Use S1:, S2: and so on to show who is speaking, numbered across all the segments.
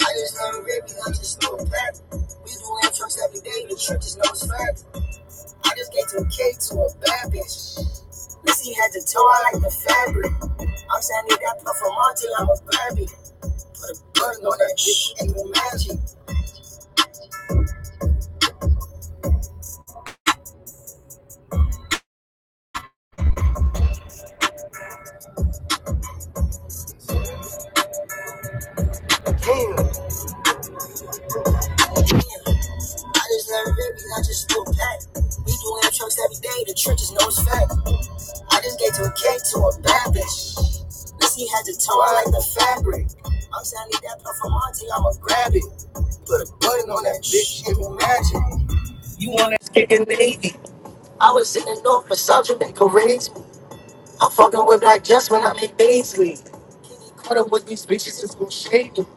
S1: I just love the rip and I just know it's rap. We do intros every day, the church just knows fact. I just gave some cake to a bad bitch. Lizzie had to toe, I like the fabric. I'm saying they got puff from on till I'm a Barbie. Put a button on that bitch and the magic. Damn, damn. I just love the rip and I just know back. We do intros every day, the church just knows fact. I just gave to a cake to a bad bitch. he had to toe I like the fabric. I'm saying I need that puff from auntie, I'ma grab it. Put a button on that bitch, give me magic. I was in the north for subject and courageous. I'm fucking with black just when I make Baisley. Caught up with these bitches, it's gon' shake them.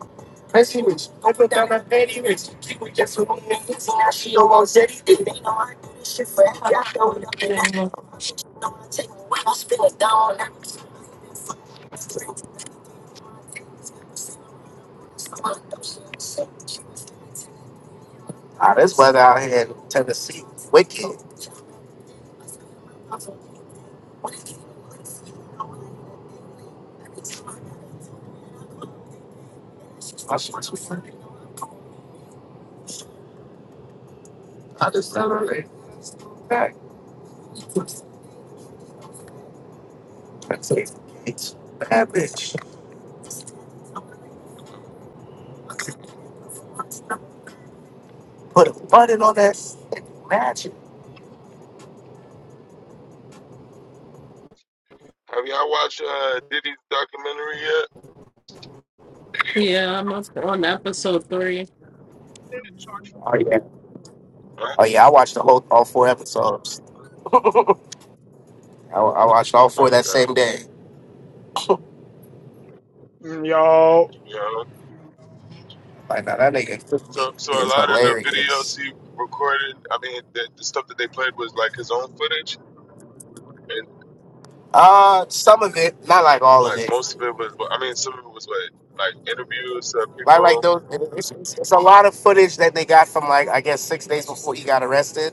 S1: Pressy rich, open down my petty rich. Keep it just with me and easy, now she almost anything. They know I do this shit for every I throw it up and that.
S2: I'm up-
S1: Know I take me away, I spill it down. on that. I'm gonna shit. Ah, this weather out here in Tennessee, wicked. I just celebrated. Back. That's it. It's bad bitch. Put a button on that magic.
S3: Have y'all watched uh, Diddy's documentary yet?
S2: Yeah, I'm up on episode three.
S1: Oh yeah.
S3: Huh?
S1: Oh yeah, I watched the whole all four episodes. I, I watched all four that
S3: Okay.
S1: same day.
S4: Mm, Y'all,
S3: You know,
S1: Like now that nigga 50
S3: so so a
S1: is
S3: lot of the videos
S1: hilarious.
S3: he recorded, I mean, the, the stuff that they played was like his own footage, and
S1: Uh some of it, not like all of
S3: like
S1: it.
S3: most of it was, I mean, some of it was what, like interviews of
S1: Like like
S3: people.
S1: those it's, it's a lot of footage that they got from like I guess six days before he got arrested.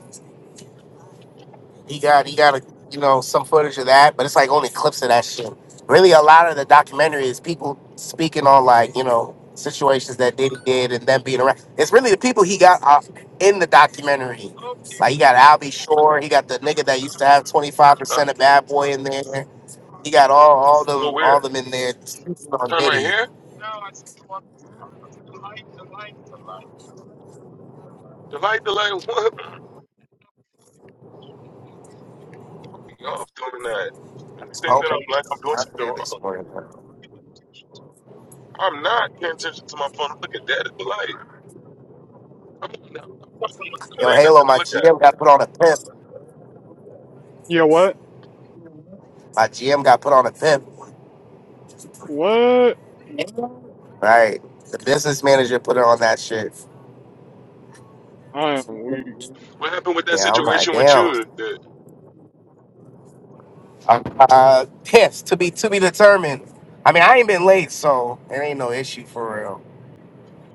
S1: He got he got a, you know some footage of that, but it's like only clips of that shit. Really, a lot of the documentary is people speaking on like you know situations that Diddy did and them being around. It's really the people he got off in the documentary. Like he got Albie Shore, he got the nigga that used to have twenty five
S3: Huh?
S1: percent of Bad Boy in there. He got all all
S3: Well,
S1: them all
S3: where?
S1: them in there speaking on
S3: Turn right
S1: Diddy.
S3: here. The light, the light. What? Fuck me off doing that.
S1: I
S3: If you
S1: just
S3: think
S1: hope
S3: that I'm like I'm doing
S1: I
S3: something
S1: hear this
S3: wrong,
S1: morning.
S3: I'm not paying attention to my phone. Look at that. It's the light. Come on now. There
S1: Yo,
S3: ain't
S1: Halo,
S3: nothing to
S1: my
S3: look at.
S1: GM got put on a pimp.
S4: you know what?
S1: My GM got put on a pimp.
S4: What?
S1: Right. The business manager put her on that shit.
S4: I am weak.
S3: What happened with that
S1: Yeah, I'm like,
S3: situation with
S1: damn.
S3: you? That,
S1: Uh, uh, yes, to be to be determined. I mean, I ain't been late, so it ain't no issue for real.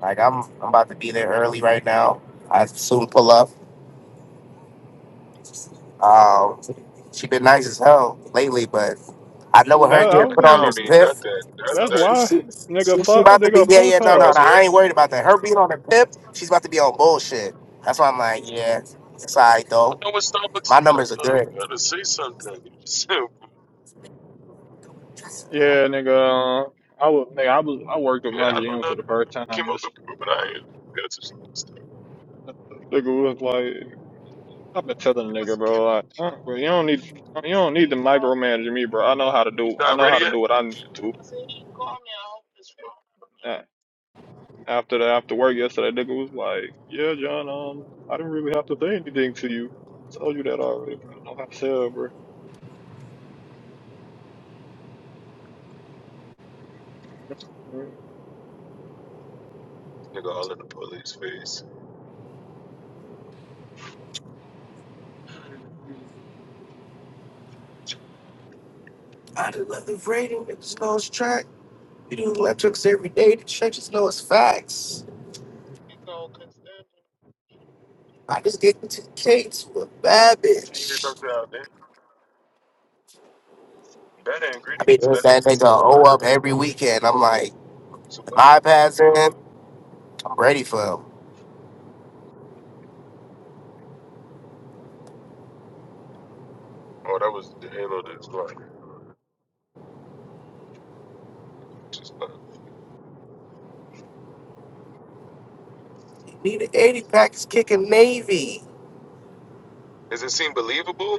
S1: Like, I'm I'm about to be there early right now. I soon pull up. Um, she been nice as hell lately, but I know with
S4: That
S1: her
S4: I
S1: getting
S4: was
S3: that
S1: put on
S4: gonna.
S3: don't
S1: this
S3: mean
S1: pip,
S3: nothing. That,
S4: That's
S3: that,
S1: she,
S4: why,
S1: she,
S4: nigga.
S1: she she
S4: Fuck,
S1: about to be
S4: nigga.
S1: yeah
S4: Fuck
S1: yeah no no
S4: her.
S1: no.
S3: Starbucks where?
S1: I ain't worried about that. Her being on the pip, she's about to be on bullshit. That's why I'm like, yeah, it's alright
S3: I
S1: though.
S3: don't know what Starbucks
S1: My
S3: is. At,
S1: numbers are
S3: though. You
S1: good.
S3: gotta say something. You just, yeah,
S4: Yeah, nigga. uh, I was, nigga. I was. I worked with my
S3: I don't
S4: GM
S3: know.
S4: for the first
S3: I
S4: time
S3: came up with
S4: yesterday.
S3: it, but I ain't. got just stuff.
S4: Nigga was like, I've been telling the nigga, bro. Like, uh, bro, you don't need, you don't need to micromanage me, bro. I know how to
S3: He's
S4: do. I
S3: not
S4: know
S3: ready
S4: how to
S3: yet?
S4: do what I need to. do." Uh, After the after work yesterday, nigga was like, Yeah, John. Um, I didn't really have to say anything to you. I told you that already, bro. I know how to sell, bro. Mm.
S3: Nigga, all in the police face.
S1: I just love the radio. Niggas know it's track. We do electrics every day. The churches know it's facts.
S3: You
S1: I just get into the cakes with a bad
S3: See you didn't talk
S1: bitch.
S3: about that. Better
S1: I be
S3: ingredients,
S1: doing
S3: better
S1: that
S3: pizza.
S1: nigga O up every weekend. I'm like,
S3: Piece of
S1: if
S3: butter.
S1: I pass in, I'm ready for him.
S3: Oh, that was the halo to his life. Just love.
S1: Need an 80 pack is kicking Navy.
S3: Does it seem believable?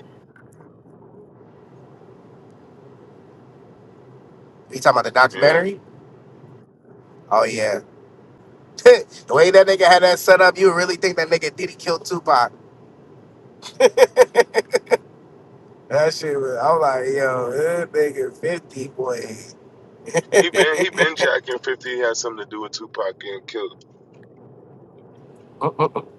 S1: You talking about the
S3: Yeah.
S1: documentary? Oh, yeah. the way that nigga had that set up, you would really think that nigga did he kill Tupac. that shit was, I'm like, yo, that nigga 50,
S3: He been he been
S1: boy.
S3: jacking fifty. He had something to do with Tupac getting killed.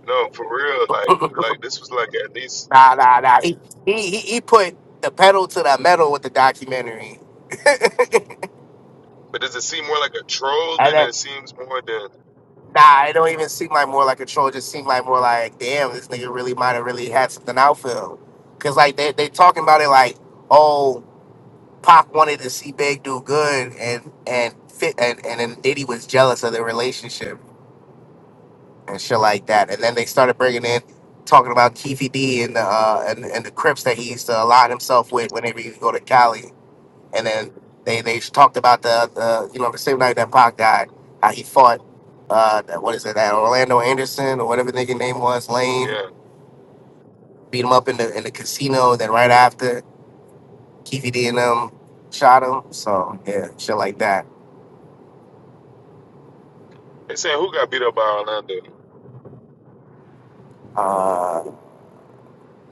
S3: No, for real. Like, like this was like at least,
S1: Nah, nah, nah. He, he, he he put the pedal to the metal with the documentary.
S3: but does it seem more like a troll
S1: And
S3: than
S1: then,
S3: it seems more than?
S1: nah, it don't even seem like more like a troll. It just seemed like more like, damn, this nigga really might have really had something outfield. Cause like they they talking about it like, oh, Pac wanted to see Big do good, and and fit, and and then Diddy was jealous of their relationship and shit like that. And then they started bringing in talking about Keefy D and the uh, and, and the Crips that he used to align himself with whenever he would go to
S3: Mhm.
S1: Cali. And then they they talked about the, the you know the same night that Pac died, how he fought uh that- what is it that Orlando Anderson or whatever the nigga name was Lane
S3: Yeah,
S1: beat him up in the in the casino. Then right after Keefy D and them shot him. So yeah, shit like that.
S3: they saying who got beat up by Orlando?
S1: Uh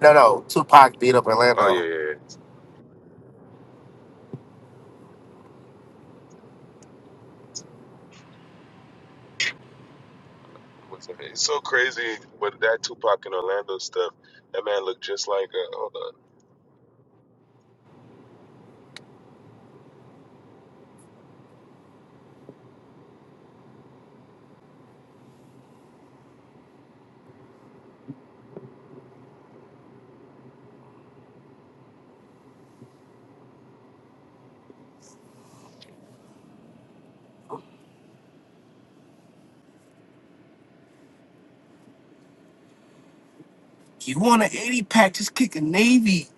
S1: no no Tupac beat up
S3: Oh yeah,
S1: Orlando.
S3: yeah. yeah. What's that? It's so crazy with that Tupac and Orlando stuff. That man looked just like uh, hold on,
S1: You want an eighty pack? Just kick a navy.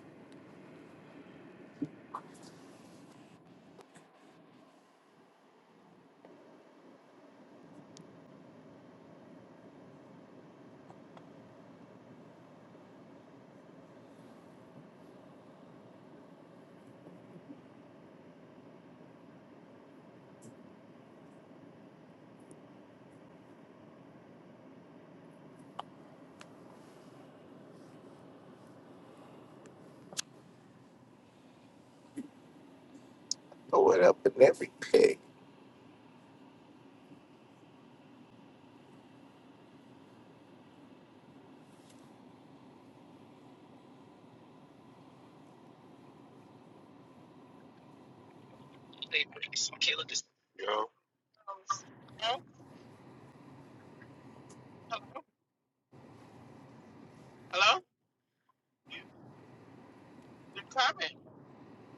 S1: Throw it up in every pig.
S3: you know.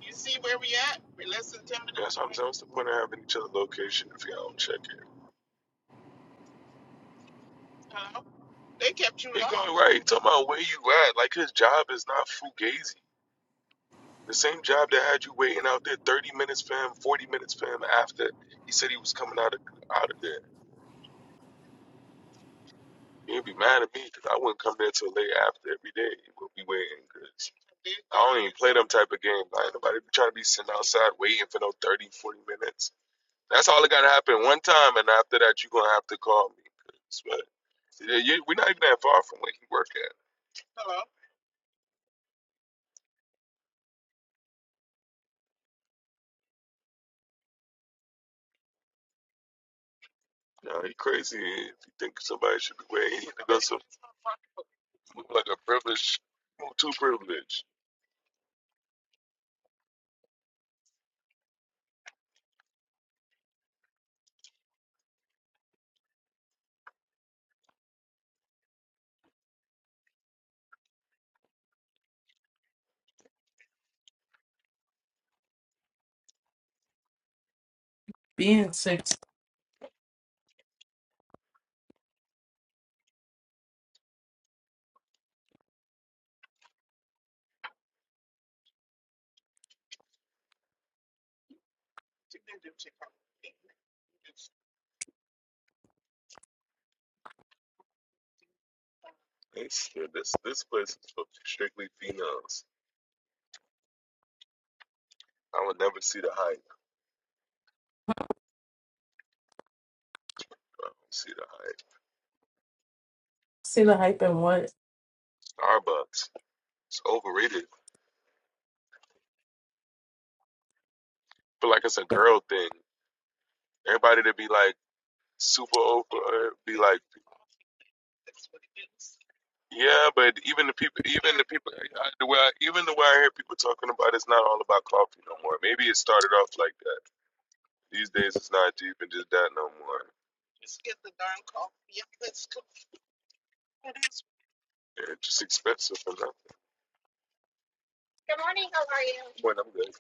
S3: You see where we at? We're less than ten minutes. That's what I'm saying. What's the point of having each other location if y'all don't check it? They kept you. They going right. You talking about where you at? Like his job is not fugazi. The same job that had you waiting out there 30 minutes for him, 40 minutes for him after he said he was coming out of out of there. You'd be mad at me because I wouldn't come there till late after every day. You would be waiting because I don't even play them type of game. Like nobody be trying to be sitting outside waiting for no 30, 40 minutes. That's all that got to happen one time, and after that, you're gonna have to call me. 'cause, but yeah, you, we're not even that far from where he work at. Nah, he crazy. If you think somebody should be waiting, that's a, like a privilege, too privileged.
S2: Being six.
S3: It's, yeah, this this place is for strictly females. I would never see the hype. I don't see the
S2: See the hype and what?
S3: hype. Starbucks, it's overrated. feel like it's a girl thing. Everybody to be like super over, uh, be like, yeah, but even the people, even the people, I, the way I, even the way I hear people talking about, it, it's not all about coffee no more. Maybe it started off like that. These days, it's not deep and just that no more. Yeah, It's just expensive for nothing. Good morning. How are you? Morning. I'm good.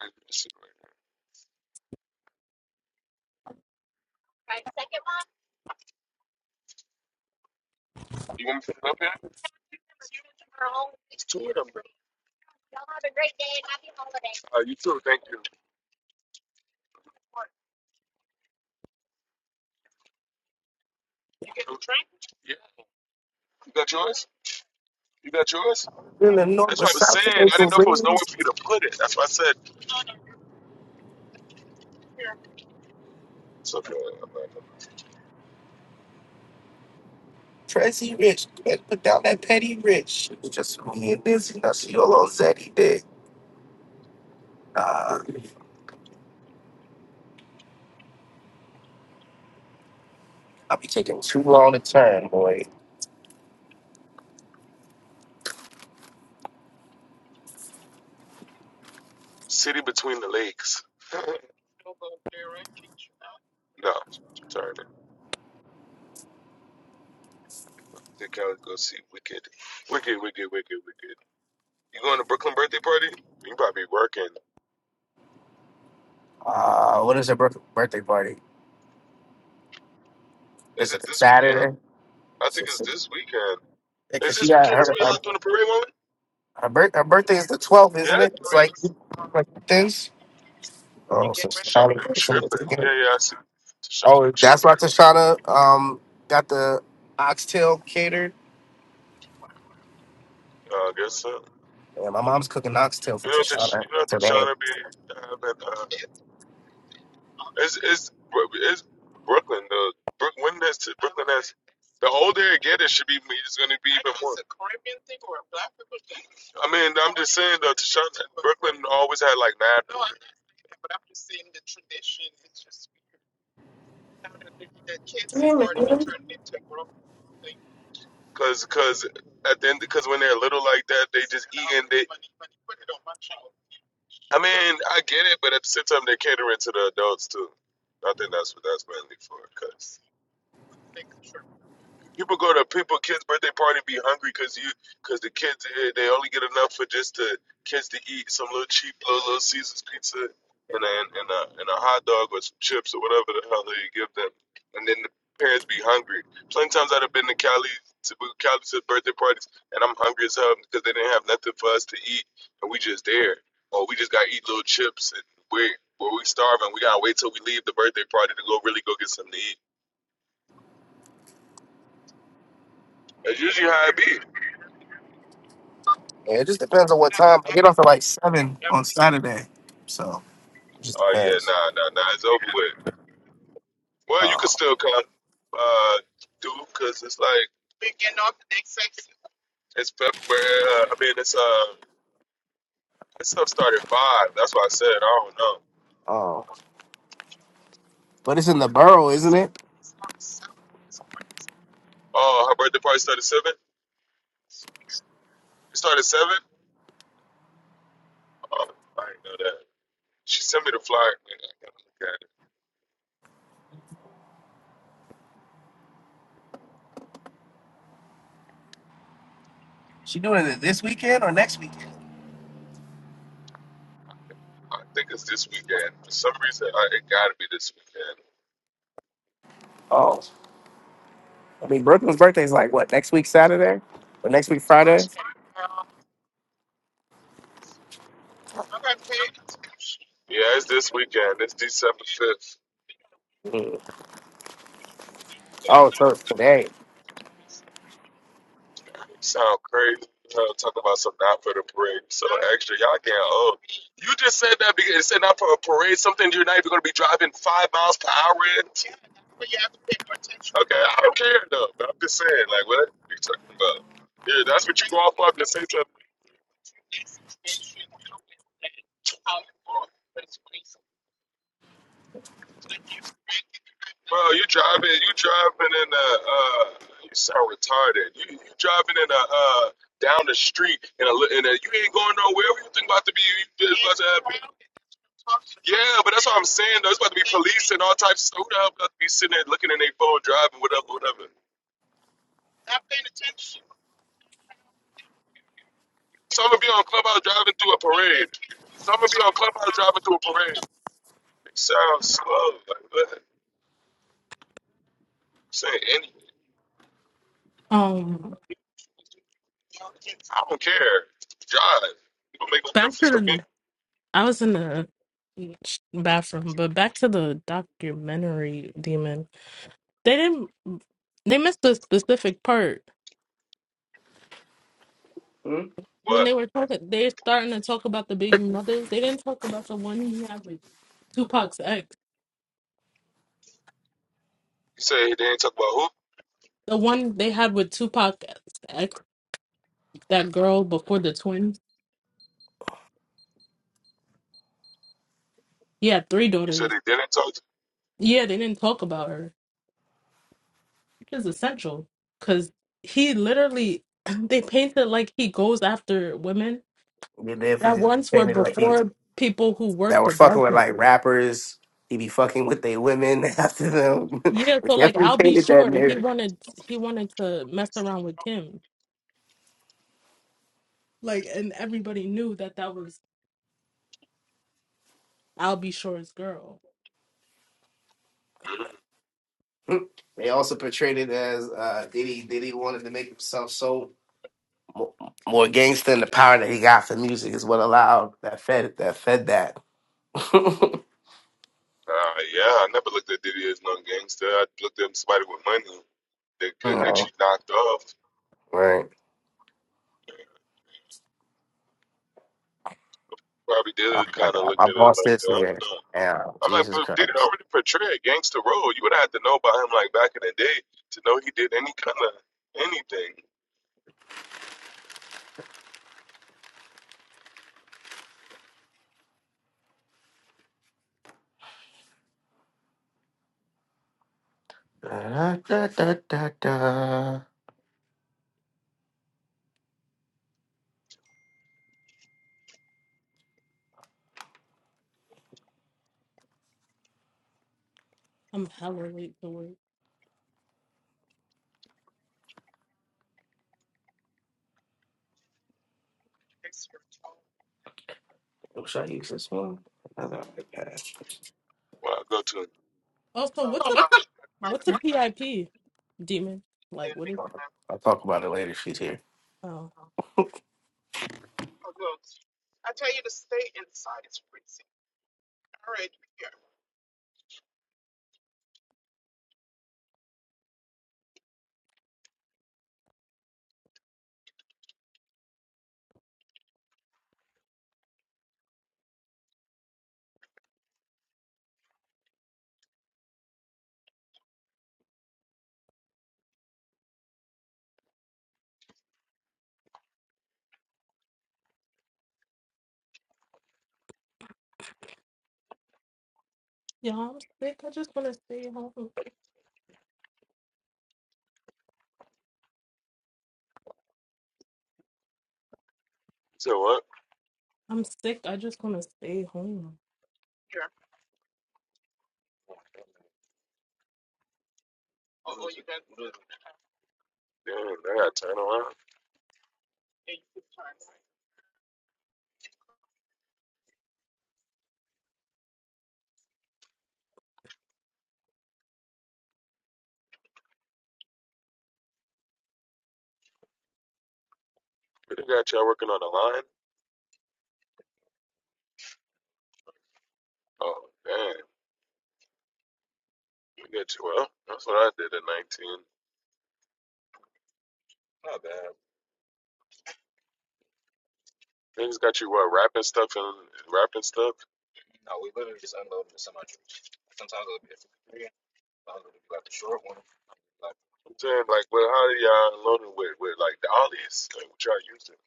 S3: I'm just sitting right here. You want me to come up here? There's two of them. Uh, you too. Thank you. You get the drink? Yeah. You got yours? You got yours?
S1: In the north
S3: That's
S1: or
S3: what I was
S1: south
S3: saying.
S1: to make
S3: I
S1: the
S3: didn't know if it was
S1: rain.
S3: nowhere for you to put it. That's why I said it's okay. Orlando.
S1: Tracy Rich. Put put down that petty rich. She was just me and this, you know, she a little zeddy dick. Uh, I'll be taking too long to turn, boy.
S3: City between the lakes. no, sorry. man. Take out go see Wicked. Wicked, Wicked, Wicked, Wicked. You going to Brooklyn birthday party? You probably working.
S1: Uh, what is her bir- birthday party? Is
S3: Is it
S1: it
S3: this weekend?
S1: Saturday?
S3: I think it's this weekend. Is
S1: Because she
S3: this
S1: got
S3: weekend is
S1: her
S3: we
S1: her,
S3: out doing the parade moment?
S1: her, bir- her birthday is the twelfth, isn't
S3: Yeah.
S1: it? It's like like this.
S3: You
S1: Oh, so
S3: getting
S1: it's
S3: ready?
S1: trying
S3: Shauna tripping. Yeah, yeah, I see. Shauna
S1: Oh, that's why
S3: tripping.
S1: Tashana um got the oxtail catered.
S3: Uh, I guess so.
S1: Yeah, my mom's cooking oxtail for
S3: You know, Tish,
S1: Tashana
S3: you know,
S1: today.
S3: Tashana be having. Uh, it's it's it's Brooklyn. The Brook when that's Brooklyn has the older it get, it should be it's going to be even more. I mean, I'm just saying though, Tashana, Brooklyn always had like mad
S2: Three minutes.
S3: because because at the end because when they're little like that, they just eating. They, I mean, I get it, but at the same time, they're catering to the adults too. I think that's what that's mainly for. Cause People go to people kids' birthday party and be hungry because you because the kids eh, they only get enough for just the kids to eat some little cheap little, little Caesar's pizza and a, and a and a hot dog or some chips or whatever the hell they give them, and then the parents be hungry. Plenty times I'd have been to Cali to well, Cali to birthday parties and I'm hungry as hell because they didn't have nothing for us to eat and we just there or we just got to eat little chips and we where we starving we gotta wait till we leave the birthday party to go really go get something to eat. That's usually how it be.
S1: Yeah, it just depends on what time. I get off at like seven on Saturday, so it just
S3: Oh yeah,
S1: depends.
S3: nah, nah, nah. It's over with. Well, you can
S1: Oh,
S3: still come, uh, dude, 'cause it's like it's February. Uh, I mean, it's uh, this stuff started at five. That's why I said I don't know.
S1: oh, but it's in the borough, isn't it?
S3: Oh, her birthday party started at seven. It started at seven. Oh, I didn't know that. She sent me the flyer. Man, I gotta look at it.
S1: She doing it this weekend or next weekend?
S3: I think it's this weekend. For some reason, I, it gotta be this weekend.
S1: Oh, I mean Brooklyn's birthday is like what next week Saturday or next week Friday?
S3: Yeah, it's this weekend. It's December fifth.
S1: Mm. Oh, so it's today.
S3: Sound crazy. You know, talking about some not for the parade. So actually, y'all getting old. You just said that because it said not for a parade, something you're not even going to be driving five miles per hour in. Okay, I don't care though. But I'm just saying, like, what you talking about? Yeah, that's what you go off on to say something. Bro, you driving, you driving in a, uh, you sound retarded. You, you driving in a, uh, down the street in a, li- in a, you ain't going nowhere. What you think about to be? You just about to have? Yeah, but that's what I'm saying. Though. It's about to be police and all types of stuff. Who the hell about to be sitting there looking at their phone, driving, whatever, whatever. Some gonna be on clubhouse driving through a parade. Some gonna be on clubhouse driving through a parade. It sounds slow. Like, what? I'm saying any,
S2: Um,
S3: I don't care. Drive. It don't make no
S2: back
S3: difference
S2: to
S3: to me.
S2: the. I was in the bathroom, but back to the documentary demon. They didn't. They missed the specific part
S1: Mm.
S2: when
S3: What?
S2: they were talking. They're starting to talk about the baby mothers. They didn't talk about the one he had with Tupac's ex.
S3: You say they didn't talk about who?
S2: The one they had with Tupac's ex, that girl before the twins. He had three
S3: You said
S2: daughters.
S3: they didn't talk. To
S2: Yeah, they didn't talk about her. is essential because he literally they painted like he goes after women
S1: And then if
S2: that
S1: he
S2: once were
S1: painted like he
S2: before people who
S1: that
S2: worked
S1: was fucking
S2: above
S1: with
S2: him.
S1: like rappers, he be fucking with they women after them.
S2: Yeah,
S1: we
S2: so like
S1: definitely
S2: I'll be
S1: painted that
S2: sure he
S1: narrative.
S2: wanted he wanted to mess around with Kim, like, and everybody knew that that was I'll be sure's girl.
S3: mm
S1: They also portrayed it as uh, Diddy. Diddy wanted to make himself so Mo- More gangster and the power that he got for music is what allowed that fed that fed that.
S3: Uh, yeah, I never looked at Diddy as no gangster. I looked at somebody with money that could get
S1: right,
S3: you knocked off.
S1: right.
S3: Probably
S1: Oh
S3: did
S1: my
S3: kind of
S1: God,
S3: look
S1: my
S3: at it
S1: boss
S3: like,
S1: is
S3: I don't
S1: here.
S3: know.
S1: Yeah,
S3: I'm like,
S1: Jesus
S3: but did it
S1: Christ.
S3: already portray a gangster role? You would have to know about him like back in the day to know he did any kind of anything.
S1: Da, da, da, da, da.
S2: I'm hella late to work.
S1: Oh, Should I use this one? Another iPad.
S3: Well, I go to him.
S2: Also, what's a what's a PIP demon? Like, what is?
S1: I'll talk about it later. if She's here.
S2: Oh, yeah, I'm sick. I just want to stay home.
S3: He said, what?
S2: I'm sick. I just want to stay home.
S3: Oh, you got Damn, I got to turn around. But they got y'all working on the line? Oh, damn. We got you well. That's what I did at 19. They got you what, rapping stuff and rapping stuff? I'm saying, like, well, how do y'all loaded with, with like, dollies? Like, what y'all using?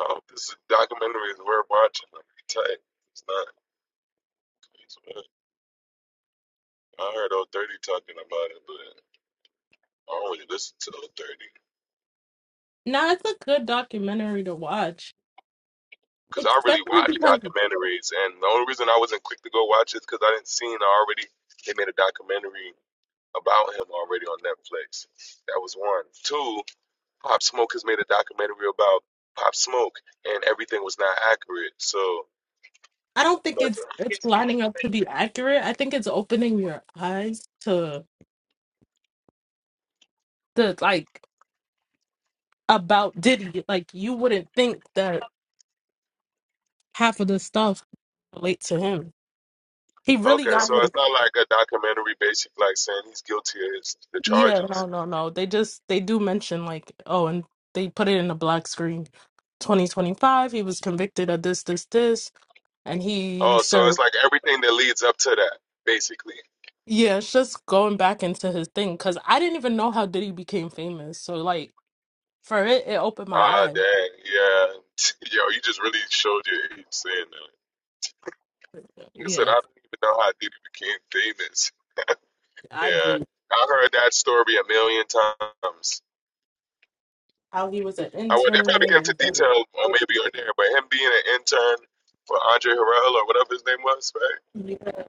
S3: Oh, this is documentaries we're watching. Like, tight. It's not. It's, uh, I heard O Thirty talking about it, but I don't really listen to O Thirty
S2: No, it's a good documentary to watch,
S3: because I really
S2: especially
S3: watch
S2: because
S3: documentaries, and the only reason I wasn't quick to go watch it because I didn't seen I already they made a documentary about him already on Netflix. That was one. Two, Pop Smoke has made a documentary about Pop Smoke, and everything was not accurate. So
S2: I don't think it's it's lining up to be accurate. I think it's opening your eyes to the like about Diddy. Like you wouldn't think that half of the stuff relates to him. He really
S3: okay,
S2: got
S3: so it's
S2: like
S3: not like a documentary basically like saying he's guilty of his, the
S2: yeah,
S3: charges.
S2: no, no, no. They just they do mention like oh, and they put it in a black screen. 2025, he was convicted of this, this, this, and he
S3: Oh, so
S2: served
S3: it's like everything that leads up to that basically.
S2: Yeah, it's just going back into his thing because I didn't even know how Diddy became famous. So like for it, it opened my
S3: Ah,
S2: eyes.
S3: dang, yeah. Yo, you just really showed your age saying that. Like I said,
S2: Yeah,
S3: I don't even know how Diddy became famous.
S2: I
S3: Yeah,
S2: really
S3: I heard that story a million times.
S2: how he was an
S3: I would, they probably
S2: intern
S3: get into
S2: and
S3: detail uh, maybe on there, but him being an intern for Andre Harrell or whatever his name was, right?
S2: yeah.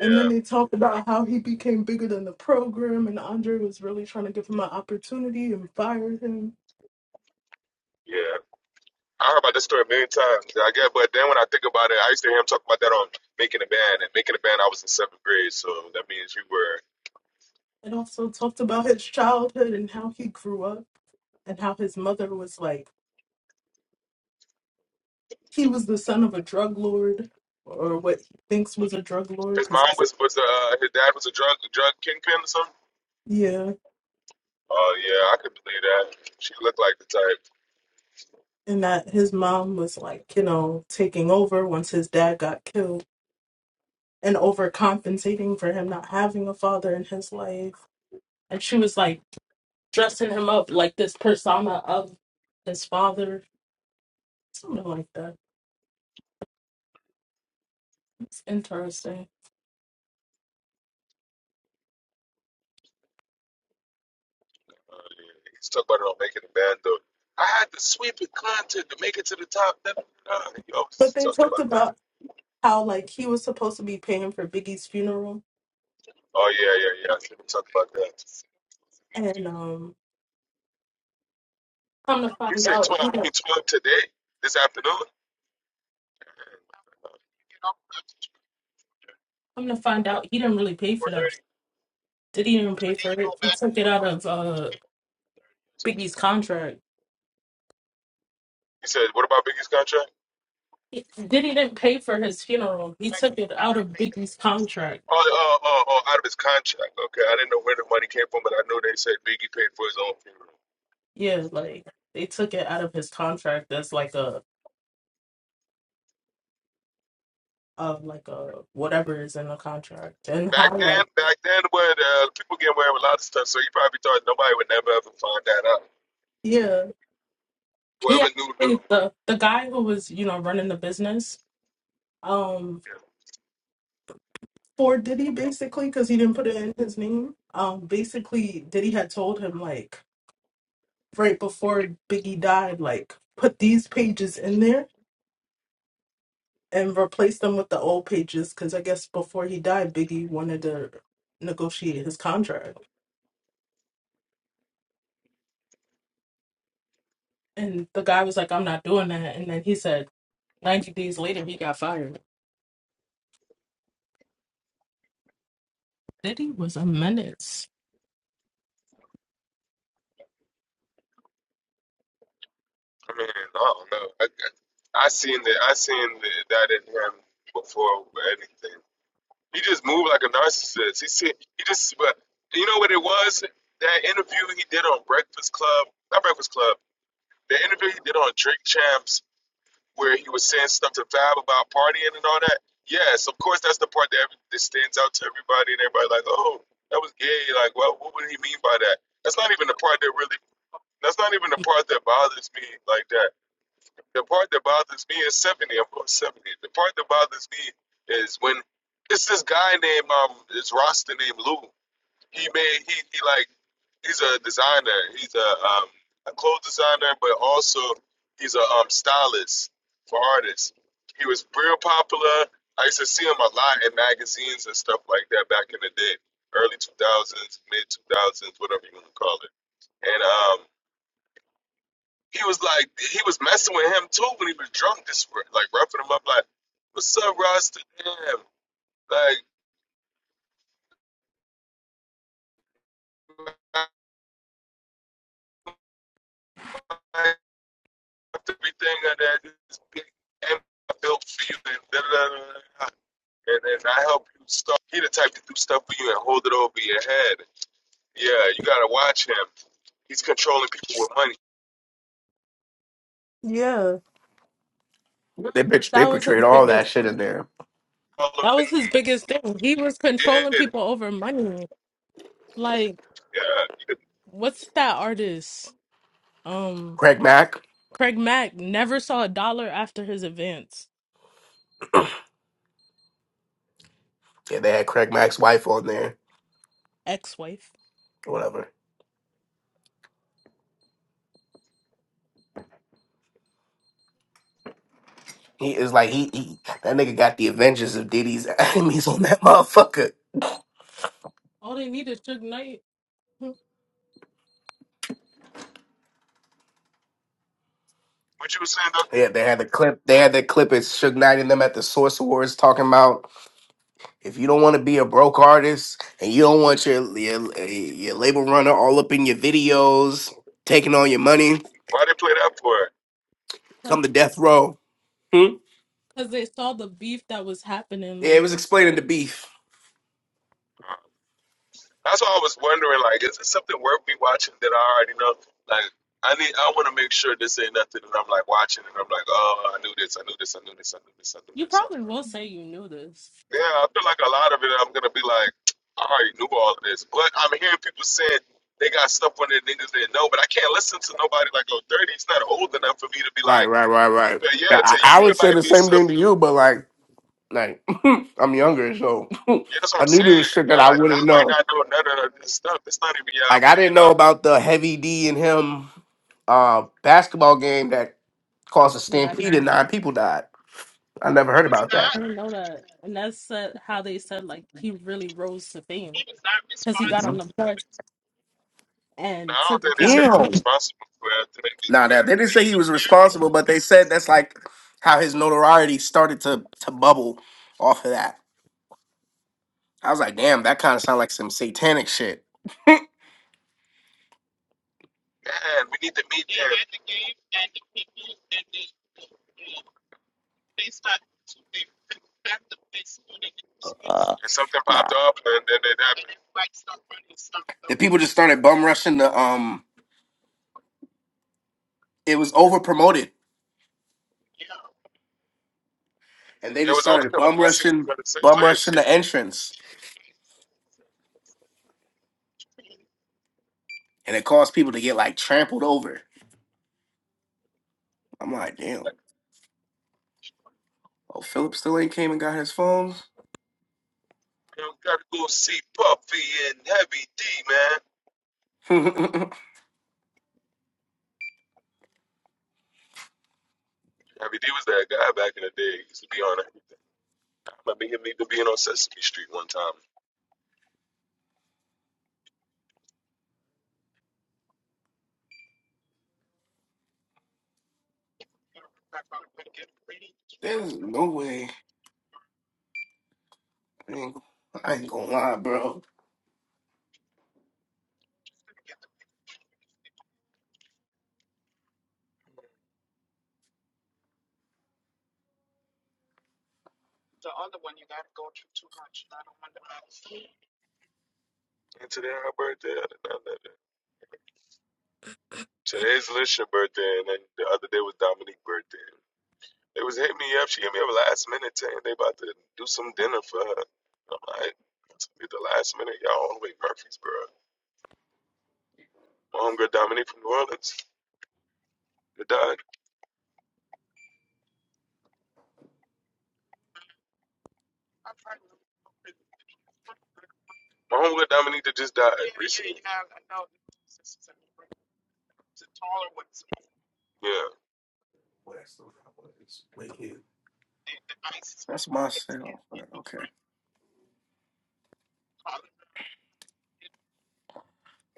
S2: and then they talked about how he became bigger than the program and Andre was really trying to give him an opportunity and fired him.
S3: yeah. I heard about this story a million times. I get, but then when I think about it, I used to hear him talk about that on Making a Band, and Making a Band, I was in seventh grade, so that means you were.
S2: And also talked about his childhood and how he grew up and how his mother was like he was the son of a drug lord or what he thinks was a drug lord
S3: His
S2: because
S3: mom was was uh his dad was a drug drug kingpin or something.
S2: yeah
S3: Oh yeah, I could believe that. She looked like the type.
S2: and that his mom was like, you know, taking over once his dad got killed and overcompensating for him not having a father in his life. And she was like dressing him up like this persona of his father, something like that. It's interesting.
S3: Uh, yeah. He's talking about her on making the band though. I had to sweep the content to make it to the top. Then uh, he
S2: But
S3: always
S2: they
S3: talk
S2: talked
S3: about that.
S2: about how like he was supposed to be paying for Biggie's funeral
S3: Oh yeah, yeah, yeah. I see him talk about that.
S2: and um come to
S3: He
S2: find
S3: said
S2: out
S3: twelve.
S2: he
S3: You
S2: did
S3: mean twelve today? This afternoon?
S2: come to find out he didn't really pay for that Diddy didn't pay for it. He took it out of uh, Biggie's contract.
S3: He said, "What about Biggie's contract?"
S2: He- Diddy didn't pay for his funeral. He took it out of Biggie's contract.
S3: Oh, oh, oh, oh, out of his contract. Okay, I didn't know where the money came from, but I know they said Biggie paid for his own funeral.
S2: Yeah, like they took it out of his contract. That's like a of like a whatever is in the contract
S3: And
S2: and
S3: back
S2: how
S3: then,
S2: like
S3: back then, when uh, people get away with a lot of stuff, so you probably thought nobody would never ever find that out.
S2: yeah yeah.
S3: Whoever knew
S2: I
S3: knew.
S2: think the the guy who was you know running the business um for Diddy basically because he didn't put it in his name um basically Diddy had told him like right before Biggie died like put these pages in there and replace them with the old pages because I guess before he died, Biggie wanted to negotiate his contract. And the guy was like, I'm not doing that. And then he said, 90 days later, he got fired. Diddy was a menace.
S3: I mean, I don't know. I, I, I seen that. I seen the, that in him before anything. He just moved like a narcissist. He said he just. But you know what it was? That interview he did on Breakfast Club, not Breakfast Club. The interview he did on Drink Champs, where he was saying stuff to Fab about partying and all that. Yes, of course, that's the part that, every, that stands out to everybody, and everybody like, oh, that was gay. Like, well, what would he mean by that? That's not even the part that really. That's not even the part that bothers me like that The part that bothers me is 70, of course, 70. The part that bothers me is when it's this guy named, um, it's roster named Lou. He made, he, he like, he's a designer. He's a, um, a clothes designer, but also he's a um, stylist for artists. He was real popular. I used to see him a lot in magazines and stuff like that back in the day, early 2000s, mid 2000s, whatever you want to call it. and um he was like he was messing with him too when he was drunk this like roughing him up like what's up Rasta damn like everything of that this big M I built for you and da, da, da, and and I help you start he the type to do stuff for you and hold it over your head yeah you gotta watch him he's controlling people with money
S2: Yeah.
S1: They bitch. They
S2: That was
S1: portrayed
S2: his
S1: all that
S2: biggest
S1: shit in there.
S3: all the
S2: that was
S3: things he
S2: his biggest thing. He was controlling
S3: did
S2: people over money. Like,
S3: yeah
S2: what's that artist? Um
S1: Craig Mack.
S2: Craig Mack never saw a dollar after his advance.
S1: Yeah, they had Craig Mack's wife on there.
S2: Ex wife.
S1: or Whatever. He is like he, he that nigga got the Avengers of Diddy's enemies on that motherfucker.
S2: All they needed Suge Knight.
S3: what you were saying though
S1: Yeah, they had the clip. They had that clip. It's Suge Knight and them at the Source Awards talking about if you don't want to be a broke artist and you don't want your, your your label runner all up in your videos, taking all your money,
S3: why they play that for
S1: come to death row. Hmm?
S2: because they saw the beef that was happening.
S1: Yeah,
S2: Like
S1: it was explaining the beef.
S3: That's why I was wondering, like, is it something worth me watching that I already know? Like, I need, I want to make sure this ain't nothing that I'm like watching and I'm like, oh, I knew this, I knew this, I knew this, I knew this, I knew
S2: you
S3: this. I knew
S2: probably
S3: this.
S2: will say you knew this.
S3: Yeah, I feel like a lot of it, I'm gonna be like, I already knew all of this, but I'm hearing people saying they got stuff on their niggas they know, but I can't listen to nobody like oh, 30, It's not old enough for me to be
S1: Right,
S3: like,
S1: right, right, right.
S3: but yeah, to
S1: I, I
S3: you
S1: would
S3: it
S1: say
S3: might
S1: the
S3: be
S1: same thing to
S3: something.
S1: you, but like, like I'm younger, so
S3: Yeah, that's what
S1: I
S3: I'm
S1: knew there was
S3: saying.
S1: shit that
S3: Yeah,
S1: I
S3: Like,
S1: wouldn't
S3: y'all
S1: know.
S3: might not know none of this stuff. It's not even
S1: Like
S3: y'all
S1: I
S3: really.
S1: didn't know about the Heavy D and him uh, basketball game that caused a
S2: Yeah, I don't
S1: stampede and nine people died. I never heard about
S3: Uh,
S1: that.
S2: I don't know that, and that's uh, how they said like he really rose to fame
S3: He was not
S2: because he got on
S1: Mhm.
S3: responsible.
S2: the porch
S3: No,
S2: and
S3: I don't
S2: took
S3: think they said he
S2: accountability.
S3: was
S1: Damn.
S3: responsible for it. I think
S1: Now that they didn't say
S3: He
S1: he
S3: was
S1: was
S3: very
S1: responsible,
S3: responsible.
S1: but they said that's like how his notoriety started to to bubble off of that. I was like, damn, that kind of sounds like some satanic shit.
S3: Man, we need to meet He there. He had the game and the people and the the, the,
S1: Uh,
S3: and something popped
S1: nah.
S3: up, and then it happened. It's Like somebody,
S1: The
S3: something.
S1: people just started bum rushing the um. It was over promoted, and they
S3: It
S1: just
S3: was over
S1: started bum
S3: capacity
S1: rushing,
S3: for the same
S1: bum
S3: place.
S1: rushing the
S3: Yeah,
S1: entrance, and it caused people to get like trampled over. I'm like, damn. Oh, Philip still ain't came and got his phones.
S3: man, gotta go see Puffy and Heavy D, man.
S1: There's
S3: Heavy D was that guy back in the day. He used to be on it. I remember him even being on Sesame Street one time.
S1: no way. I ain't, I ain't gonna lie, bro.
S3: And today I birthday. Today's Lisha birthday, and then the other day was Dominique birthday. They was hitting me up. She hit me up last minute, saying they about to do some dinner for her. And I'm like, it's gonna be the last minute, y'all. All the way to Murfreesboro. My homegirl Dominique from New Orleans. that died. My homegirl Dominique that just died yeah, recently. Yeah. I know. Yeah.
S1: That's my cell. But okay.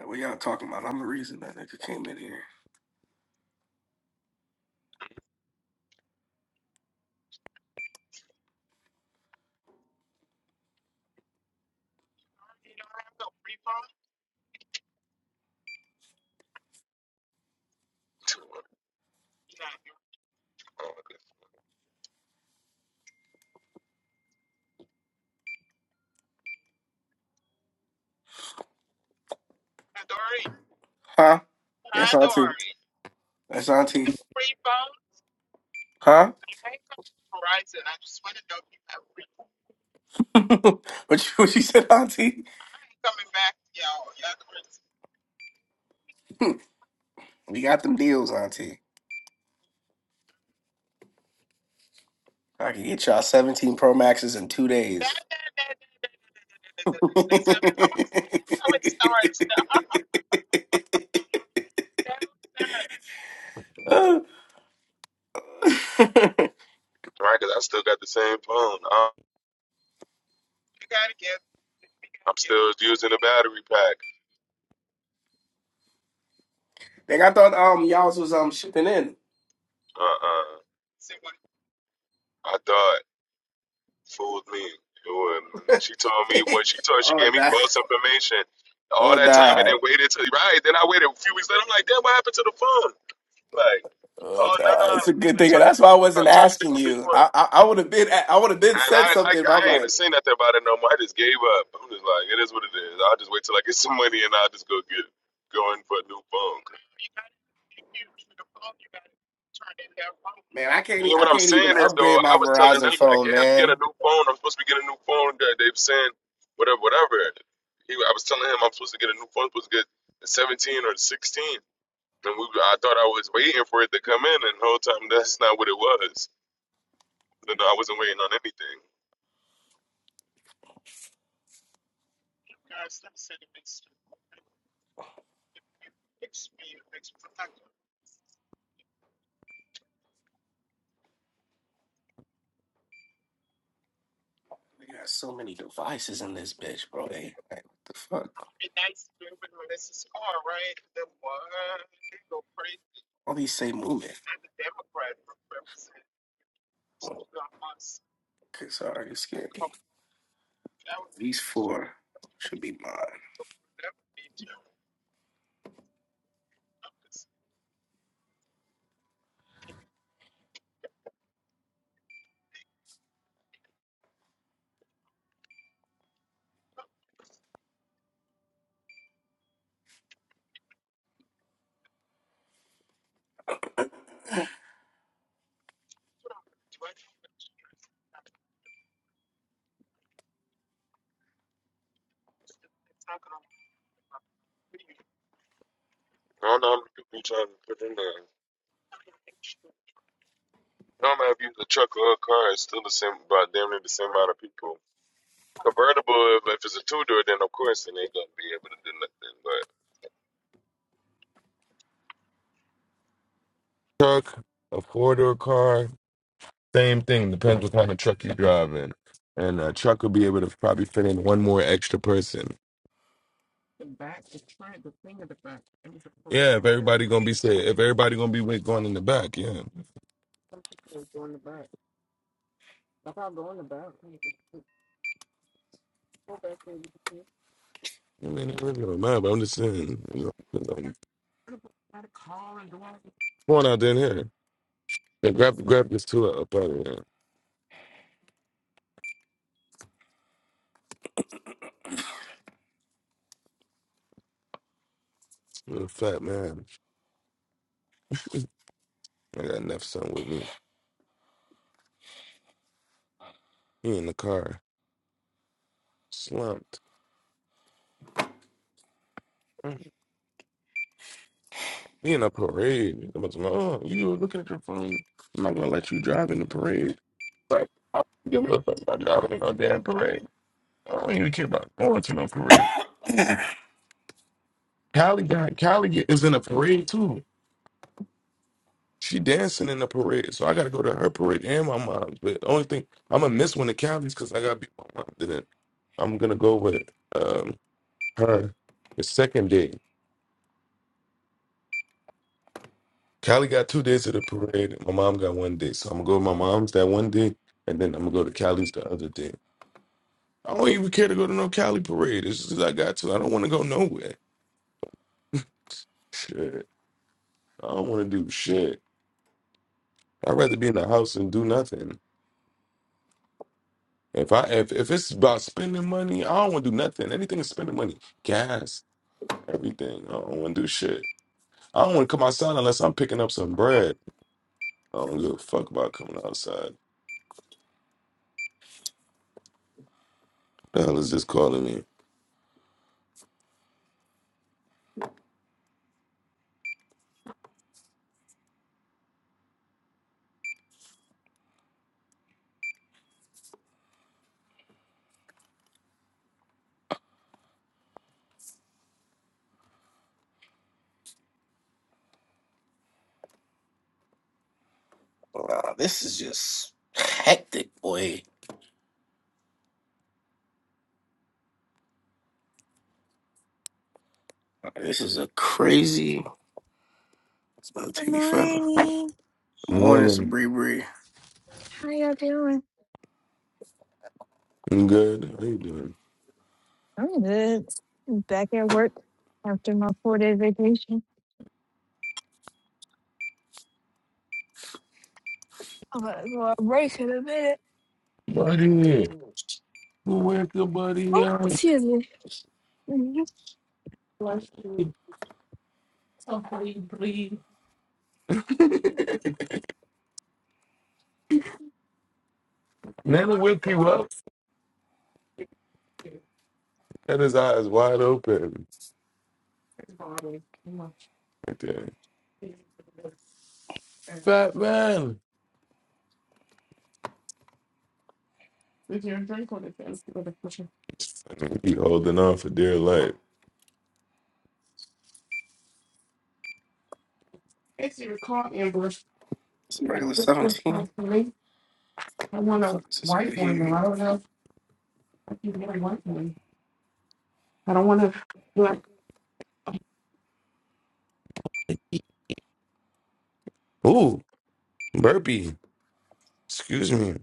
S1: What y'all talking about? I'm the reason that nigga came in here. Huh? That's auntie. That's auntie. Huh? what you what you said, auntie? We got them deals, auntie. I can get y'all 17 Pro Maxes in two days.
S3: Right, because I still got the same phone. I- I'm still using the battery pack.
S1: Like I thought um y'all was um shipping in.
S3: Uh-uh. I thought. fooled me. Lord, man. She told me when she told she
S1: oh
S3: gave me
S1: die.
S3: false information all
S1: Oh
S3: that time and
S1: die.
S3: then waited till right. Then I waited a few weeks later. I'm like, damn, what happened to the phone? Like,
S1: Oh
S3: oh no, no,
S1: die. It's a good thing. That's why I wasn't
S3: I'm trying to do
S1: asking
S3: you
S1: you.
S3: want.
S1: I I, I would have been I would have been
S3: And
S1: said
S3: I, I,
S1: something, but
S3: I
S1: I'm
S3: ain't even
S1: like,
S3: seen nothing about it no more. I just gave up. I'm just like, it is what it is. I'll just wait till I get some money and I'll just go get going for a new phone.
S1: man, I can't
S3: You
S1: e-
S3: know
S1: I
S3: what I'm
S1: can't even
S3: saying is though,
S1: upgrade my
S3: I was telling them
S1: Verizon
S3: like,
S1: phone,
S3: yeah, I'm getting
S1: man.
S3: a new phone. I'm supposed to be getting a new phone. They they were saying whatever, whatever. He, I was telling him I'm supposed to get a new phone. I'm supposed to get the 17 or the 16. And we, I thought I was waiting for it to come in, and the whole time that's not what it was. And I wasn't waiting on anything.
S1: We got so many devices in this bitch, bro. Hey, like, what the fuck? All these same movement. Okay, sorry, it's scary. These four should be mine.
S3: I don't know how many people you trying to put in there. no matter if you use a truck or a car, it's still the same, about damn near the same amount of people. Convertible, if, if it's a two door, then of course, then they ain't gonna be able to do nothing. But Truck, a four door car, Same thing. Depends what kind of truck you're driving. And a truck would be able to probably fit in one more extra person. Yeah, if everybody gonna be say if everybody gonna be with going in the back, yeah. I mean, it really don't matter. But I'm just saying, you know, 'cause I'm going out there in here. Yeah, grab grab this two up out of here. little fat man. I got enough son with me. He in the car, slumped. Mm. We in a parade. I'm about to, oh, you were looking at your phone. I'm not gonna let you drive in the parade. Like, I don't give a fuck about driving in no damn parade. I don't even care about going to no parade. Callie got Callie get- is in a parade too. She dancing in the parade, so I gotta go to her parade and my mom's. But the only thing I'm gonna miss one of Callie's because I gotta be with my mom. Then I'm gonna go with um her the second day. Callie got two days of the parade. My mom got one day. So I'm gonna go to my mom's that one day, and then I'm gonna go to Callie's the other day. I don't even care to go to no Cali parade. It's just I got to. I don't want to go nowhere. Shit. I don't want to do shit. I'd rather be in the house and do nothing. If I if, if it's about spending money, I don't want to do nothing. Anything is spending money, gas, everything. I don't want to do shit. I don't want to come outside unless I'm picking up some bread. I don't give a fuck about coming outside. The hell is this calling me?
S1: Wow, this is just hectic, boy. This is a crazy. It's gonna
S5: Good
S1: take me forever.
S5: morning.
S1: Good morning,
S3: Women.
S1: Sabri Bree.
S5: How y'all doing?
S3: I'm good. How you doing?
S5: I'm good. I'm back at work after my four day vacation. I'm gonna go on break in a minute.
S3: Buddy, who wake up, buddy?
S5: Oh,
S3: up.
S5: excuse me. Mhm.
S2: So he breathed.
S3: Nana wake you up. Had his eyes wide open. Right there. Fat man. He holding on for dear life.
S1: It's a regular 17. Fuck is this over here?
S3: Ooh, burpee. Excuse me.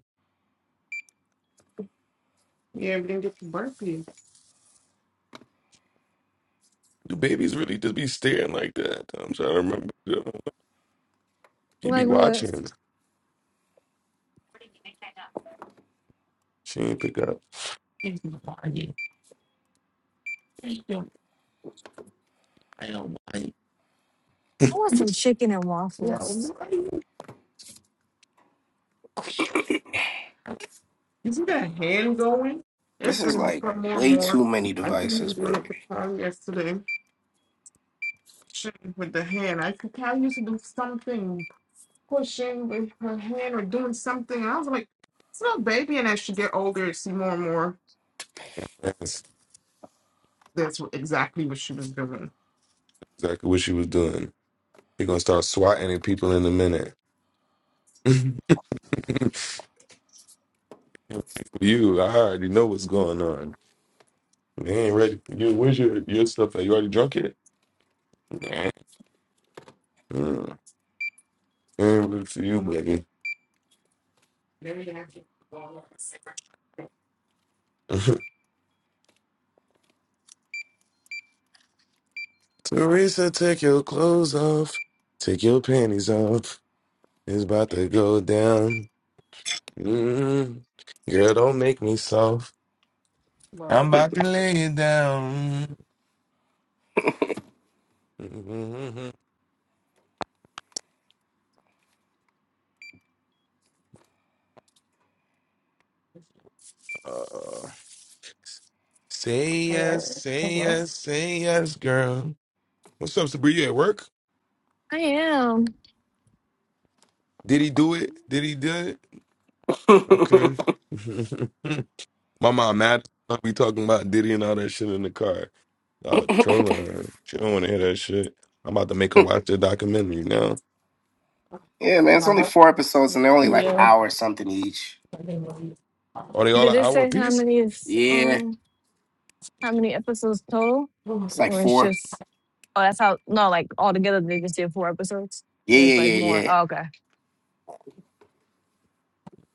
S3: Do babies really just be staring like that? I'm trying to remember. He be
S5: Like what?
S3: watching. She ain't pick up.
S5: I want some chicken and waffles.
S1: This is like way too many devices, bro.
S3: That's exactly what she was doing. He gonna start swatting at people in a minute. you, I already know what's going on. You ain't ready. You, where's your, your stuff at? You already drunk it? Nah. Mm. Ain't ready for you, baby. Teresa, take your clothes off. Take your panties off. It's about to go down. Mm. Girl, don't make me soft. I'm
S2: Bro.
S3: about to lay it down. Mm. Uh, say yes,
S2: Hello?
S3: say
S2: Hello?
S3: yes, say yes, girl. What's up, Sabri? You at work?
S5: I am.
S3: Did he do it? Did he do it? Okay. My mom mad. as fuck. We talking about Diddy and all that shit in the car. Y'all trolling her. She don't want to hear that shit. I'm about to make her watch the documentary now.
S1: yeah, man, it's only
S2: Yeah.
S1: four episodes and they're only like
S2: Yeah.
S1: hour something each.
S2: I didn't know
S3: Are they all
S5: Did
S3: an
S5: it
S3: hour
S5: say how
S3: apiece?
S5: many is
S1: Yeah,
S5: um how
S2: you.
S5: many episodes total?
S2: Oh
S1: it's like
S5: Or it's
S1: four.
S5: just oh that's how no, like altogether they just did four episodes.
S1: Yeah,
S5: Or it's
S1: yeah,
S5: like
S1: yeah,
S5: more.
S1: yeah.
S5: Oh, okay.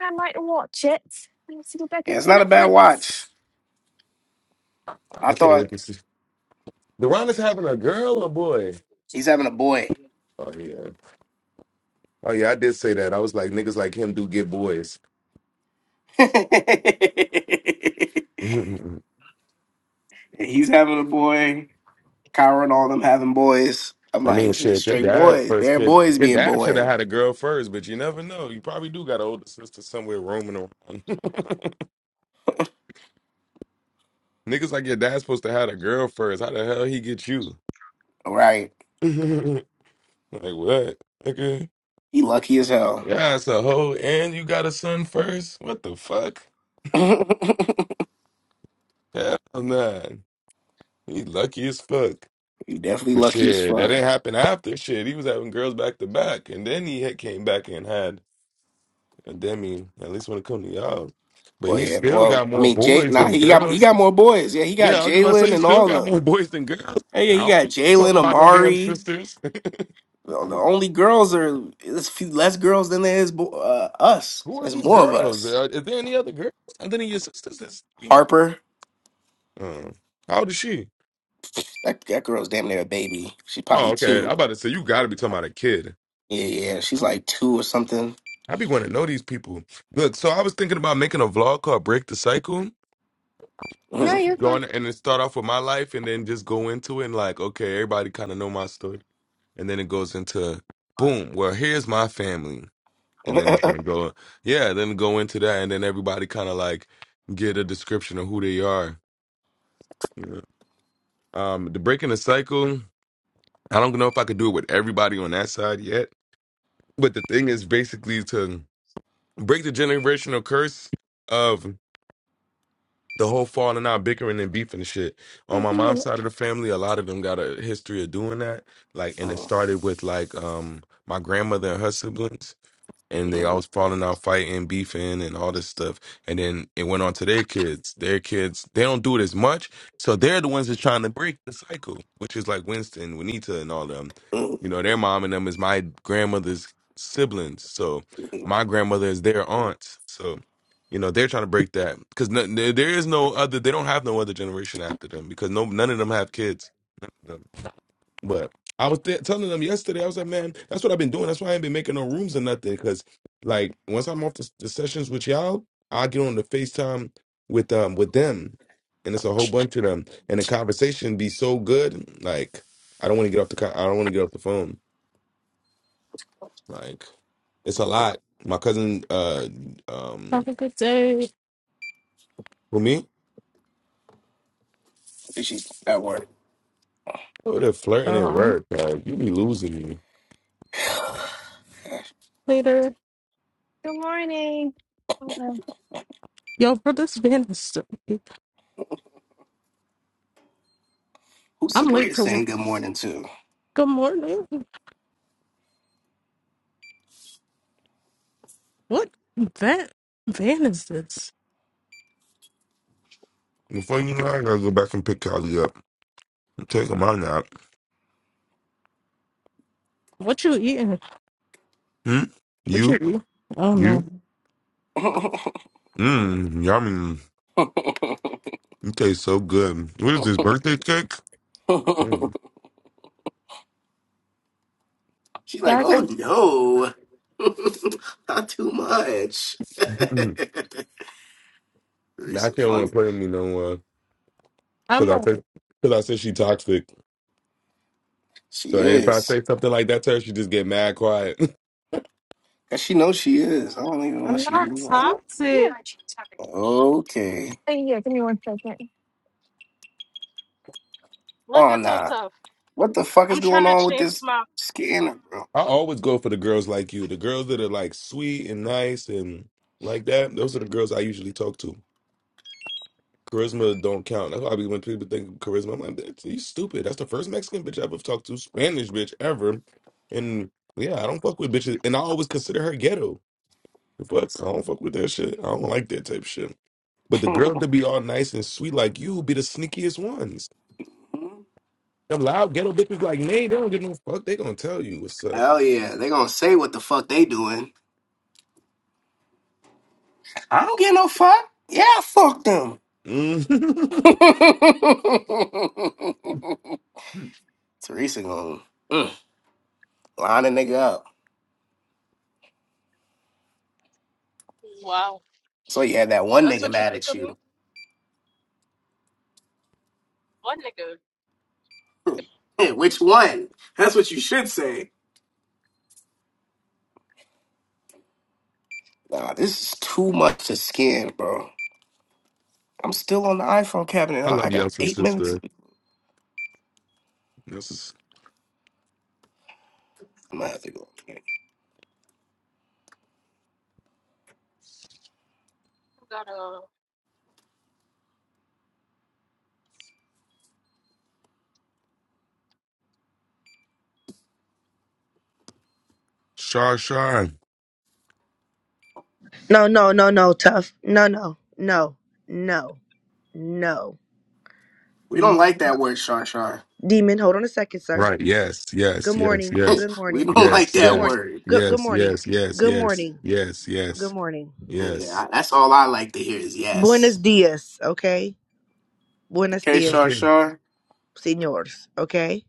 S5: I might watch it. I need to go back
S1: Yeah, it's
S5: into
S1: not a bad watch.
S5: Netflix.
S1: I
S3: I can't wait
S1: thought
S3: to see. Deron is having a girl or boy?
S1: he's having a boy.
S3: Oh yeah. Oh yeah, I did say that. I was like, niggas like him do get boys. I
S1: he's having a boy. Kyra and all them having boys. I'm like,
S3: mean,
S1: it's just
S3: shit, your
S1: straight
S3: dad
S1: boys.
S3: first
S1: They're
S3: kid.
S1: boys
S3: Your
S1: being
S3: dad should have
S1: born.
S3: had a girl first, but you never know. You probably do got an older sister somewhere roaming around. niggas like your dad's supposed to have a girl first. How the hell he get you?
S1: All right.
S3: Like what? Okay.
S1: He lucky as hell.
S3: Yeah, it's a hoe and you got a son first? What the fuck? Hell nah. He lucky as fuck.
S1: You definitely
S3: But
S1: lucky as
S3: shit, that
S1: fuck.
S3: didn't happen after shit. He was having girls back to back. And then he had came back and had a demi, at least when it come to y'all. But
S1: Well,
S3: he
S1: yeah.
S3: still
S1: Well,
S3: got
S1: I
S3: more
S1: mean, Jay.
S3: boys
S1: Nah,
S3: than
S1: he got he
S3: girls.
S1: got more boys. Yeah, he got
S3: Yeah, I was just about to say
S1: Jalen
S3: he
S1: and
S3: still
S1: all of
S3: got
S1: them.
S3: more boys than girls.
S1: Hey, yeah,
S3: I
S1: he
S3: don't
S1: got
S3: talk
S1: Jalen,
S3: about no damn
S1: Amari.
S3: sisters.
S1: Well, The only girls are there's a few less girls than there is bo- uh, us.
S3: Who is
S1: There's
S3: these
S1: more of
S3: girls?
S1: us.
S3: Uh, Is there any other girls other than your sisters that we know?
S1: Harper,
S3: Uh, how old is she?
S1: that that girl's damn near a baby. She's
S3: Oh,
S1: probably
S3: okay. I'm
S1: two.
S3: about to say you got to be talking about a kid.
S1: Yeah, yeah, she's like two or something.
S3: I be wanting to know these people. Look, so I was thinking about making a vlog called "Break the Cycle."
S5: No,
S3: Just
S1: Mm.
S5: you're fine.
S3: going and then start off with my life, and then just go into it. And like, okay, everybody kind of know my story, and then it goes into boom. Well, here's my family, and then it's gonna go, yeah, then go into that, and then everybody kind of like get a description of who they are. You know? Um, the breaking the cycle. I don't know if I could do it with everybody on that side yet, but the thing is basically to break the generational curse of the whole falling out, bickering and beefing and shit. On
S2: Thank
S3: my mom's
S2: you.
S3: side of the family, a lot of them got a history of doing that. Like, and it
S1: Mm,
S3: started with like um my grandmother and her siblings and they
S1: mm,
S3: always falling out, fighting, beefing, and all this stuff. And then it went on to their kids. Their kids, they don't do it as much, so they're the ones that's trying to break the cycle, which is like Winston, Juanita, and all them.
S1: mm.
S3: You know, their mom and them is my grandmother's siblings, so my grandmother is their aunt. So, you know, they're trying to break that because no, there there is no other. They don't have no other generation after them because no, none of them have kids. But I was th- telling them yesterday, I was like, man, that's what I've been doing. That's why I ain't been making no rooms or nothing. Because like once I'm off the, the sessions with y'all, I get on the FaceTime with um with them, and it's a whole bunch of them, and the conversation be so good. Like I don't want to get off the co- I don't want to get off the phone. Like it's a lot. My cousin, uh, um,
S2: Have a good day.
S3: for me,
S1: She's at work.
S3: oh, they're flirting at
S2: Um,
S3: work. Like you be losing me.
S2: later.
S5: Good morning. Hold on.
S2: Yo, bro, this van is. so-
S1: Who's
S2: I'm late
S1: Sabria
S2: to work.
S1: saying good morning
S2: Good morning. What van van is this?
S3: Before you know, it, I gotta go back and pick Callie up. Take him out now.
S2: What you eating?
S3: Hmm?
S2: What you
S3: You?
S2: eating? Oh
S3: You?
S2: no,
S1: to?
S3: Mmm, yummy. You taste so good. What is this, birthday cake? Mm.
S1: She's like,
S2: guys,
S1: oh
S2: I'm
S1: no, not too much.
S3: now she
S1: Teresa's
S3: don't want to
S1: funny.
S3: play with me no more. Cause
S2: I'm
S3: I
S2: a,
S3: said, cause I said she toxic.
S1: She
S3: So if I
S1: is.
S3: say something like that to her, she just get mad quiet.
S1: Cause she knows she is. I don't even know why
S2: I'm
S1: she
S2: not
S1: even like.
S5: Ooh, Yeah.
S2: toxic.
S5: Uh,
S1: Okay.
S5: Yeah, give me one second.
S2: Look
S1: Oh
S2: at so
S1: nah.
S2: tough.
S1: What the fuck is
S2: I'm trying
S1: going
S2: to
S1: on with
S2: change
S1: this
S2: my.
S1: scanner, bro?
S3: I always go for the girls like you, the girls that are like sweet and nice and like that. Those are the girls I usually talk to. Charisma don't count. That's why I be- when people think of charisma, I'm like, that's, you stupid. That's the first Mexican bitch I've ever talked to, Spanish bitch ever. And yeah, I don't fuck with bitches, and I always consider her ghetto. The Fuck, I don't fuck with that shit. I don't like that type of shit. But the girls that be all nice and sweet like you be the sneakiest ones.
S1: Hmm?
S3: Them loud ghetto bitches like me, they don't give no fuck. They gonna tell you what's up.
S1: Hell yeah. They gonna say what the fuck they doing. I don't get no fuck. Yeah, fuck them.
S3: Mm.
S1: Teresa gonna mm, line a nigga up.
S2: Wow,
S1: So you had that one
S2: that's
S1: nigga
S2: what you
S1: mad
S2: think
S1: at
S2: of
S1: you.
S2: me? What nigga?
S1: Hey, which one? That's what you should say. Nah, this is too much to scan, bro. I'm still on the iPhone cabinet.
S3: I
S1: I
S3: love
S1: I got
S3: Yeltsin
S1: eight minutes.
S3: sister. This is
S1: I'm gonna have to go.
S2: I Got a.
S3: Shar Shar.
S6: No, no, no, no, tough. No, no, no, no, no,
S1: We don't
S6: no.
S1: like that word, Shar Shar.
S6: Demon, hold on a second, sir.
S3: Right. Yes. Yes.
S6: Good
S3: Yes.
S6: morning.
S3: Yes.
S6: Good
S1: we
S6: morning.
S1: don't like
S3: Yes.
S6: Good
S1: that
S6: morning.
S3: Yes.
S1: word.
S6: Good good
S3: Yes.
S6: morning.
S3: Yes. Yes.
S6: Good
S3: Yes.
S6: morning.
S3: Yes.
S6: Good
S3: Yes.
S6: morning.
S1: Yeah,
S3: Yes.
S1: I- that's all I like to hear is yes.
S6: Buenos dias, okay? Buenos
S1: Okay,
S6: dias,
S1: Shar
S3: Okay.
S1: Shar.
S6: senors, okay?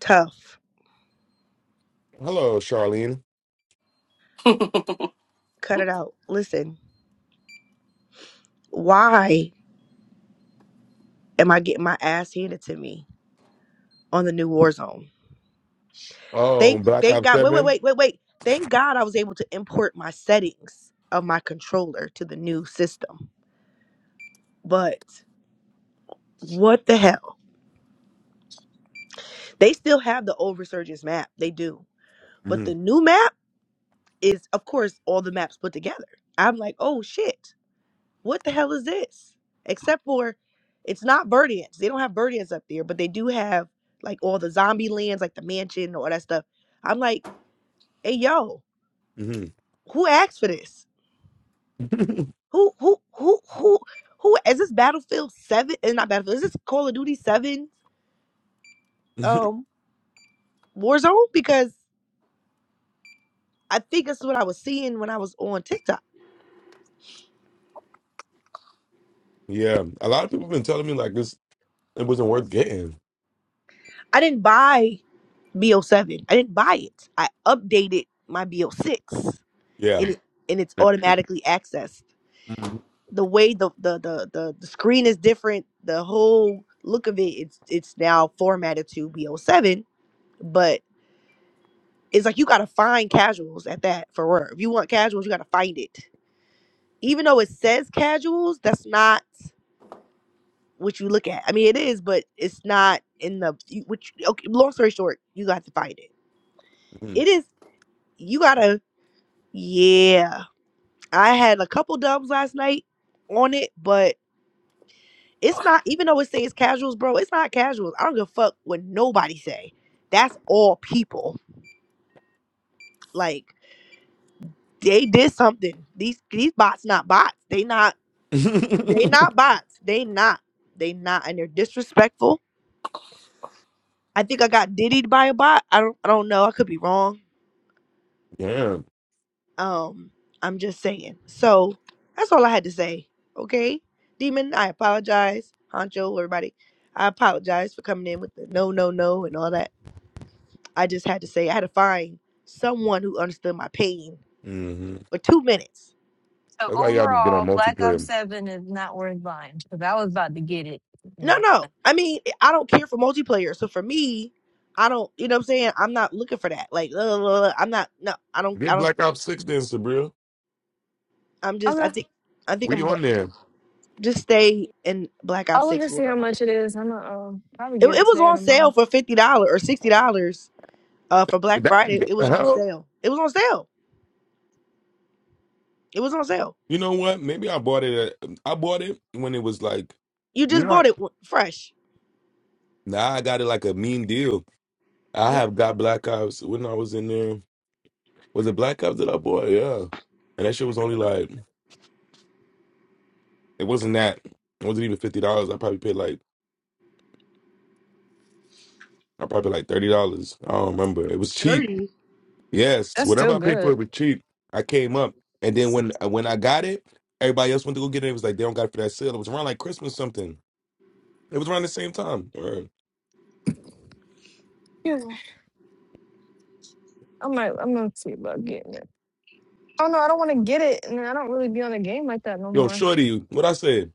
S6: Tough.
S3: Hello, Charlene.
S6: Cut it out. Listen, why am I getting my ass handed to me on the new war zone?
S3: Oh,
S6: Thank
S3: Black
S6: thank
S3: Ops
S6: God. Wait, wait,
S3: 7
S6: wait, wait, wait. Thank God I was able to import my settings of my controller to the new system. But what the hell? They still have the old resurgence map. They do. But
S3: hmm
S6: the new map is, of course, all the maps put together. I'm like, oh shit. What the hell is this? Except for it's not Birdians. They don't have Birdians up there, but they do have like all the zombie lands, like the mansion, all that stuff. I'm like, hey yo,
S3: hmm
S6: who asked for this? Who who who who who is this Battlefield Seven? Is not Battlefield. Is this Call of Duty Seven? Um, Warzone because I think that's what I was seeing when I was on TikTok.
S3: yeah. A lot of people been telling me like this it wasn't worth getting.
S6: I didn't buy BO7. I didn't buy it. I updated my BO6,
S3: Yeah.
S6: and it, and it's automatically accessed.
S3: Mhm.
S6: The way the the, the the the screen is different. The whole look of it. It's it's now formatted to BO7, but it's like you gotta find casuals at that for work. If you want casuals, you gotta find it even though it says casuals, that's not what you look at. I mean, it is, but it's not in the you- which. Okay, long story short, you got to find it. It is. You gotta. Yeah, I had a couple dubs last night on it, but it's not. Even though it says casuals, bro, it's not casuals. I don't give a fuck what nobody say. That's all people. Like they did something. These these bots not bots. They not. They
S3: Mhm.
S6: not bots. They not. They not. And they're disrespectful I think I got diddied by a bot. I don't I don't know. I could be wrong.
S3: Yeah.
S6: Um, I'm just saying. So that's all I had to say. Okay. Demon, I apologize. Honcho, everybody. I apologize for coming in with the no no no and all that. I just had to say I had to find someone who understood my pain
S3: hmm
S6: for two minutes.
S5: So
S3: That's why y'all just get on
S5: overall, Black Ops
S3: multiplayer.
S5: 7 is not worth buying because I was about to get it. You
S6: No,
S5: know?
S6: no. I mean, I don't care for multiplayer. So for me, I don't you know what I'm saying? I'm not looking for that. Like, uh, I'm not no, I don't I
S3: Get
S6: don't
S3: Black Ops 6 then, Sabril.
S6: I'm just I
S5: Okay.
S6: think I think
S3: We
S6: I'm
S3: on there.
S6: Just stay in Black
S5: I'll
S6: Ops
S5: look
S6: Six
S5: and see
S6: world.
S5: how much it is. I'm going to uh, probably
S6: It,
S5: get it
S6: it was
S5: today or
S6: on sale
S5: tomorrow.
S6: for fifty dollars or sixty dollars uh, for Black
S3: That
S6: Friday.
S3: what
S6: It
S3: the
S6: was on
S3: hell?
S6: sale. It was on sale. It was on sale.
S3: You know what? Maybe I bought it. At, um, I bought it when it was like.
S6: You
S3: You
S6: just
S3: know
S6: bought it w- fresh.
S3: Nah, I got it like a mean deal. I have
S6: All
S3: got Black Ops when I was in there. Was it Black Ops that I bought? Yeah, and that shit was only like it wasn't that. It wasn't even fifty dollars. I probably paid like I probably paid like thirty dollars. I don't remember. It was cheap. Yes,
S5: That's still
S3: whatever I paid for,
S5: good.
S3: it was cheap. I came up, and then when
S5: Excuse
S3: uh, when I got it, everybody else went to go get it. It was like they don't got it for that sale. It was around like Christmas something. It was around the same time. Word.
S5: me. I might, I'm going to see about getting it. Oh, no, I don't want to get it. And I don't really be on a game like that no
S3: Yo,
S5: more.
S3: shorty, what I said?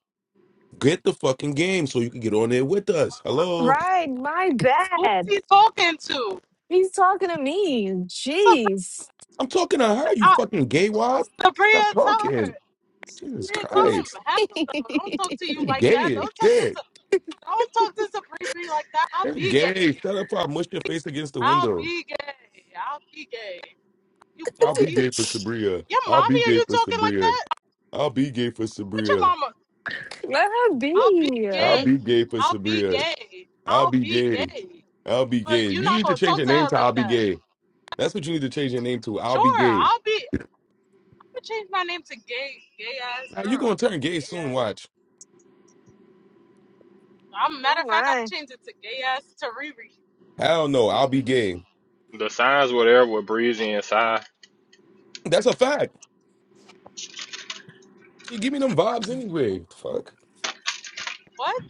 S3: Get the fucking game so you can get on there with us. Hello,
S5: Right. My
S2: Who's
S5: bad.
S2: he talking to?
S5: He's talking to me.
S2: Sabrina.
S5: Jeez.
S3: I'm talking to her. You
S2: I,
S3: fucking gay wad. Stop
S2: Sabrina, tell her.
S3: talking. Jesus
S2: Sabrina, tell him.
S3: Christ,
S2: Have
S5: Let
S2: him though. Don't talk to you
S3: she's
S2: like that.
S3: gay as
S2: Don't talk to.
S3: shit.
S2: Sa- Don't talk to Sabrina like that. I'll
S3: She's
S2: be
S3: gay.
S2: gay.
S3: Shut up, or I mush your face against the
S2: I'll
S3: window.
S2: be gay. I'll be gay. You
S3: I'll
S2: bully.
S3: be gay for Sabria.
S2: Your
S3: I'll be
S2: mommy, are
S3: gay
S2: you
S3: for
S2: talking like
S3: Sabria.
S2: that?
S3: I'll be gay for
S2: What your
S3: Sabria.
S2: mama?
S5: her
S2: I'll be
S5: be.
S3: I'll
S2: gay.
S3: be gay for
S2: I'll be
S3: Sabria.
S2: gay.
S3: I'll
S2: I'll
S3: be
S2: be
S3: gay.
S2: gay.
S3: I'll be gay.
S2: But
S3: You
S2: you're not
S3: need to
S2: gonna
S3: change
S2: talk
S3: your
S2: to
S3: name
S2: her
S3: to
S2: like
S3: I'll be
S2: that.
S3: gay. That's what you need to change your name to. I'll be
S2: Sure,
S3: gay.
S2: I'll be. I'm gonna change my name to gay, gay ass
S3: Now you
S2: girl.
S3: gonna turn gay
S2: Gay
S3: soon,
S2: ass.
S3: watch.
S2: I'm matter
S5: Oh
S2: of fact, I'll
S5: my.
S2: change it to gay ass Tariri.
S3: Hell no, I'll be gay.
S4: The signs were there with Breezy and Psy.
S3: That's a fact. She give me them vibes anyway. What the Fuck.
S2: What?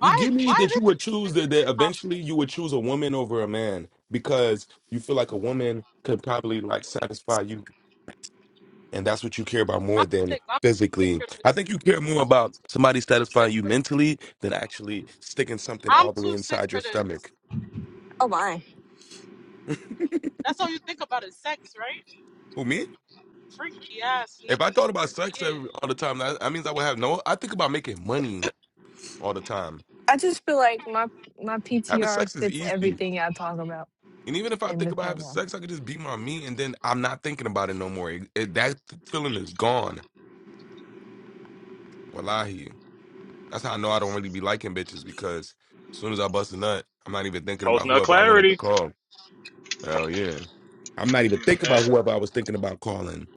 S3: You give me
S2: Why
S3: that you
S2: this
S3: would
S2: shit,
S3: choose
S2: nigga?
S3: that, that
S2: I'm,
S3: eventually you would choose a woman over a man because you feel like a woman could probably like satisfy you and that's what you care about
S2: I'm
S3: more than
S2: sick. I'm too sick
S3: physically.
S2: for
S3: I
S2: this.
S3: think you care more about somebody
S2: I'm too sick
S3: satisfying you
S2: for.
S3: mentally than actually sticking something
S2: I'm
S3: all the way
S2: too sick
S3: inside your
S2: for this.
S3: stomach.
S5: Oh my.
S3: Who
S2: That's all you think about is sex, right?
S3: me?
S2: Freaky ass
S3: If I
S2: nigga.
S3: thought about sex every,
S2: Yeah.
S3: all the time, that, that means I would have no. I think about making money all the time.
S5: I just feel like my my
S3: Having
S5: PTR
S3: sex is
S5: fits
S3: easy,
S5: everything I talk about
S3: and even if I
S5: in
S3: think
S5: the
S3: about having
S5: clubhouse.
S3: sex, I could just be my me, and then I'm not thinking about it no more. It, it- that feeling is gone. Wallahi, that's how I know I don't really be liking bitches because as soon as I bust a nut, I'm not even thinking
S4: Post
S3: about
S4: no
S3: whoever I wanted to
S4: clarity.
S3: call. Oh yeah. I'm not even
S4: Mm,
S3: thinking about
S4: That,
S3: whoever I was thinking about calling.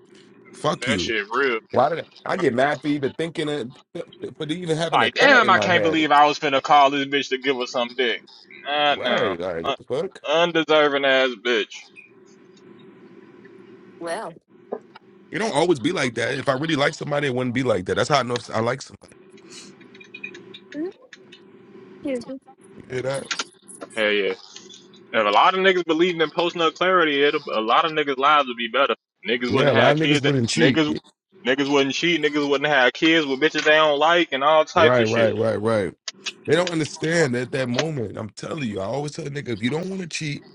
S3: Fuck
S4: that
S3: you.
S4: shit real.
S3: Why did I, I get mad for even thinking of, for even having a
S4: Like,
S3: thought
S4: damn,
S3: in
S4: I
S3: my
S4: can't
S3: head?
S4: believe I was finna call this bitch to give us some dick. Nah, no.
S3: Right, like
S4: Un-
S3: what the fuck?
S4: undeserving ass bitch.
S5: Well.
S3: It don't always be like that. If I really like somebody, it wouldn't be like that. That's how I know if I like somebody.
S5: Mhm. Excuse me.
S3: Yeah, that's
S4: Hell yeah. If a lot of niggas believed in post nut clarity, it'll, a lot of niggas' lives would be better. Niggas
S3: Yeah,
S4: wouldn't
S3: a lot
S4: have
S3: of niggas
S4: kids.
S3: wouldn't cheat.
S4: Niggas, niggas wouldn't cheat. Niggas wouldn't have kids with bitches they don't like and all types
S3: right,
S4: of shit.
S3: right, right, right. They don't understand at that moment. I'm telling you, I always tell a nigga if you don't want to cheat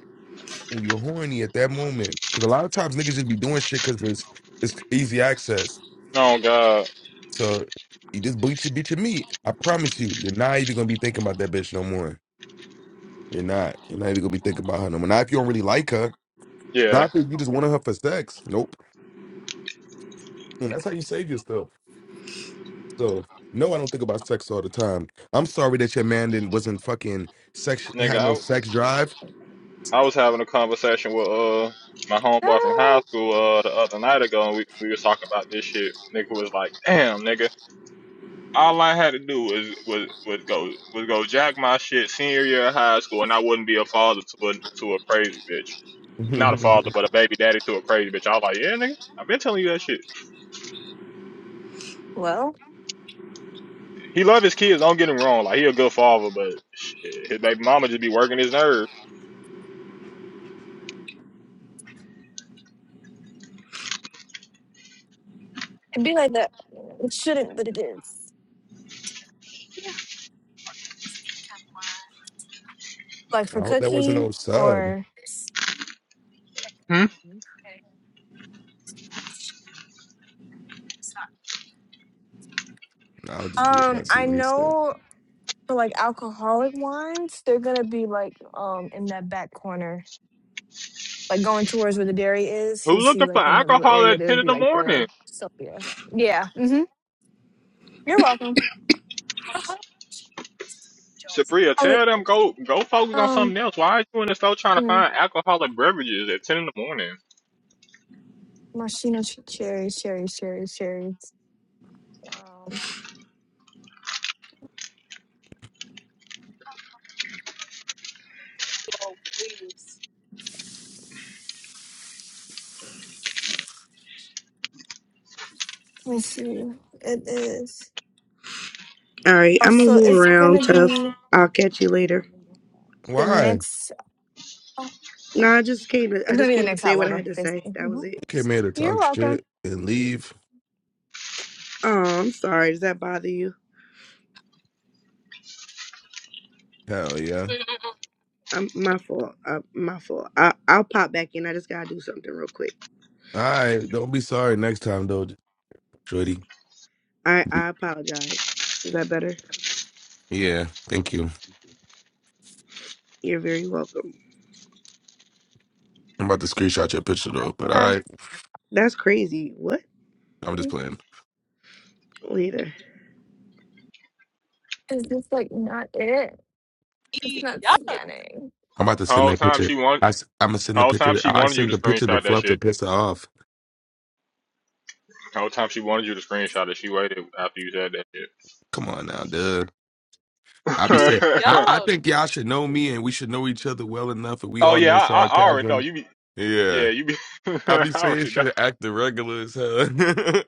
S3: and you're horny at that moment, because a lot of times niggas just be doing shit because it's it's easy access.
S4: Oh God,
S3: So you just bleach your bitch your meat. I promise you, you're not even gonna be thinking about that bitch no more. You're not. You're not even gonna be thinking about her no more. Not if you don't really like her. Not
S4: yeah,
S3: if you just wanted her for sex. Nope. And that's how you save yourself. So no, I don't think about sex all the time. I'm sorry that your man didn't wasn't fucking sex had no
S4: nigga.
S3: sex drive.
S4: I was having a conversation with uh my homeboy from high
S5: Oh.
S4: school uh the other night ago, and we we was talking about this shit. Nigga was like, "Damn, nigga, all I had to do was was was go was go jack my shit senior year of high school, and I wouldn't be a father to a to a crazy bitch." Not a father,
S3: I
S4: but a baby daddy to a crazy bitch. I was like, yeah, nigga, I've been telling you that shit.
S5: Well.
S4: He love his kids. Don't get him wrong. Like he a good father, but shit, his baby mama just be working his nerves.
S5: It'd be like that. It shouldn't, but it is. Yeah. Like for
S3: hope that wasn't
S5: cooking
S3: no sub.
S5: or
S4: Hmm?
S3: I would just be a
S5: um
S3: messy.
S5: I
S3: Let me stop.
S5: know for like alcoholic wines, they're gonna be like um in that back corner like going towards where the dairy is,
S4: Who
S5: you'll see
S4: looking for
S5: like in that little
S4: alcohol
S5: area
S4: at
S5: there's
S4: ten in
S5: be
S4: the
S5: like
S4: morning?
S5: the so yeah. Yeah. hmm You're welcome.
S4: Sabria,
S5: Oh
S4: tell them go go focus on something
S5: um,
S4: else. Why are you in the store trying to
S5: you know,
S4: find alcoholic beverages at ten in the morning?
S5: machina ch- cherries, cherries, cherries, cherries. Um
S2: Oh, please.
S5: let me see. It is
S6: right,
S5: oh
S6: I'm gonna
S5: so
S6: move
S5: it's
S6: around,
S5: gonna
S6: tough.
S5: be
S6: I'll catch you later.
S5: the
S3: Why? You
S5: next oh,
S6: No, I just came to I
S5: it's gonna
S6: just
S5: be the
S6: came to
S5: next
S6: say
S5: all
S6: what I
S5: over,
S6: had to say.
S5: basically.
S6: That was
S5: Mhm.
S6: it.
S3: came here to
S5: You're
S3: talk
S5: welcome.
S3: shit and leave.
S6: Oh, I'm sorry. Does that bother you?
S3: Hell yeah.
S2: Mm-mm-mm.
S6: I'm my fault. Uh, my fault. I I'll pop back in. I just gotta do something real quick.
S3: All right. Don't be sorry next time though, Shorty.
S6: I I apologize. Is that better?
S3: Yeah, thank you.
S6: You're very welcome.
S3: I'm about to screenshot your picture though, but
S5: Sorry.
S3: I
S6: That's crazy. What?
S3: I'm just playing.
S6: later
S5: Is this like not it? It's
S2: Eee,
S5: not
S2: Yuck,
S5: scanning.
S3: I'm about to send
S4: Whole
S3: that
S4: time
S3: picture.
S4: she want,
S3: I am gonna send the
S4: whole time
S3: picture.
S4: she
S3: I
S4: wanted you
S3: send
S4: to
S3: the picture to
S4: screenshot that
S3: Fluff to
S4: shit.
S3: piss her off.
S4: Whole time she wanted you to screenshot it. She waited after you said that shit.
S3: Come on now, dude. I be
S2: eee,
S3: saying I, I
S2: yuck.
S3: think y'all should know me and we should know each other well enough, and we
S4: oh
S3: all
S4: yeah,
S3: know
S4: I, I I already know
S3: sarcasm.
S4: you be.
S3: Yeah,
S4: Yeah, you be.
S3: I
S4: I
S3: be saying
S4: already know.
S3: shit acting regular as hell.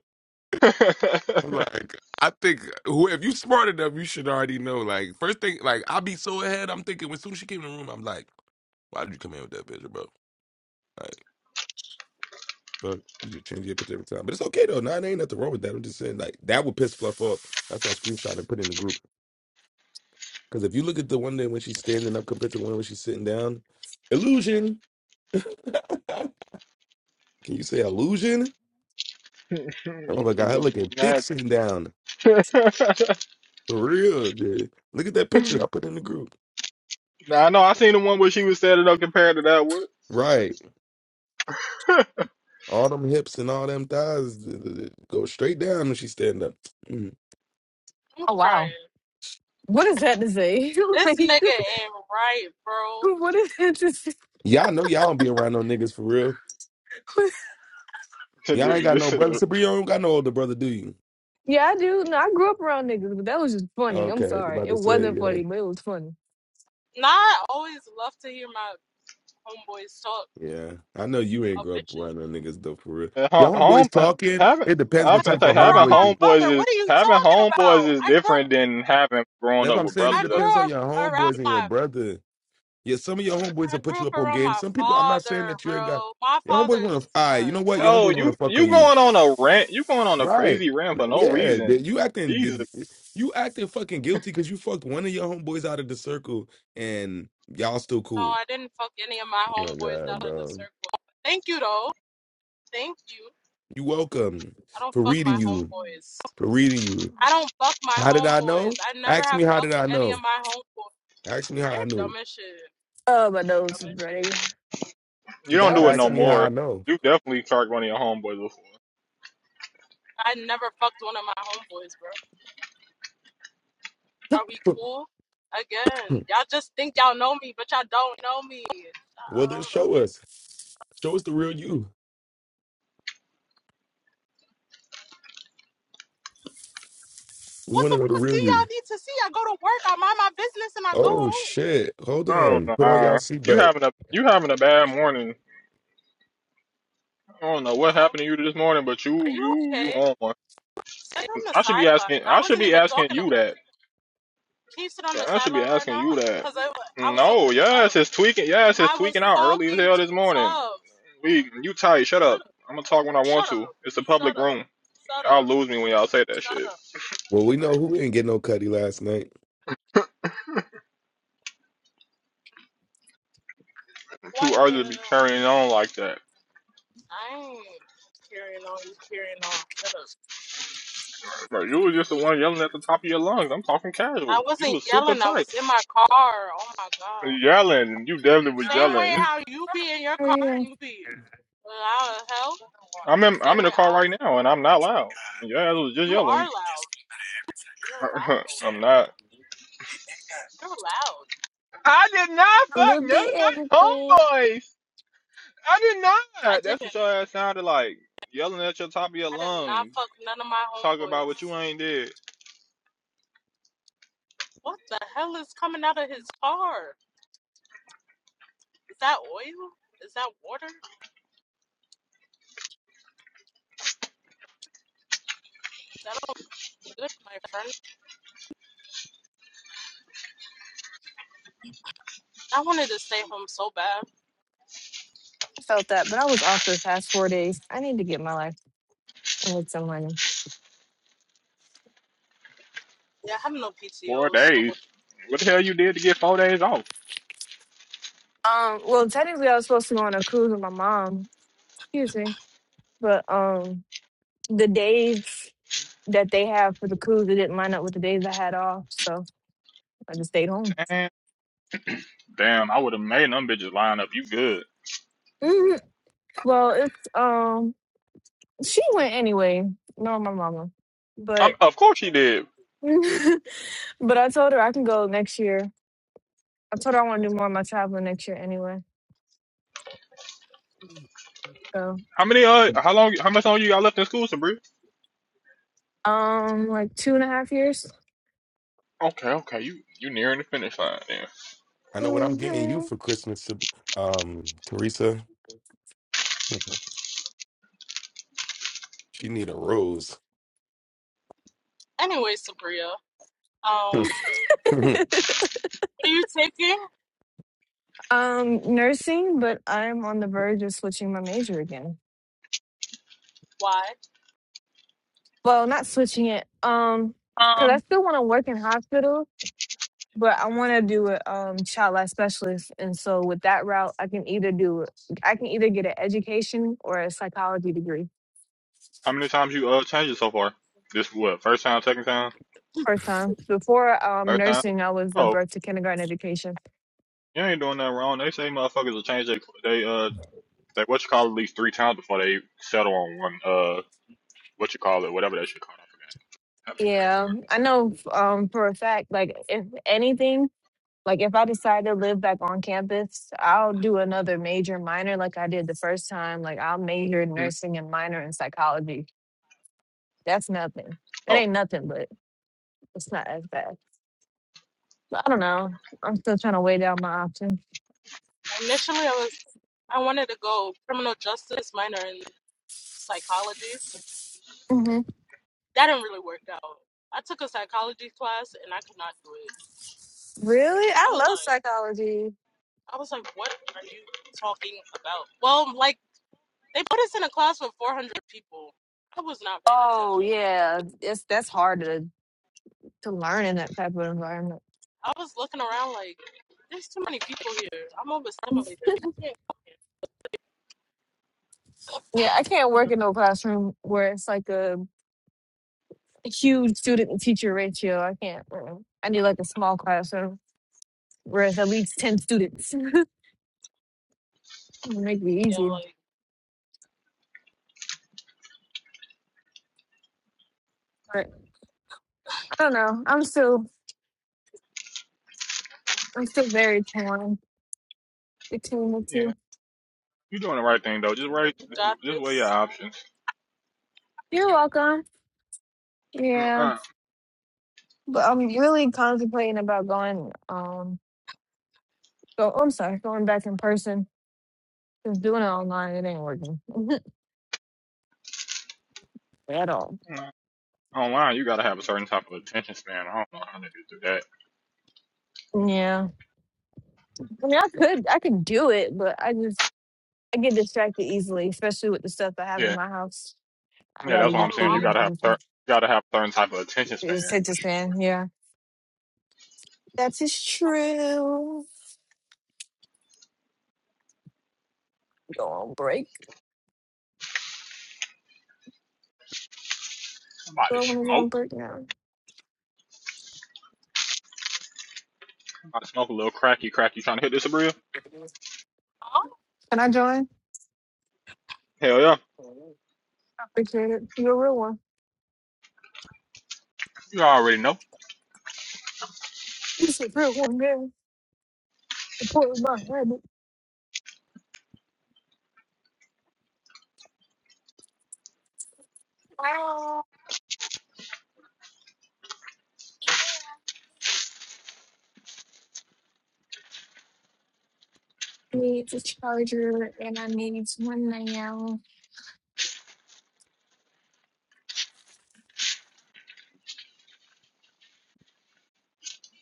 S3: I'm like, I think who if you smart enough, you should already know. Like first thing, like I be so ahead. I'm thinking when soon as she came in the room, I'm like, why did you come in with that picture, bro? Like, But you just change your picture every time. But it's okay though. Nah, there ain't nothing wrong with that. I'm just saying like that would piss Fluff off. That's why I screenshot and put in the group. Because if you look at the one day when she's standing up compared to the one when she's sitting down, illusion. Can you say illusion? Oh my
S4: I'm
S3: god, her
S4: just
S3: looking thick
S4: mad.
S3: sitting down. For real, dude. Look at that picture I put in the group.
S4: nah, no, I seen the one where she was standing up compared to that one.
S3: Right. All them hips and all them thighs th- th- th- go straight down when she stand up. Mm.
S2: I'm
S5: Oh wow.
S2: crying.
S5: What is that to say?
S2: This
S5: like
S2: nigga ain't right, bro.
S5: what is that to say?
S3: Y'all know y'all don't be around no niggas for real. Y'all ain't got
S4: this
S3: no
S4: is
S3: brother. Sabrina, you don't got no older brother, do you?
S5: yeah, I do. No, I grew up around niggas, but that was just funny. I'm
S3: Okay,
S5: sorry.
S3: about to
S5: It
S3: say,
S5: wasn't
S3: yeah.
S5: funny, but it was funny.
S2: Now I always love to hear my homeboys talk
S3: Yeah, I know you ain't
S2: about
S3: grow up
S2: bitches.
S3: around no niggas though, for real.
S4: Uh, ho-
S3: Your
S4: Home
S3: homeboys
S4: uh,
S3: talking.
S4: having
S3: It depends
S2: I
S4: I'm
S3: what
S4: finna
S3: type
S2: grew up
S4: say
S3: of
S4: having
S2: around
S3: homeboys.
S2: my
S3: They,
S4: homeboys
S2: father.
S4: is
S2: What are you
S4: having
S2: talking about?
S4: homeboys is
S2: I grew up
S4: different than having growing
S3: that's what
S4: up
S3: I'm
S4: with
S3: saying. It
S2: I
S4: brothers.
S3: depends
S2: grew
S3: on
S2: up
S3: your
S2: around
S3: homeboys and your
S2: my
S3: brother. Yeah, some of your homeboys
S2: I
S3: will put
S2: grew
S3: you
S2: up
S3: up on
S2: around
S3: game.
S2: my
S3: Some people. I'm not saying
S2: father,
S3: that you ain't got
S2: bro. My
S3: your homeboys want
S2: father's
S3: to. I. you
S2: a
S3: know what? Your
S4: Oh,
S3: homeboys
S2: dog.
S3: want
S4: you
S3: to fuck
S4: you
S3: on you,
S4: going on a rant? You going on a
S3: right?
S4: crazy rant for no
S3: Yeah, they-
S4: reason?
S3: you
S4: Jesus,
S3: acting. You acting fucking guilty because you fucked one of your homeboys out of the circle and y'all still
S2: No,
S3: cool.
S2: I didn't fuck any of my
S3: Oh my
S2: homeboys
S3: god,
S2: out of the
S3: bro.
S2: circle. Thank you though. Thank you.
S3: You welcome
S2: I don't
S3: for
S2: fuck my
S3: reading you.
S2: homeboys.
S3: For reading you.
S2: I don't buck my
S3: How did I
S2: homeboys.
S3: know?
S2: I never
S3: Ask
S2: have
S3: me how did
S2: fucked
S3: I
S2: any of
S3: know?
S2: my homeboys.
S3: Ask me how
S2: You're
S3: I knew.
S2: dumb as shit.
S5: Oh my nose
S2: Dumb
S5: is
S2: as shit.
S5: ready.
S3: You
S4: you don't
S3: gotta
S5: Y'all
S4: do
S5: are
S4: it
S3: ask
S4: no
S3: me
S5: so
S3: how I
S4: more.
S5: good.
S3: know.
S4: You definitely charged one of your homeboys before.
S2: I never fucked one of my homeboys, bro. Are we cool? Again, y'all just think y'all know me, but y'all don't know me. Shut
S3: well then
S2: up.
S3: show us. Show us the real you. We
S2: What
S3: wanna
S2: the
S3: know the
S2: fuck do
S3: real you.
S2: y'all need to see? I go to work, I mind my business, and I go
S3: Oh
S2: home.
S3: shit. Hold
S4: I don't
S3: on.
S4: know.
S3: Put on y'all
S4: Uh, you
S3: seatbelt.
S4: having a you having a bad morning. I don't know
S2: You
S4: what
S2: know?
S4: happened to you this morning, but you
S2: Are you
S4: you you
S2: okay?
S4: on one.
S2: Sit on the
S4: I should be
S2: sideline.
S4: asking.
S2: I
S4: I should
S2: wasn't
S4: be
S2: even
S4: asking
S2: talking
S4: you
S2: about
S4: that.
S2: you. Can you sit on
S4: Yeah,
S2: the
S4: I should be
S2: sideline right
S4: asking
S2: now?
S4: you that.
S2: Because I, wa- I was talking
S4: No,
S2: to Tuff.
S4: yes, it's tweaking. Yes, it's
S2: I was
S4: tweaking out early as
S2: talking
S4: hell this
S2: to
S4: morning.
S2: Tuff.
S4: We, you tight? Shut
S2: Shut
S4: up. I'm gonna talk when I want
S2: Shut up.
S4: to. It's a
S2: Shut
S4: public
S2: up.
S4: room.
S2: Shut
S4: Y'all
S2: up.
S4: lose me when y'all say that
S2: Shut
S4: shit.
S2: up.
S3: Well, we know who didn't get no cutty last night.
S4: Too
S2: Why no no
S4: early to be
S2: no.
S4: carrying on like that.
S2: I ain't carrying on, you carrying on. Shut up.
S4: Bro, you was just the one yelling at the top of your lungs. I'm talking
S2: I
S4: casual. You
S2: wasn't
S4: was super
S2: yelling, I
S4: tight,
S2: was in my car. Oh my god.
S4: yelling. You definitely was
S2: Same way
S4: yelling.
S2: how you be in your
S5: Oh,
S2: car and
S5: yeah.
S2: you be loud as hell. It's
S4: I'm in,
S2: the
S4: I'm
S2: same
S4: in the
S2: way
S4: car
S2: I was
S4: right now, and I'm not loud. Yeah, I was just
S2: you are
S4: yelling.
S2: loud. You're loud.
S4: I'm not.
S2: You're loud.
S4: I did not
S5: A
S4: fuck
S5: little
S4: none
S5: bit
S4: of
S5: everything.
S4: my homeboys. I did
S2: I
S4: not.
S2: didn't
S4: That's what your ass sounded like. Yelling at your top of your
S2: I did not
S4: lungs.
S2: fuck none of my
S4: Talking about what you
S2: homeboys.
S4: ain't did.
S2: What the hell is coming out of his car? Is that oil? Is that water? That don't look good, my friend. I wanted to stay home so bad.
S5: I felt that, but I was off the past four days. I need to get my life and make some money.
S2: Yeah, I have no
S4: Four
S2: PTO. So,
S4: days. What the hell you did to get four days off?
S5: Um, well technically I was supposed to go on a cruise with my mom. Excuse me. But um the days that they have for the cruise it didn't line up with the days I had off, so I just stayed home.
S4: Damn. Damn, I would have made them bitches line up. You good?
S5: hmm Well, it's um she went anyway. No, my mama,
S4: Um,
S5: but
S4: of course you did.
S5: but I told her I can go next year. I told her I want to do more of my traveling next year anyway. So
S4: How many uh how long how much longer you got left in school, Sabri?
S5: um like two and a half years.
S4: Okay, okay. You you nearing the finish line then.
S3: I know what I'm getting you
S5: hmm
S3: for Christmas, um, Teresa. She need a rose.
S2: anyway, Sabria, um,
S3: It
S2: what are you taking?
S5: um nursing, but I'm on the verge of switching my major again.
S2: Why?
S5: Well, not switching it. Um, because I still want to work in hospitals But I want to do a um, child life specialist, and so with that route, I can either do I can either get an education or a psychology degree.
S4: How many times you uh changed it so far? This what? First time, second time?
S5: First time before um,
S4: First time?
S5: nursing, I was the
S4: Oh,
S5: birth to kindergarten education.
S4: you ain't doing nothing wrong. They say motherfuckers will change their they uh Like what you call it, at least three times before they settle on one. Uh, what you call it, whatever that shit called. I forgot. Having
S5: Yeah, I know f- um, for a fact. Like if anything, like if I decide to live back on campus, I'll do another major minor like I did the first time. Like I'll major in
S4: a brain fart.
S5: nursing and minor in psychology. That's nothing.
S4: Hmm.
S5: It
S4: Oh,
S5: ain't nothing, but it's not as bad. I don't know. I'm still trying to weigh down my options.
S2: Initially, I was I wanted to go criminal justice minor in psychology.
S5: hmm
S2: That didn't really work out. I took a psychology class and I could not do it.
S5: Really?
S2: I
S5: I
S2: was
S5: love
S2: like,
S5: psychology.
S2: I was like, what are you talking about? Well, like they put us in a class with 400 people. I was not paying
S5: Oh
S2: attention.
S5: yeah. It's that's hard to to learn in that type of environment.
S2: I was looking around like, there's too many people here. I'm overstimulated. I can't.
S5: Yeah, I can't
S4: yeah,
S5: work in no classroom where it's like a huge student and teacher ratio. I can't. uh-uh. I need like a small classroom where it's at least ten students. It'll make it
S2: Yeah,
S5: easier.
S2: like
S5: But I don't know. I'm still I'm still very torn between the
S4: yeah.
S5: two.
S4: You're doing the right thing though. Just right,
S2: you got
S4: just weigh your
S2: this
S4: options.
S5: You're welcome.
S4: Mm,
S5: Yeah.
S4: Uh,
S5: But I'm really contemplating about going. Um, go. I'm sorry, going back in person. Just doing it online, it ain't working at all.
S4: mm. online, you gotta have a certain type of attention span. I don't know how niggas do that.
S5: Yeah, I mean, I could, I could do it, but I just, I get distracted easily, especially with the stuff I have in
S4: Yeah,
S5: my house. I'd
S4: yeah.
S5: rather
S4: That's what I'm
S5: just
S4: saying.
S5: do it
S4: You
S2: online.
S5: in
S4: gotta have.
S5: person.
S4: you gotta have a certain type of attention span.
S5: It's hit to stand. Yeah, that is true. Go on break.
S4: Somebody
S5: Go on, go
S4: smoke.
S5: on break now.
S4: Somebody smoke a little cracky, cracky. Trying to hit this a real?
S2: Huh?
S5: Can I join?
S4: Hell yeah.
S5: I appreciate it. You're a real one.
S4: You already know.
S5: You're a real one, man. Support my habit. Ah. needs a charger and I need one now.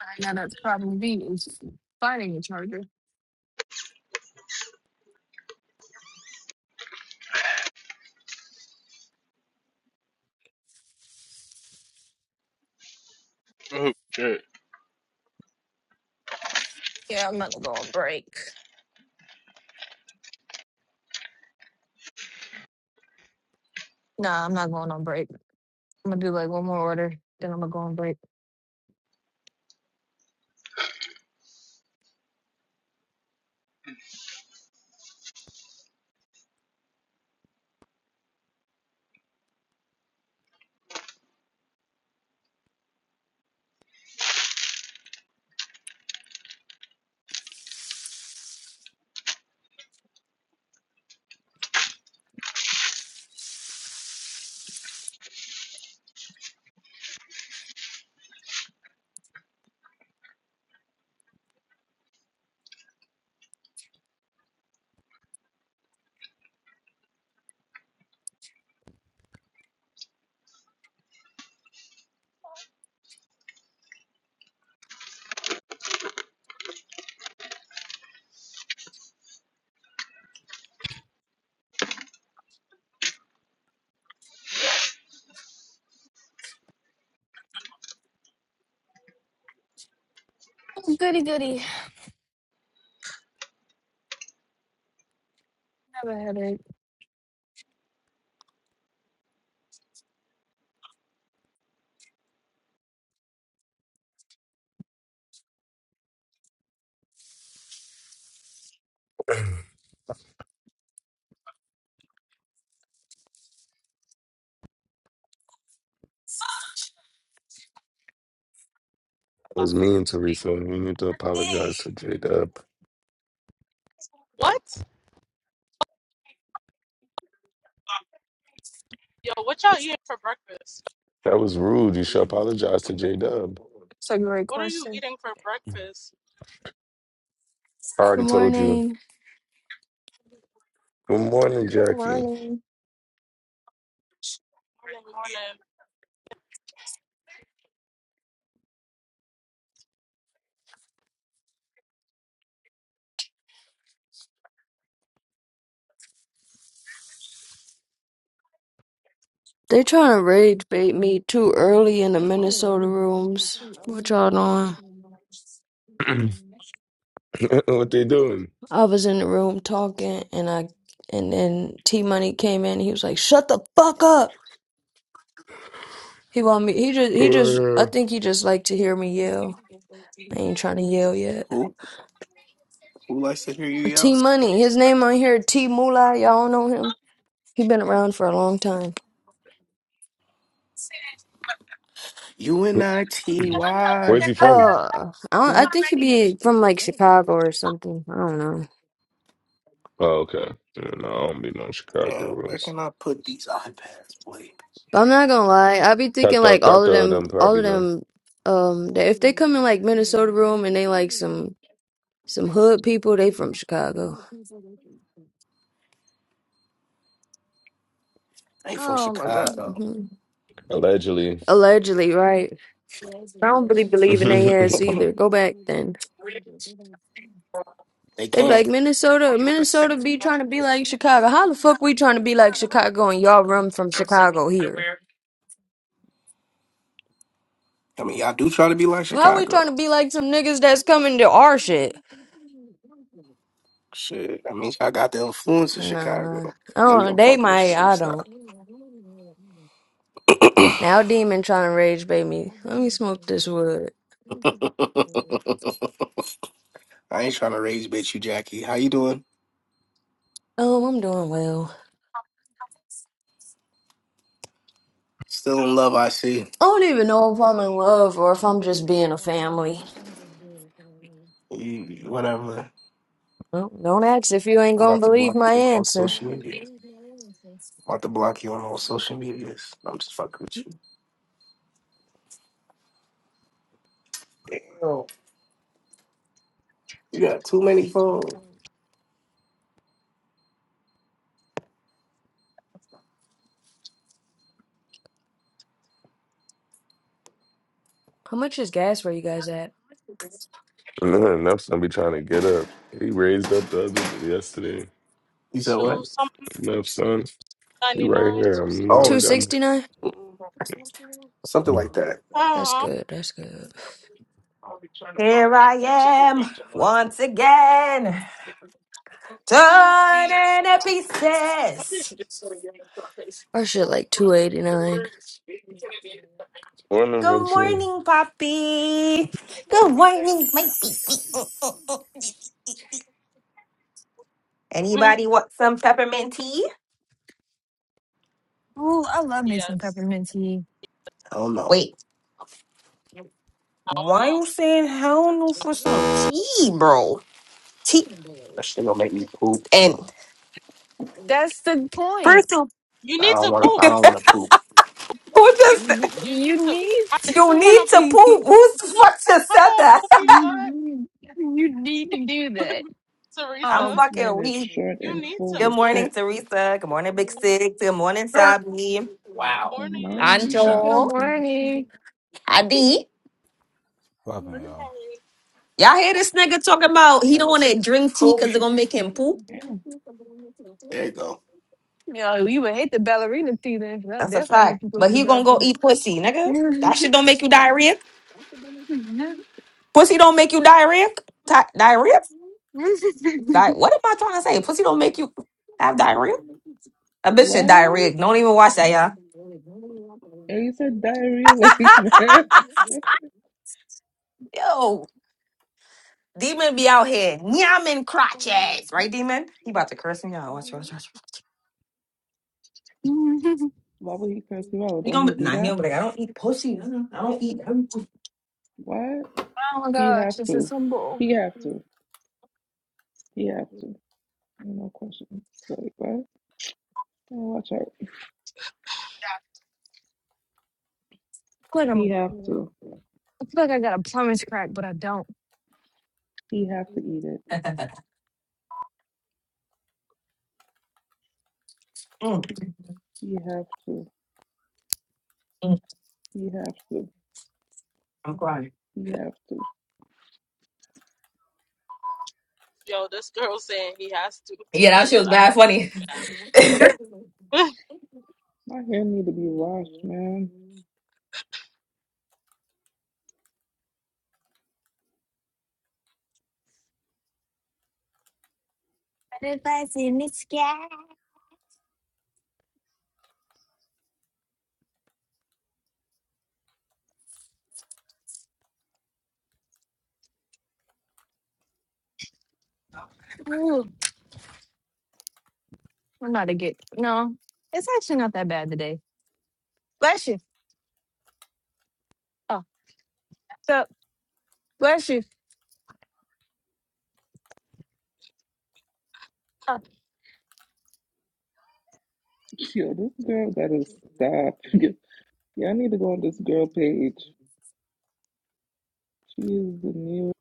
S5: I know that's probably me is finding a charger.
S4: Oh, shit.
S5: Yeah, I'm gonna go on break. Nah, I'm not going on break. I'm gonna do like one more order, then I'm gonna go on break. Oh, goody goody. I have a headache.
S3: was mean, Teresa. You need to apologize to J Dub.
S2: What? Yo, what y'all eating for breakfast?
S3: That was rude. You should apologize to J Dub.
S5: So you great
S2: What are you
S5: question.
S2: eating for
S3: I
S2: breakfast?
S3: already
S7: Good
S3: told you.
S7: morning.
S3: Good morning,
S5: Good
S3: Jackie.
S5: morning.
S2: Morning, morning.
S7: They trying to rage bait me too early in the Minnesota rooms. What y'all doing?
S3: what they doing?
S7: I was in the room talking, and I and then T Money came in. He was like, "Shut the fuck up." He want me. He just he just. I think he just like to hear me yell. I ain't trying to yell yet.
S1: Who? Who likes to hear you
S7: T
S1: yell?
S7: Money. His name on here. T Moolah. Y'all know him. He been around for a long time.
S1: U N
S3: Uh,
S1: I T Y.
S3: Where's he from?
S7: Uh, I don't, I think he
S1: Neptune.
S7: be from like Chicago or something. I don't know.
S3: Oh, okay. Yeah, no, I don't be no Chicago
S1: Damn, where
S3: rules.
S1: can I put these iPads, boy?
S7: But I'm not gonna lie, I be thinking
S3: Cato,
S7: like all of
S3: Cato,
S7: them,
S3: them
S7: all of
S3: probably know.
S7: them, um, that if they come in like Minnesota room and they like some some hood people, they from Chicago,
S1: I Ain't from
S5: Oh my
S1: Chicago.
S7: hmm
S3: Allegedly.
S7: allegedly, right? I don't really believe in they ass either. Go back then.
S1: They
S7: They be like
S1: can't.
S7: Minnesota, Minnesota be trying to be like Chicago. How the fuck we trying to be like Chicago and y'all run from Chicago here?
S1: I mean, y'all do try to be like
S7: How we
S1: Chicago.
S7: trying to be like some niggas that's coming to our shit?
S1: Shit, I mean, I got the influence of
S7: Nah, I
S1: Chicago. Let me,
S7: don't.
S1: I'm
S7: They
S1: fucking with
S7: might.
S1: you. Let me
S7: I don't.
S1: stop.
S7: Now demon trying to rage bait me. Let me smoke this wood.
S1: I ain't trying to raise bitch you, Jackie. How you doing?
S7: Um, I'm doing well.
S1: Still in love, I see.
S7: I don't even know if I'm in love or if I'm just being a family.
S1: You,
S5: god.
S1: whatever.
S7: Well, don't ask if you ain't
S1: I'm
S7: gonna
S1: about to
S7: believe
S1: block
S7: my
S1: you on all
S5: Ooh,
S7: answer.
S1: social media. about to block you on all social medias. I'm just fucking with you. Damn, you got too many phones.
S7: How much is gas where you guys at?
S3: Nah, Enough son be trying to get up. He raised up the other day, yesterday.
S1: You said what?
S2: Two something
S3: Enough son. He
S2: ninety
S3: right
S2: nine,
S3: here.
S2: two
S3: I'm, I
S2: sixty.
S3: don't
S1: Always
S3: got him.
S7: 269?
S1: something like that.
S2: Uh
S7: That's
S2: huh.
S7: good, that's good.
S8: Here I am once again, torn
S2: Goofy.
S8: in pieces.
S7: Our shit like 289.
S3: Morning,
S8: Good
S3: Vincent.
S8: morning, Poppy. Good morning, my baby. Mm, mm, mm.
S2: Mm,
S8: Anybody want some peppermint tea?
S5: I love me some
S2: yes.
S5: peppermint tea.
S1: I don't know.
S8: Wait,
S2: I don't
S8: why
S2: know.
S8: you saying hell no for some tea, bro? Tea
S1: That shit gonna make me poop.
S8: and
S5: That's the point.
S8: first of
S2: You
S1: I
S2: need
S1: don't
S2: to
S1: wanna. I
S2: poop.
S1: don't wanna poop.
S8: who just
S5: Y-
S2: You need
S5: You
S2: to.
S5: need
S2: Why
S8: you
S2: don't you want
S8: need
S2: to
S8: to
S5: you
S2: poop?
S8: poop? Who's what just
S2: Come
S8: said
S2: on,
S8: that?
S2: poopy butt,
S5: need you need to do that.
S8: I'm
S5: Um,
S2: Teresa.
S9: This
S8: fucking
S9: man is
S8: weak.
S9: short
S2: You
S9: and
S2: need
S9: full
S2: to
S8: Good
S9: with
S2: poop.
S8: morning,
S9: shit.
S8: Teresa. Good morning, Big Six. Good morning, Sabi.
S9: Good
S1: That's
S2: Morning,
S9: morning,
S1: two
S9: good
S5: good
S1: shots.
S8: Anjo,
S9: morning, good morning, good
S5: morning.
S8: Adi.
S10: Popping, y'all.
S2: morning.
S8: Y'all hear this nigga talking about he don't want to drink tea because it's gonna make him poop?
S9: morning. Damn.
S1: There you go.
S5: Yeah, you would hate the ballerina teeth, then. That'll
S8: That's a
S5: definitely
S8: fact.
S5: make you go
S8: But
S5: to the
S8: he gonna go
S5: bathroom.
S8: eat pussy, nigga. That shit don't make you diarrhea. Pussy don't make you diarrhea. Ti- diarrhea? Di- what am I trying to say? Pussy don't make you have diarrhea. A bitch said diarrhea.
S9: What?
S8: Don't even watch that,
S9: And you said diarrhea like that?
S8: y'all. Yo, demon be out here. Nyamming crotches, right, demon? He about to curse me out. Watch, watch, watch.
S9: Why would he curse you out?
S8: You
S9: Don't
S8: gonna
S9: he
S8: be,
S9: do
S8: nah, he
S9: that?
S8: gonna be like, I don't eat pussy. No, no, I don't eat. i
S9: What?
S5: oh my
S9: He
S5: gosh,
S9: have
S5: this is
S9: to.
S5: some bull.
S9: He have to. He have to. No questions. Like what? Oh, watch out.
S5: Quit
S9: He
S5: 'em.
S9: have
S5: I
S9: to.
S5: am feel like I got a plumber's crack, but I don't.
S9: He have to eat it.
S8: Mm,
S9: He have to.
S8: mm,
S9: He have to.
S8: I'm crying.
S9: He have to.
S2: Yo, this girl saying he has to
S8: Yeah, that
S2: twenty
S8: shit was bad
S2: times.
S8: funny. I
S5: Butterflies
S2: Yeah.
S9: My hair need to be washed, man.
S5: in the sky. Ooh, I'm not a good. No, it's actually not that bad today. Bless you. Oh, so bless you. Oh,
S9: Yo, this girl gotta stop. Yeah, I need to go on this girl page. She is the new,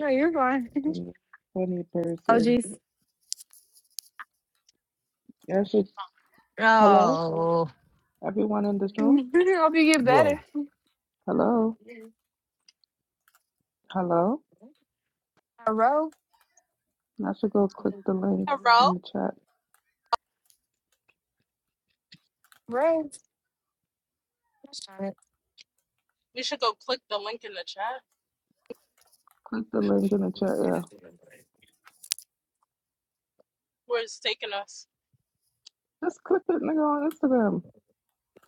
S5: no, you're fine.
S9: the new funny
S5: oh,
S9: person.
S5: jeez.
S9: Yeah, I should. Hello,
S5: Oh.
S9: everyone in this room.
S5: Hope you get better.
S10: Bro,
S9: Hello, hello.
S5: Uh, row.
S9: I should go click the link
S2: Hello?
S9: in the chat.
S5: Row. Darn
S2: We should go click the link in the chat
S9: Click the link in the chat. Yeah,
S2: where it's taking us.
S9: just click it, nigga, on Instagram.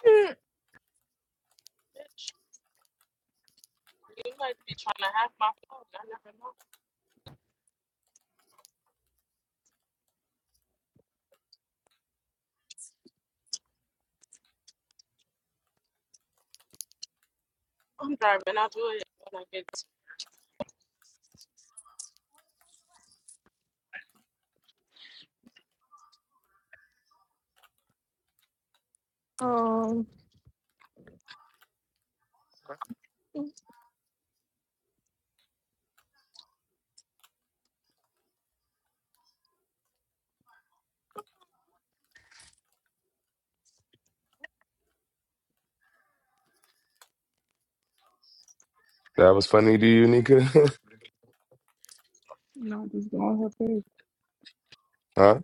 S5: it.
S2: Bitch, you might be trying to hack my phone. I never know. I'm driving. I'll do it when I get
S3: That was funny to you, Nika?
S9: No, just go on her page.
S3: huh?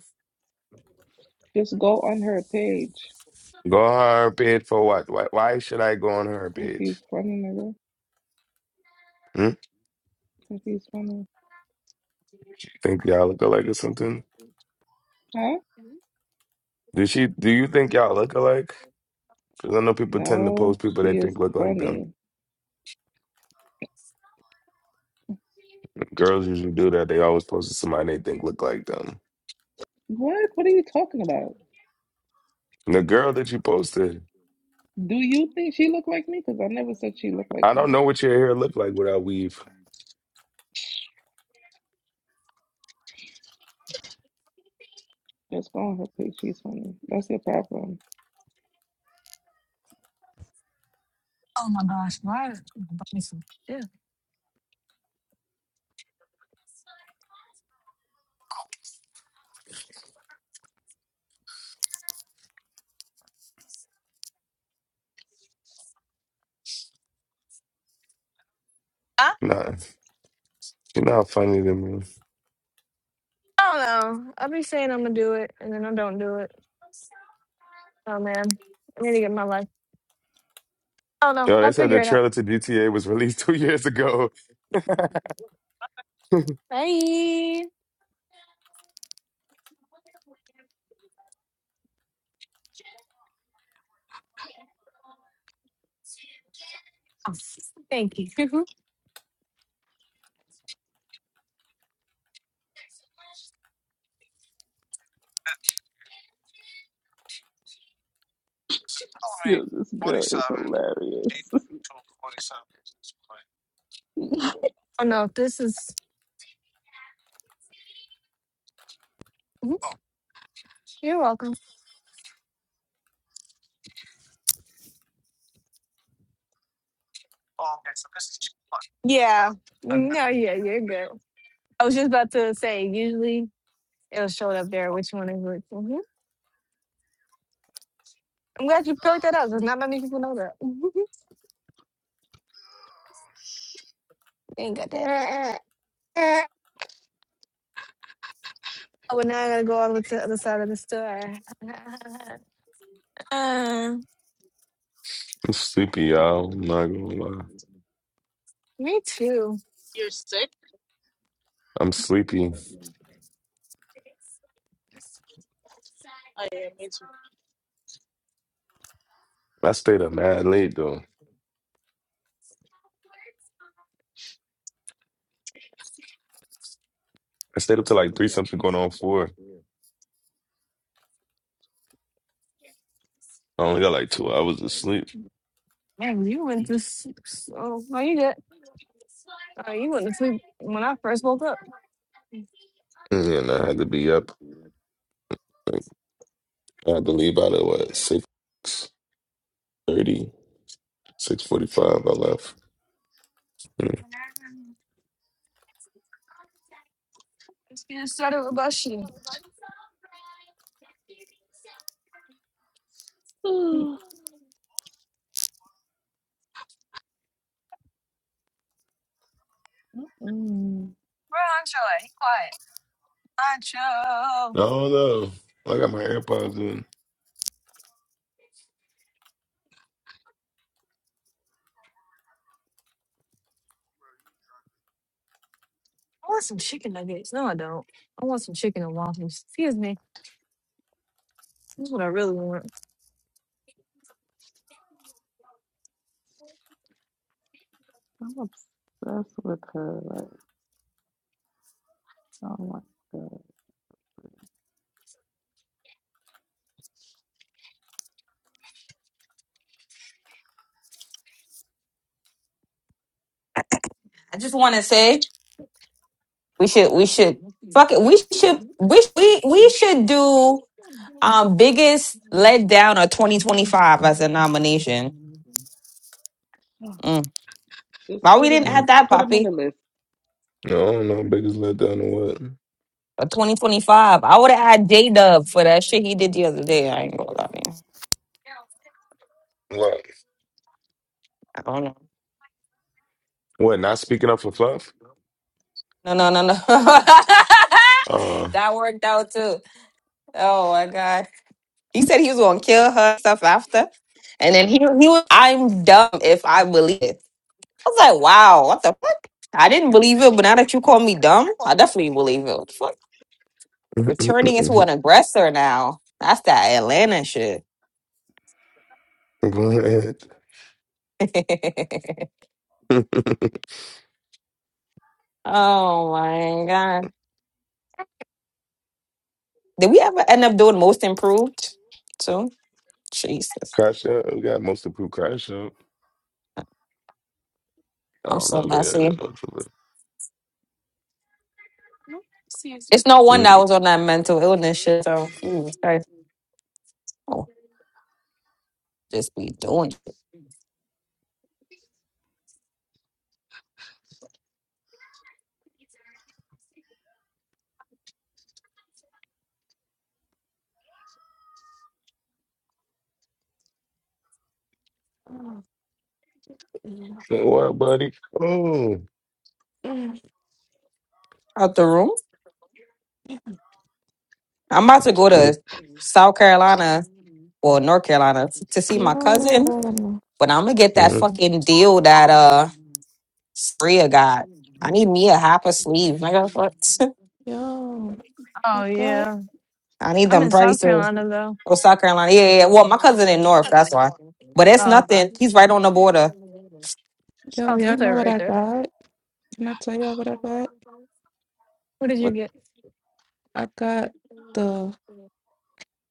S9: Just go on her page.
S3: Go on her page for what? Why, why should I go on her
S9: If she's
S3: page?
S9: funny, nigga. If she's funny,
S3: Think y'all look alike or something?
S9: huh?
S5: Um.
S3: Did she? Do you think y'all look alike? Because I know people tend to
S9: No,
S3: post people they
S9: she is
S3: think look like them.
S9: funny.
S3: Girls usually do that. They always post somebody they think look like them.
S9: What? What are you talking about?
S3: The girl that you posted,
S9: Do you think she look like me? Because I never said she looked like
S3: I don't
S9: me.
S3: know what your hair looked like without weave.
S9: Just go on her page. She's funny. That's your problem.
S5: Oh my gosh, why is my so stiff? I
S3: Nah, you're not funny to me.
S5: don't know. I be saying I'm gonna do it, and then I don't do it. Oh man, I need to get my life. I don't know.
S3: Yo, they
S5: I'll
S3: said the
S5: figure it out.
S3: trailer to GTA was released two years ago.
S5: Bye. Oh, Thank you.
S9: Yo, this girl is hilarious.
S5: oh no, this is. Mhm. You're welcome. Yeah. No, yeah, you're good. I was just about to say. Usually, it'll show up there. Which one is which? hmm I'm glad you picked that up because not many people know that. they ain't got that. Oh, but now I gotta go all the way to the other side of the store. Uh,
S3: I'm sleepy, y'all. I'm not gonna lie.
S5: me too.
S2: you're sick.
S3: I'm sleepy.
S2: I am. It's
S3: I stayed up mad late though. I stayed up till like three something going on four. I only got like two hours of sleep.
S5: Man, you went to sleep so. No, you did. Uh, you went to sleep when I first woke up.
S3: And I had to be up. Like, I had to leave out at what six thirty, six forty five. I left. Mm.
S5: Let's get started with Bushy. Where
S9: Mm-mm.
S5: Ancho at? He quiet. Ancho.
S3: I don't know. I got my AirPods in.
S5: I want some chicken nuggets. No, I don't. I want some chicken and waffles. Excuse me. This is what I really want.
S9: I'm obsessed with her. Like, oh my god.
S8: just want to say we should we should fuck it. We should we we we should do. Um, biggest letdown of 2025 as a nomination.
S9: Ah,
S8: Mm.
S9: Just
S8: Why we
S9: put him
S8: didn't
S3: Mm.
S9: on.
S8: add that,
S9: Put him on the
S8: Poppy?
S9: list.
S3: I don't know. Biggest letdown or what?
S8: For 2025, I would have had J Dub for that shit he did the other day. I ain't gonna lie, man.
S3: What?
S8: I don't know.
S3: What? Not speaking up for fluff?
S8: No, no, no, no.
S3: Uh.
S8: that worked out too. Oh my god. He said he was gonna kill her stuff after, and then he he was. I'm dumb if I believe it. I was like, wow, what the fuck? I didn't believe it, but now that you call me dumb, I definitely believe it. What the fuck? We're turning into an aggressor now. That's that Atlanta shit.
S3: Go ahead.
S8: oh my god. Did we ever end up doing most improved too? Jesus.
S3: crash out. We got most approved crash out. I
S8: I'm
S3: don't
S8: so
S3: know. They had it
S8: messy.
S3: much of
S5: No, seriously.
S8: It's no wonder I
S3: it.
S8: was on that mental illness shit. So Jesus Christ. Oh, just be doing shit.
S9: Ah, mm,
S3: Mm. What, buddy? Oh.
S8: out the room. I'm about to go to South Carolina or North Carolina f- to see my cousin,
S9: Yo,
S8: but I'm gonna get that
S3: Mm.
S8: fucking deal that uh Spria got. I need me a half a sleeve, nigga. What?
S9: yo, I
S5: Oh
S9: got.
S5: yeah,
S8: I need
S5: I'm
S8: them
S5: in South
S8: prices.
S5: Carolina though.
S8: Oh, South Carolina. Yeah, yeah. yeah. Well, my cousin in North, that's why. But it's
S5: Oh okay,
S8: nothing. He's right on the border.
S5: oh,
S9: Yo,
S5: it's
S9: y'all know
S5: there
S9: what
S5: right
S9: I
S5: there.
S9: got? Can I tell y'all what I got?
S5: What did you
S8: What-
S5: get?
S9: I got the.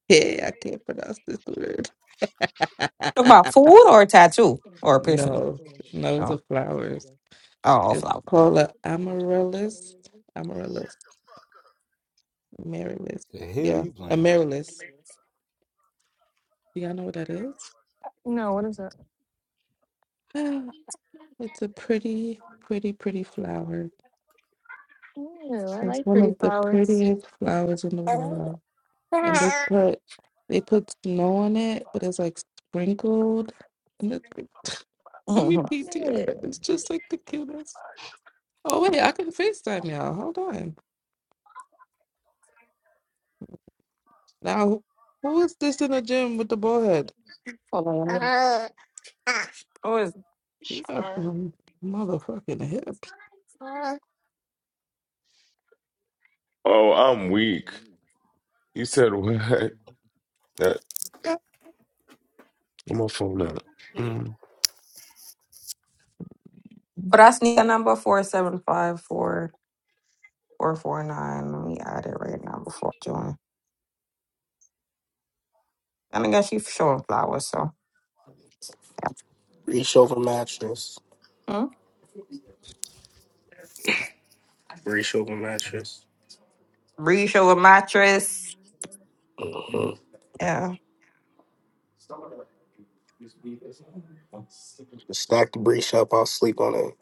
S9: Yeah, I can't pronounce this word.
S8: About food or a tattoo or a piercing.
S9: no, no,
S8: Oh,
S9: the flowers.
S8: oh,
S9: It's
S8: flower.
S9: called a amaryllis. Amaryllis. Amaryllis.
S10: the hell
S9: Yeah,
S10: you playing?
S9: amaryllis. Do y'all know what that is?
S5: No, what is that?
S9: Ah, It's a pretty, pretty, pretty flower.
S5: Oh, I
S9: It's
S5: like
S9: one
S5: pretty
S9: of the
S5: flowers.
S9: prettiest flowers in the world. And they put they put snow on it, but it's like sprinkled. And it's like, let me PTR.
S5: Yeah,
S9: It's just like the cutest. Oh wait, I can FaceTime y'all. Hold on. Now who is this in the gym with the ball head?
S8: Hold on. Who is?
S9: He got
S2: sure.
S9: some motherfucking hips.
S3: Oh, I'm weak. You said what? Put my phone up. Mm.
S8: But I sneak a number four seven five four. Four four nine. Let me add it right now before I join. And I guess you showing flowers, so yeah.
S1: Reach over mattress.
S8: Hmm?
S1: Breach over mattress.
S8: Bree show a mattress.
S1: Mhm.
S8: Yeah.
S1: Stack the breach up. I'll sleep on it.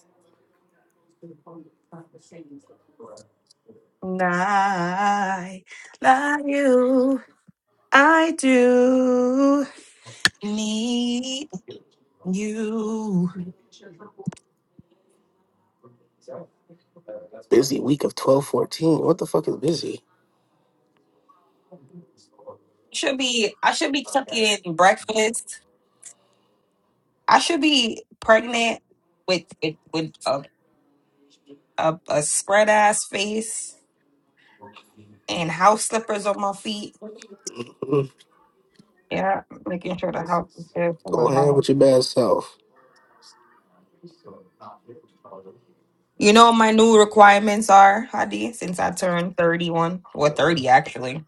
S8: And I love you. I do need you.
S1: Busy week of twelve fourteen. What the fuck is busy?
S8: Should be I should be cooking breakfast. I should be pregnant with with, with a, a a spread ass face and house slippers on my feet.
S1: Mhm.
S8: Yeah, making sure the house is there for
S1: Go
S8: when
S1: ahead
S8: my
S1: with your bad self.
S8: You know what my new requirements are, Hadi, since I turned 31 or 30 actually.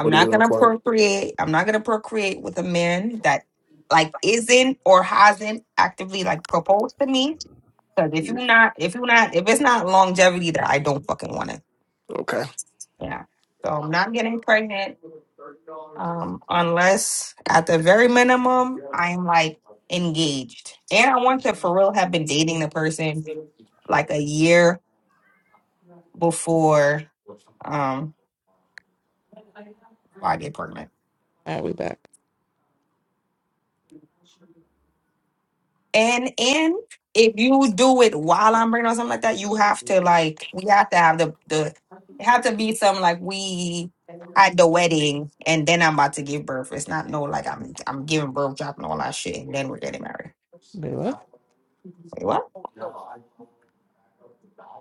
S1: What do
S8: not
S1: you
S8: gonna
S1: require?
S8: procreate. I'm not gonna procreate with a man that like isn't or hasn't actively like proposed to me. Because if you're not, if you're not, if it's not longevity that I don't fucking want it.
S1: Okay.
S8: Yeah. So I'm not getting pregnant um unless at the very minimum I'm like engaged. And I want to for real have been dating the person like a year before um, Well, I'd get pregnant.
S9: All right, we back.
S8: And and if you do it while I'm pregnant or something like that, you have to like we have to have the the it have to be something like we at the wedding and then I'm about to give birth. It's not no like I'm I'm giving birth, dropping all that shit, and then we're getting married.
S9: Wait, what?
S8: Wait, what?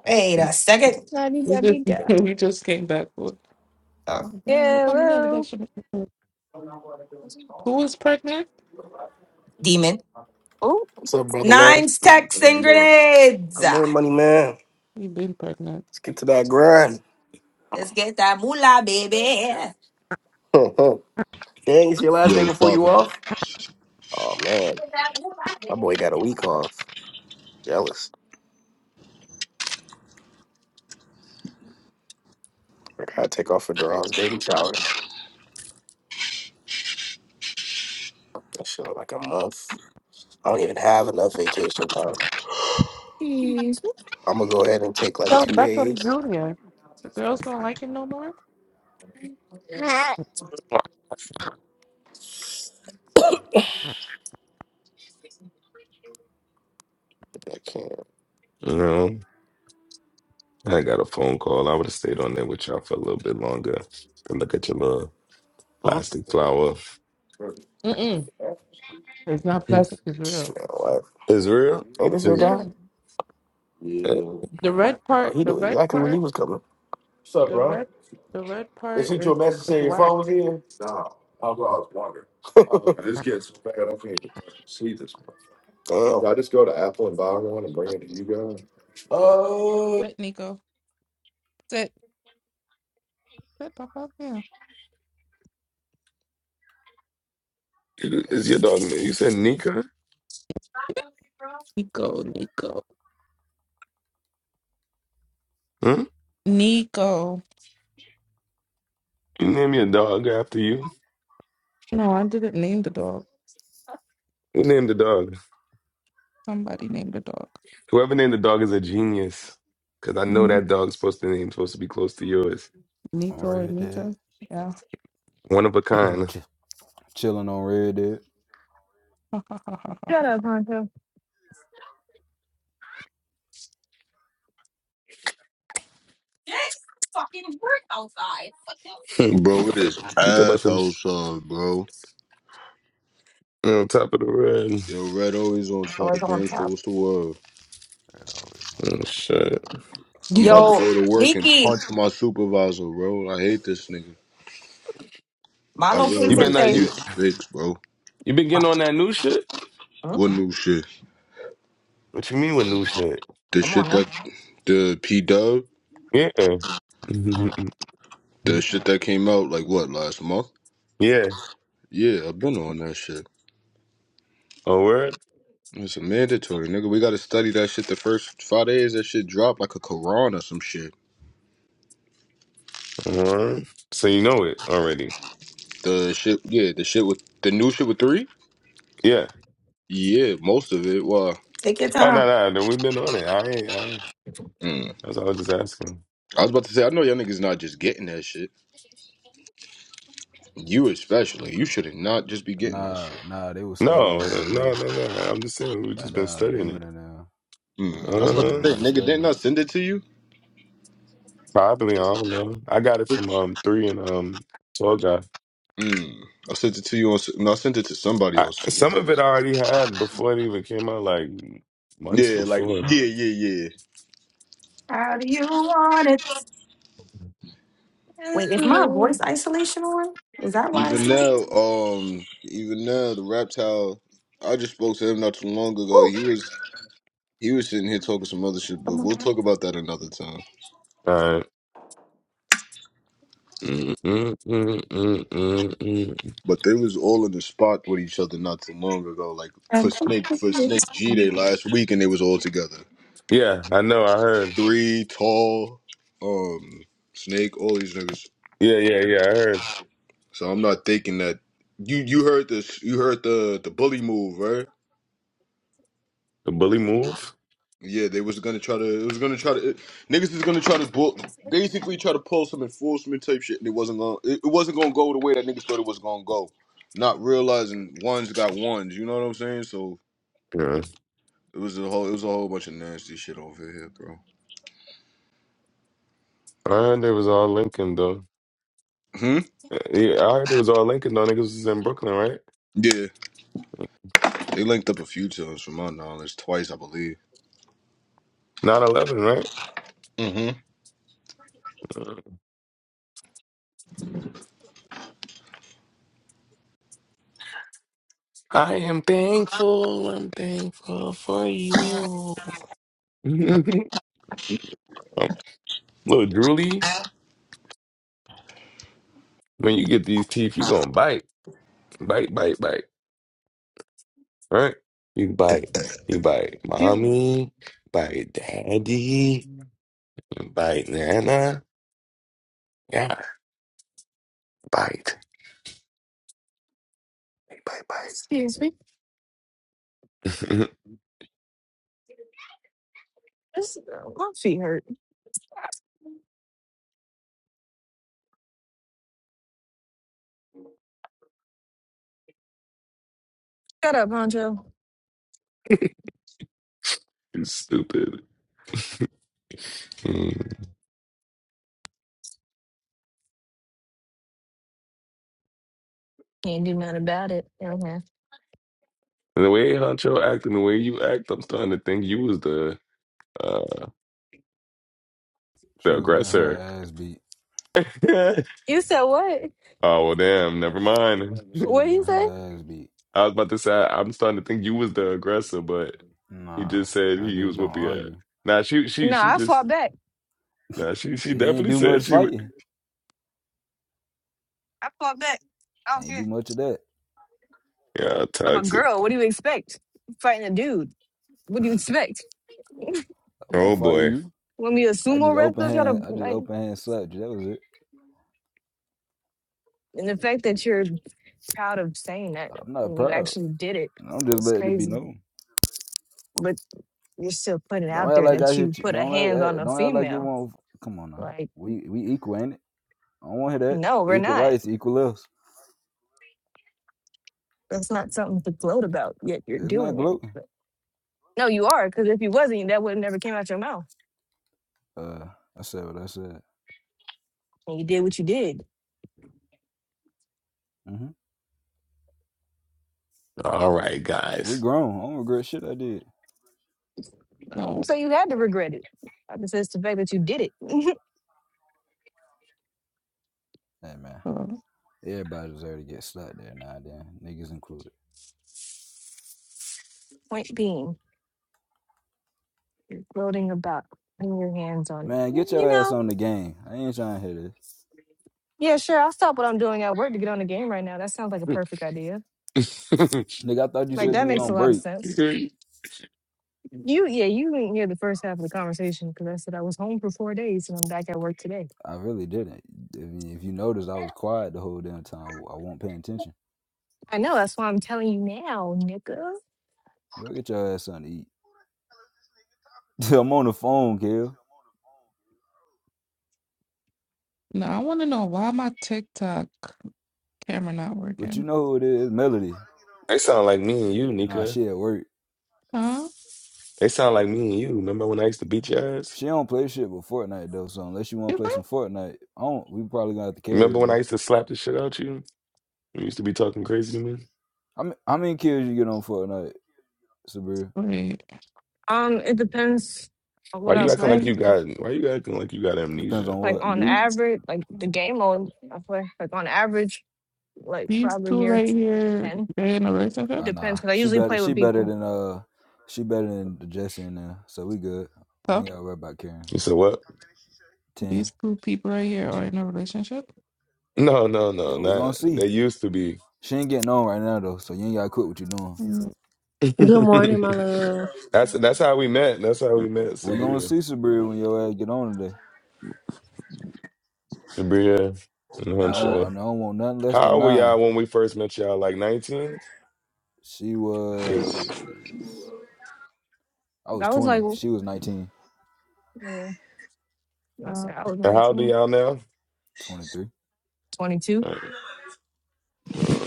S8: Wait a second.
S5: da
S9: We
S5: da
S9: just
S5: da.
S9: we just came back. Oh
S8: Oh,
S9: damn! Look how many of that
S5: Hello.
S9: shit. Who was pregnant?
S8: demon.
S1: What's up, brother man?
S8: Nine
S1: How
S8: stacks and
S1: you doing?
S8: grenades.
S1: Come
S8: Ah,
S1: in, money man.
S9: He been pregnant.
S1: Let's get to that grind.
S8: Let's get that moolah, baby. Get
S1: Dang, it's your last day
S11: Yo,
S1: before you
S11: Father.
S1: off? Oh man,
S8: that moolah, baby.
S1: my boy got a week off. Jealous. I gotta take off for Duran's baby shower. That shit like a month. I don't even have enough vacation time.
S5: Oh,
S1: I'm gonna go ahead and take like
S9: Carl
S1: two
S9: Beckham
S1: days.
S9: Jr. The girls don't like it no more.
S1: I can't.
S3: No, I got a phone call. I would have stayed on there with y'all for a little bit longer and look at your little
S1: Mhm.
S3: plastic flower.
S9: Mm-mm. It's not plastic. It's real.
S1: Man, what?
S3: Israel?
S1: Hey, this your
S3: Is
S1: guy?
S9: Yeah.
S3: uh,
S1: Yeah.
S9: The red
S1: Oh,
S9: part.
S1: he
S9: The
S1: knew
S9: red
S1: exactly when he
S9: part.
S1: was coming.
S9: The red. The red
S1: They
S9: part
S1: sent you a
S9: is
S1: message
S9: is
S1: saying your
S9: wax.
S1: phone was in? Nah, I was I was wondering. Oh, this gets so bad. I can't even fucking see this one. Damn. Can I just go to Apple and buy one and bring it to you guys?
S9: Sit, Nico. Sit. Sit, Papa. Yeah.
S3: is your dog name? You said Nika?
S9: Nico. Nico.
S3: Huh?
S9: Nico.
S3: You name your dog after you?
S9: No, I didn't name the dog.
S3: Who named the dog?
S9: Somebody named the dog.
S3: Whoever named the dog is a genius. Cause I know
S9: Mhm.
S3: that dog's supposed to name supposed to be close to yours.
S10: On
S9: Nico and
S10: Red Dead.
S9: Mika. Yeah.
S3: One of a kind.
S10: Chill- Chilling on Red Dead.
S5: Shut up, Honcho.
S8: It fucking work outside. What the-
S3: Hmm.
S11: Bro, what is
S3: you talk about some
S11: asshole
S3: s-
S11: son, bro?
S3: you top of the red.
S11: Yo, Red always on
S8: Oh,
S11: top,
S8: it's on
S11: gangster.
S8: top.
S11: What's the word?
S10: Red always on
S3: Oh
S10: top.
S3: shit.
S11: I'm about
S9: Yo.
S11: to
S8: Yo,
S11: go to work and
S8: Nikki,
S11: punch my supervisor, bro. I hate this nigga.
S8: my
S11: I
S5: Excuse
S11: really
S3: You
S5: me.
S8: location
S11: like
S3: been uh,
S8: says.
S11: hate
S3: you
S11: sticks, bro.
S3: you been
S8: my-
S3: getting on that new shit?
S8: mm,
S11: What new shit?
S3: What you mean with new shit?
S11: The
S8: Come on
S11: shit
S8: now.
S11: that the P Dub,
S3: Yeah.
S11: the shit that came out like what last month?
S3: yeah.
S11: Yeah, I've been on that shit.
S3: Oh, word?
S11: It's a mandatory, nigga. We gotta study that shit the first five days. That shit dropped like a Quran or some shit.
S3: Word. So you know it already.
S11: The shit, yeah, the shit with the new shit with three.
S3: Yeah.
S11: Yeah, most of it. Why?
S8: Take your
S3: Oh, no,
S8: time.
S3: no, no. We've been on it. I ain't, I ain't.
S11: Mm.
S3: That's all I was just asking.
S11: I was about to say, I know y'all niggas not just getting that shit. You especially. You should not just be getting that
S10: Nah,
S11: shit.
S10: nah, they was studying
S3: No,
S10: the
S3: no,
S10: other day.
S3: no, no. no. I'm just saying we've
S10: Got
S3: just been
S10: down
S3: studying
S10: demon
S3: it.
S10: in there. Uh, I
S11: Mm. I was
S10: was in
S11: about to
S10: here
S3: Uh-huh.
S10: when they
S11: say,
S10: was
S11: nigga, didn't
S10: studying.
S11: I send it to you?
S3: Probably. I don't know. I got it from um three and um tall guy.
S11: Mm. I sent it to you on. No, I sent it to somebody
S3: I,
S11: on. Signal.
S3: some of it I already had before it even came out, like months
S11: Yeah, like
S3: before.
S11: yeah, yeah, yeah.
S8: How do you want it? Wait, is my voice
S5: Ew.
S8: isolation on? Is that why it's
S11: Even
S8: not?
S11: now, um, even now, the reptile. I just spoke to him not too long ago.
S8: Oh,
S11: He was he was sitting here talking some other shit, but
S8: come
S11: we'll talk about that another time.
S3: All right. Mm, mm, mm, mm, mm, mm.
S11: But they was all in the spot with each other not too long ago, like for Snake for Snake G
S8: on.
S11: Day last week, and they was all together.
S3: Yeah, I know. I heard.
S11: three tall, um, snake, all these niggas.
S3: Yeah, yeah, yeah. I heard
S11: So I'm not thinking that you you heard this you heard the the bully move, right?
S3: the bully move.
S11: Yeah, they was gonna try to it was gonna try to it, niggas is gonna try to bull, basically try to pull some enforcement type shit and it wasn't gonna it, it wasn't gonna go the way that niggas thought it was gonna go. Not realizing ones got ones, you know what I'm saying? So
S3: Yeah,
S11: it was a whole it was a whole bunch of nasty shit over here, bro.
S3: I heard it was all Lincoln though.
S11: Hmm?
S3: Yeah, I heard it was all Lincoln though. Niggas was in Brooklyn, right?
S11: Yeah. They linked up a few times from my knowledge, twice I believe.
S3: 9-11, right? I am thankful. I'm thankful for you. um, little drooly, when you get these teeth, you gonna bite, bite, bite, bite, right? You bite, you bite,
S5: Dude,
S3: mommy, bite, daddy, bite, nana, yeah, bite, bite, bite.
S5: Excuse me.
S3: bite.
S5: This, my feet hurt. Shut up, Honcho.
S3: Stupid. Mm.
S5: Can't do nothing about it. Okay.
S3: The way Huncho acting, the way you act, I'm starting to think you was the uh
S10: She
S3: the
S10: was getting
S3: aggressor.
S10: her ass beat.
S3: oh
S5: You said what?
S3: well,
S10: Yeah.
S3: damn. Never mind.
S10: She was
S5: What
S10: getting
S5: you say?
S10: her ass beat.
S3: I was about to say I- I'm starting to think you was the aggressor, but he
S10: Nah,
S3: just said
S10: I
S3: he was
S10: just don't
S3: whoopee at.
S10: argue.
S3: Nah, she she
S5: No,
S3: she
S5: I
S3: just
S5: fought back.
S3: nah she she
S10: It ain't
S3: definitely
S10: do much
S3: said she would.
S10: fighting.
S5: I fought back. I
S10: It
S5: don't
S10: Ain't do
S5: care.
S10: much of that.
S3: Yeah,
S5: I'm a
S3: toxic.
S5: girl. What do you expect? I'm fighting a dude. What do you expect?
S10: I won't
S3: Oh
S10: fight
S3: boy.
S10: you.
S5: When we a
S10: I
S5: sumo
S10: just open
S5: wrestler, try to
S10: hand. I just
S5: like,
S10: open hand slapped you. That was it.
S5: and the fact that you're proud of saying that
S10: I'm not
S5: when you
S10: proud.
S5: actually did it,
S10: I'm just
S5: it's
S10: letting it be
S5: crazy.
S10: known.
S5: but you're still putting
S10: Don't
S5: out there
S10: act like I
S5: that you
S10: hit you.
S5: put a
S10: Don't
S5: hand on
S10: act.
S5: a
S10: Don't act like it
S5: female.
S10: won't. Come on now.
S5: Like,
S10: We we equal, ain't it? I don't want to hear that.
S5: no, we're
S10: Equal
S5: not.
S10: rights, equal us.
S5: That's not something to gloat about. Yet you're
S10: It's not
S5: doing it.
S10: gluten.
S5: But, no, you are, because if you wasn't, that would have never came out your mouth.
S10: Uh, I said what I said.
S5: And you did what you did.
S10: hmm
S3: All right,
S10: We
S3: guys.
S10: grown. I don't regret shit I did.
S5: I
S9: No.
S5: don't say you had to regret it. I just says the fact that you did it.
S10: Hey man,
S9: uh,
S10: everybody deserve to get stuck there now. Then niggas included.
S5: Point being, you're gloating about putting your hands on it.
S10: Man, get
S5: Mm, You
S10: your ass
S5: know,
S10: on the game. I ain't trying to hear this.
S5: yeah, sure, I'll stop what I'm doing at work to get on the game right now. That sounds like a perfect idea.
S3: they
S10: Nigga, I thought you
S5: Like
S10: said you
S5: that
S10: was
S5: makes a
S10: on
S5: lot of
S10: break.
S5: sense You, yeah, you didn't hear the first half of the conversation because I said I was home for four days and I'm back at work today.
S10: I really didn't. I mean, if you noticed, I was quiet the whole damn time. I wasn't paying attention.
S5: I know, that's why I'm telling you now, nigga.
S10: Go get your ass something to eat. I'm on the phone, Kill.
S9: No, I want to know why my TikTok camera not
S10: But you
S9: working.
S10: know who it is, Melody.
S3: sound like me
S10: Eh,
S3: and
S10: eh,
S3: you,
S10: Nah,
S3: Nika.
S10: she at work.
S9: Huh?
S3: They sound like me and you. Remember when I used to beat your ass?
S10: She don't play shit with Fortnite though. So unless you want
S9: You
S10: to play
S9: think?
S10: some Fortnite, I don't. We probably gonna have to carry
S3: Remember
S10: her
S3: when I
S10: though.
S3: used to slap the shit out you? You used to be talking crazy to me.
S10: I mean, how many kills you get on Fortnite, Sabir?
S9: Wait.
S5: Um, it depends on
S3: Why
S5: what I
S3: you
S9: These
S3: acting like
S5: play.
S9: two,
S3: you got? Why you acting like you got
S10: Depends
S3: amnesia?
S10: on
S5: Like
S10: what.
S5: on
S9: these
S5: average, like the game mode I play, like on average, like
S9: these
S5: probably
S9: two
S5: near
S9: right here,
S5: ten.
S9: they're in a relationship.
S10: Uh, nah,
S5: Depends because I
S10: she
S5: usually
S10: better.
S5: play
S10: She
S5: with
S10: better
S5: people.
S10: than uh, she better than the Jesse and uh, so we good. We
S9: Tough.
S10: ain't gotta worry about Karen.
S3: You said what?
S10: Ten,
S9: These two people right here are in a relationship.
S3: No, no, no,
S10: yo, we
S3: not.
S10: gonna see.
S3: They used to be.
S10: She ain't getting on right now though, so you ain't gotta quit what you doing.
S9: Mm,
S12: Good morning, my love.
S3: that's that's how we met. That's how we met,
S10: We gonna
S3: Sabria,
S10: see Sabrina when your ass get on today,
S3: Sabria, and
S10: and I want
S3: Huncho.
S10: and I don't want nothing less
S3: How
S10: than
S3: old were y'all
S10: nine.
S3: when we first met y'all? Like 19?
S10: She
S3: Eight.
S10: was, I was
S5: I was like,
S10: twenty. She was 19,
S5: mm, I
S9: Uh,
S5: said I was
S3: And how old are
S5: 19,
S3: y'all now?
S10: 23.
S5: 22.
S3: Like, uh,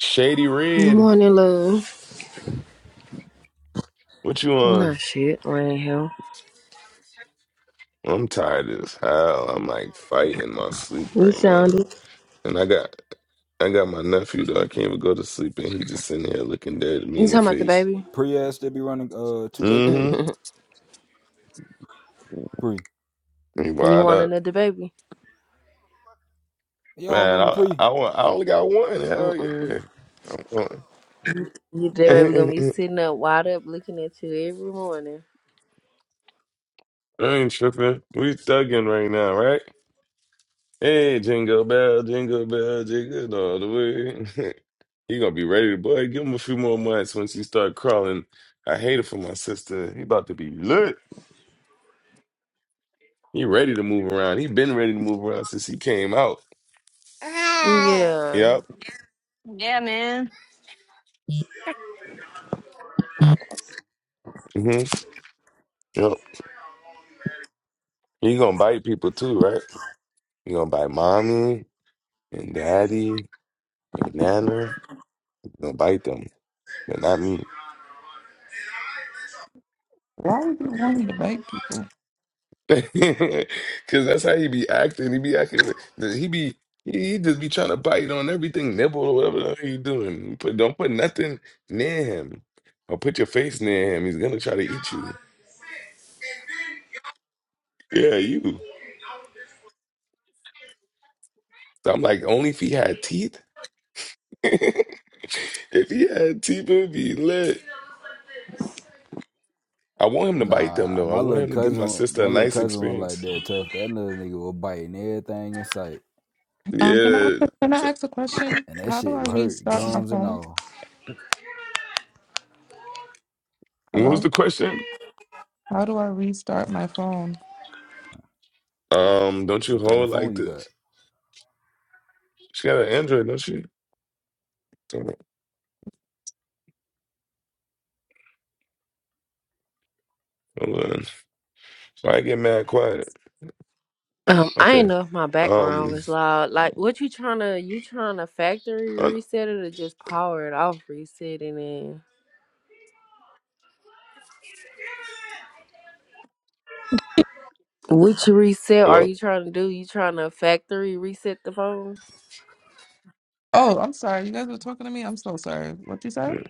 S3: Shady
S12: Good
S3: Red,
S12: morning, love.
S3: what you
S12: I'm
S3: on?
S12: not shit right here.
S3: I'm tired as hell. I'm like fighting my sleep
S12: You
S3: right now.
S12: sounded.
S3: And I got I got my nephew though. I can't even go to sleep, and he just sitting here looking dead at me
S12: You
S3: in the
S12: talking about the
S3: face.
S12: baby?
S10: Pre ass still be running uh two K kill
S3: Mm-hmm.
S10: pre.
S3: He
S12: You
S3: wired
S12: want
S3: up,
S12: another baby?
S10: You don't
S3: man.
S10: remember
S3: I
S10: pre?
S3: I, wa- I only got one. Hell
S12: Mm-mm.
S3: yeah. Come on.
S12: You, the baby gonna be sitting up wide up looking at you every morning.
S3: I ain't tripping. We thugging right now, right? Hey, jingle bell, jingle bell, jingle all the way. he gonna be ready to boy. Give him a few more months once he start crawling. I hate it for my sister. He about to be lit. He ready to move around. He been ready to move around since he came out.
S12: Yeah.
S3: Yep.
S5: Yeah, man.
S3: Yep. You gonna bite people too, right? You gonna bite mommy and daddy and nana. You gonna bite them, but not me.
S9: why would you want me to bite people?
S3: Cause that's how he be acting. He be acting. like- He be he he just be trying to bite on everything, nibble or whatever the hell you doing. Put don't put nothing near him or put your face near him. He's gonna try to eat you. Yeah, you. So I'm like, only if he had teeth. if he had teeth, it'd be lit. I want him to bite them
S10: Nah,
S3: though. I
S10: my
S3: want
S10: little
S3: him to give my
S10: cousin,
S3: sister
S10: my
S3: a
S10: little
S3: nice
S10: cousin was like
S3: experience.
S10: that tough. That little nigga was biting everything in sight,
S9: Um, can I ask
S3: Yeah.
S9: a, can I
S3: So-
S9: ask a question?
S10: and that
S9: How do
S10: shit
S9: I
S10: would hurt
S9: restart my
S10: gums and
S9: phone?
S10: all.
S3: What was
S9: Hello.
S3: the question?
S9: How do I restart my phone?
S3: Um, don't you
S10: What kind
S3: hold
S10: of
S3: like
S10: phone you
S3: this?
S10: got?
S3: She got an Android, don't she? Hold on. Why I get mad quiet?
S12: Um, I ain't
S3: Okay.
S12: know if my background
S3: Um.
S12: was loud. Like, what you trying to, you trying to factory
S3: uh,
S12: reset it or just power it off resetting it? Which reset are
S3: Hello.
S12: you trying to do? You trying to factory reset the phone?
S9: Oh, I'm sorry. You guys were talking to me. I'm so sorry. What you said?
S3: Yeah.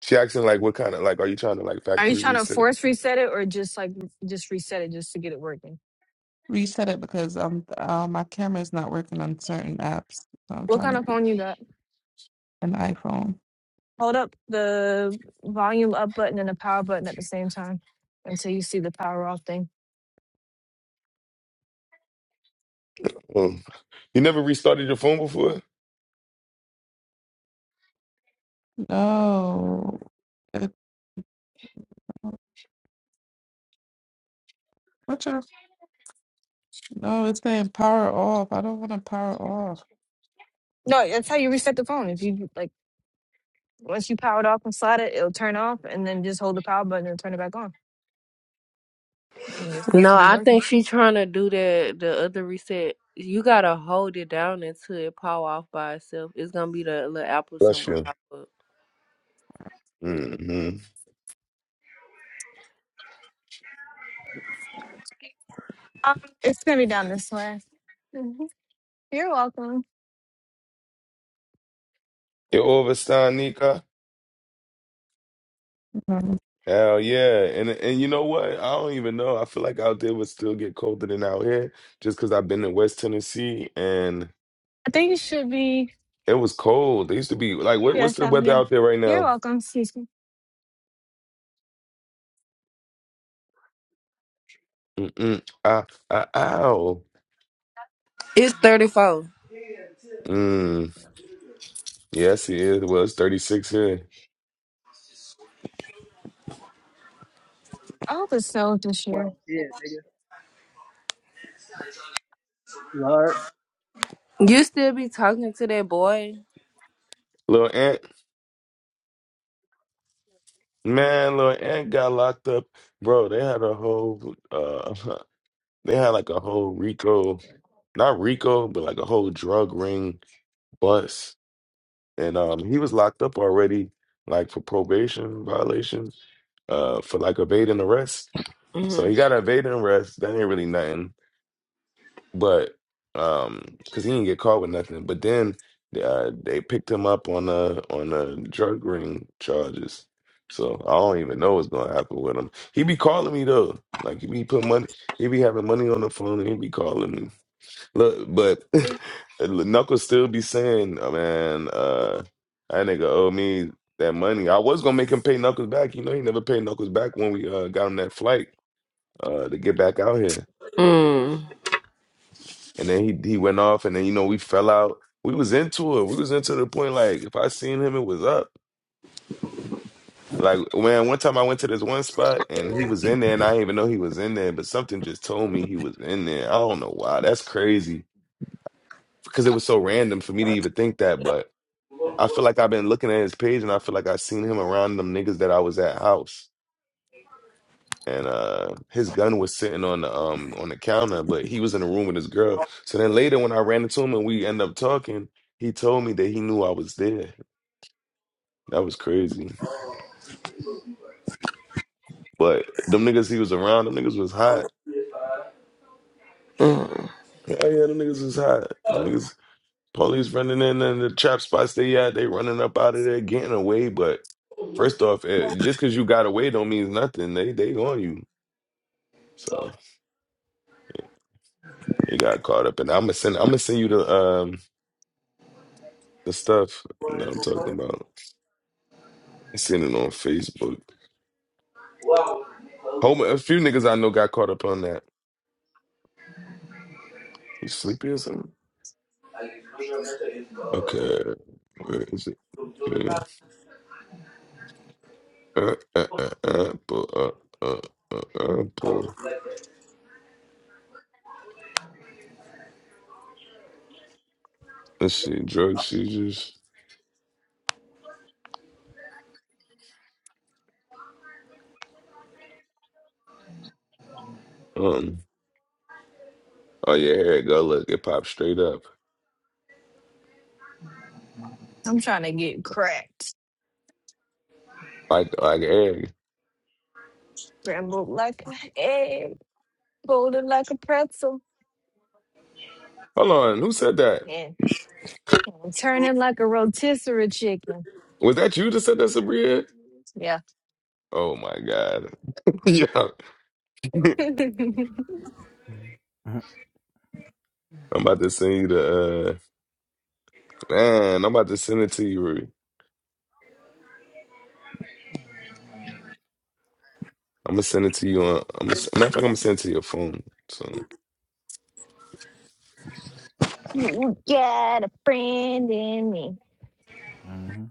S3: She asking like, what kind of like? Are you trying to like
S5: Are you
S3: factory
S5: trying to
S3: reset? it?
S5: force reset it or just like just reset it just to get it working?
S9: Reset it because um uh, my camera is not working on certain apps. So I'm
S5: What
S9: trying
S5: kind
S9: to
S5: of
S9: get
S5: phone you got?
S9: an iPhone.
S5: Hold up the volume up button and the power button at the same time until you see the power off thing.
S3: Oh. You never restarted your phone before?
S9: No, it, what's your? No, it's saying power off. I don't want to power off.
S5: No, that's how you reset the phone. If you like, once you power it off and slide it, it'll turn off, and then just hold the power button and turn it back on. And your stuff
S12: No,
S5: should be
S12: I
S5: working.
S12: think she trying to do that. The other reset, you gotta hold it down until it power off by itself. It's gonna be the little apple
S3: Bless
S12: symbol
S3: you.
S12: pop up.
S3: Mm-hmm.
S5: Um, it's gonna be down this way. Mhm. You're welcome.
S3: You overstand,
S9: Um,
S3: Hell yeah. And and you know what? I don't even know. I feel like out there would still get colder than out here just because I've been in West Tennessee and
S5: I think it should be.
S3: it was cold. It used to be like
S5: Yeah.
S3: what, what's
S5: Yes,
S3: the
S5: um,
S3: weather
S5: yeah.
S3: out there right
S5: You're
S3: now?
S5: welcome. Excuse me.
S3: Mm-mm. Ah, ah, ow.
S12: It's thirty four.
S3: Mm. Yes, it is. Well, it's 36 here.
S5: I hope it snows this year.
S13: Well, yeah, nigga. You alright?
S12: You still be talking to that boy?
S3: Little Ant, man, little Ant got locked up. Bro, they had a whole uh they had like a whole Rico, not Rico, but like a whole drug ring bus and um, he was locked up already, like for probation violation, uh, for like evading arrest. So
S12: hmm
S3: he got evading arrest. That ain't really nothing, but um, cause he didn't get caught with nothing. But then uh, they picked him up on a on a drug ring charges. So I don't even know what's gonna happen with him. He be calling me though, like he be putting money. He be having money on the phone, and he be calling me. Look, but Knuckles still be saying, oh, man, uh, that nigga owe me that money. I was gonna make him pay Knuckles back. You know, he never paid Knuckles back when we uh, got him that flight uh, to get back out here.
S12: Mm.
S3: And then he he went off, and then you know we fell out. We was into it. We was into the point like if I seen him, it was up. Like man, one time I went to this one spot and he was in there, and I didn't even know he was in there, but something just told me he was in there. I don't know why. That's crazy because it was so random for me to even think that, but. I feel like I've been looking at his page and I feel like I seen him around them niggas that I was at house. And uh his gun was sitting on the um on the counter, but he was in the room with his girl. So then later when I ran into him and we end up talking, he told me that he knew I was there. That was crazy. But them niggas he was around, them niggas was hot.
S12: Mm.
S3: Oh yeah, them niggas was hot. Them niggas police running in and the trap spots they at, they running up out of there, getting away. But first off, eh, just cause you got away don't mean nothing. They they on you. So He got caught up in. I'm gonna send. I'm gonna send you the um the stuff that I'm talking about. I seen it on Facebook. Home, a few niggas I know got caught up on that. You sleepy or something? Okay, where is it? Yeah. Uh, uh, uh, apple, uh, uh, uh, apple. Let's see, drug seizures. Um, oh yeah, here it go. Look, it popped straight up
S5: I'm trying to get cracked,
S3: like like egg.
S5: scrambled like an egg, folded like a pretzel.
S3: Hold on, who said that?
S5: and and turning like a rotisserie chicken.
S3: Was that you that said that, Sabria?
S5: Yeah.
S3: Oh my god, yeah.
S5: you
S3: I'm about to send you the uh, man. I'm about to send it to you. Rudy. I'm gonna send it to you on. I'm gonna, matter of fact, I'm gonna send it to your phone. So
S5: got a friend in me.
S10: Mm-hmm.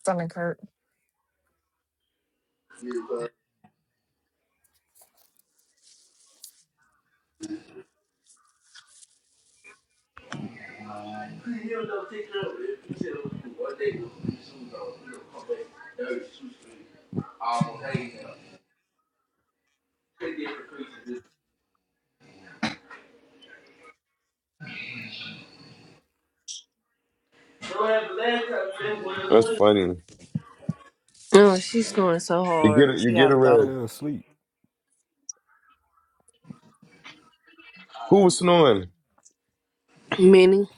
S5: Stomach hurt.
S3: that's funny.
S12: Oh, she's snoring so
S3: You get it.
S12: hard.
S3: You
S12: She
S3: get it
S12: gotta
S10: Who the
S3: red.
S12: go.
S10: hell sleep?
S3: Who was snoring?
S12: Minnie,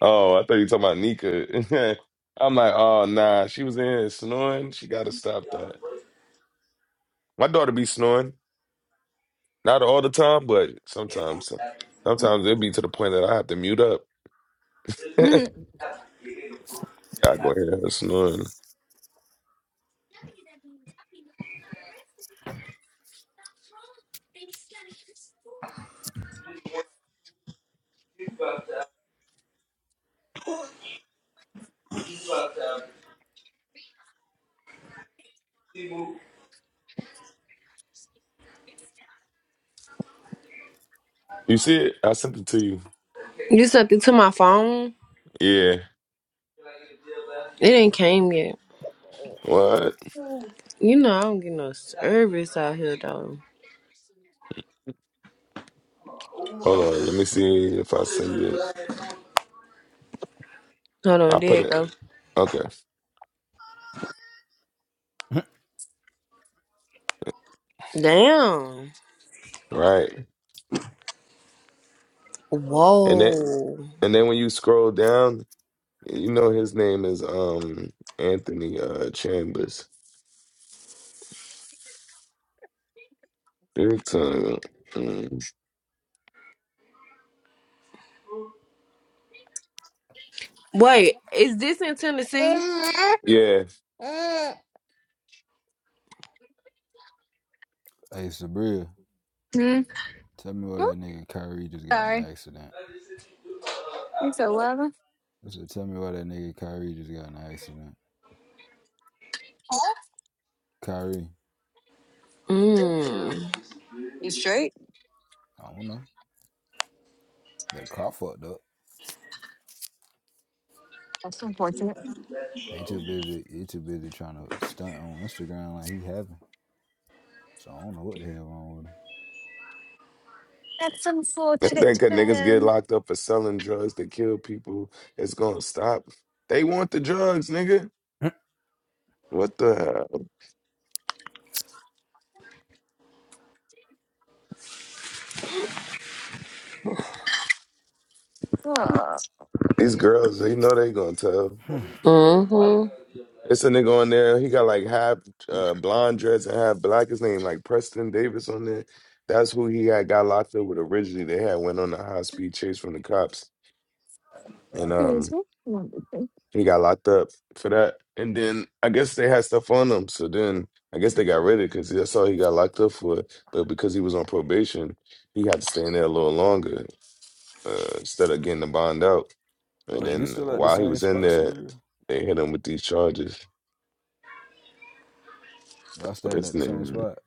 S3: Oh, I thought you were talking about Nika. I'm like, oh nah, she was in here snoring. She gotta stop that. My daughter be snoring, not all the time, but sometimes. Sometimes it be to the point that I have to mute up. I go ahead and snoring. You see it? I sent it to you.
S12: you sent it to my phone.
S3: Yeah.
S12: It ain't came yet.
S3: What?
S12: You know I don't get no service out here though.
S3: Hold on, let me see if I send it.
S12: Hold on,
S3: I
S12: there
S3: put
S12: it
S3: it.
S12: go.
S3: Okay,
S10: hey,
S12: Damn.
S3: right. And then,
S12: Whoa.
S3: and then when you scroll down, you know his name is um Anthony uh Chambers. Big time. Mm.
S12: Wait, is this in Tennessee?
S3: Yeah,
S10: Sabria,
S5: Mm.
S10: tell me why
S5: Oh,
S10: that nigga Kyrie just got in
S5: Sorry.
S10: an accident.
S5: You so loving.
S10: I said, tell me why that nigga Kyrie just got in an accident. Kyrie,
S12: Mm.
S5: You straight?
S10: I don't know. That car fucked up.
S5: That's unfortunate.
S10: They too busy. He too busy trying to stunt on Instagram like he having. So I don't know what the hell wrong
S5: That's
S3: I
S5: unfortunate
S3: think that
S5: for
S3: niggas get
S5: him.
S3: locked up for selling drugs to kill people. It's gonna stop. They want the drugs, nigga.
S10: with
S3: What the hell?
S5: Oh.
S3: These girls, they know they gonna tell.
S10: him.
S12: Mm-hmm.
S3: It's a nigga on there. He got like half uh, blonde dreads and half black. His name like Preston Davis on there. That's who he had got locked up with originally. They had went on a high speed chase from the cops, and um,
S5: Excuse me. One,
S3: he got locked up for that. And then I guess they had stuff on him. So then I guess they got rid of it because that's all he got locked up for. But because he was on probation, he had to stay in there a little longer uh, instead of getting the bond out. And
S10: Wait, you
S3: then
S10: still at the
S3: while he
S10: same
S3: was in
S10: spot,
S3: there,
S10: Sabria?
S3: they hit him with these charges.
S10: Y'all
S3: What
S10: standing
S3: is
S10: at
S3: his
S10: the same
S3: name?
S10: spot.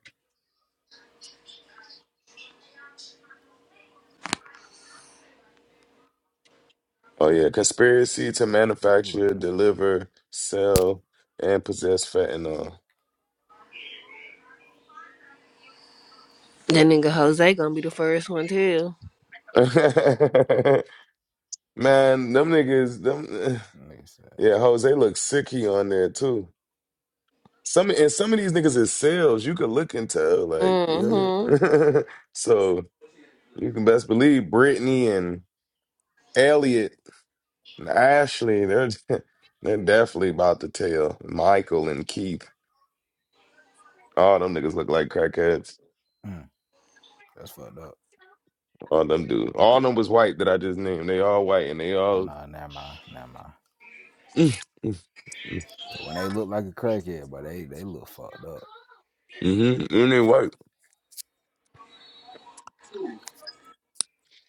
S3: Oh
S10: Mm.
S3: yeah, conspiracy to
S10: Fuck you
S3: manufacture,
S10: looking at.
S3: deliver, sell, and possess fentanyl.
S12: That nigga Jose gonna be the first one too.
S3: Man, them niggas, them
S10: Nigga said,
S3: yeah, Jose looks sick he on there too. Some and some of these niggas is sales. You could look and tell, like, you know
S12: Mm-hmm.
S3: what I mean? So you can best believe Brittany and Elliot and Ashley, they're they're definitely about to tell. Michael and Keith. All them niggas look like crackheads.
S10: mm, that's fucked up.
S3: All them dudes. All them was white that I just named. They all white and they
S10: Oh
S3: all
S10: nah, never mind, never mind.
S3: mm, mm, mm,
S10: Cause when they look like a crackhead, but they they look fucked up.
S3: mhm, and they white.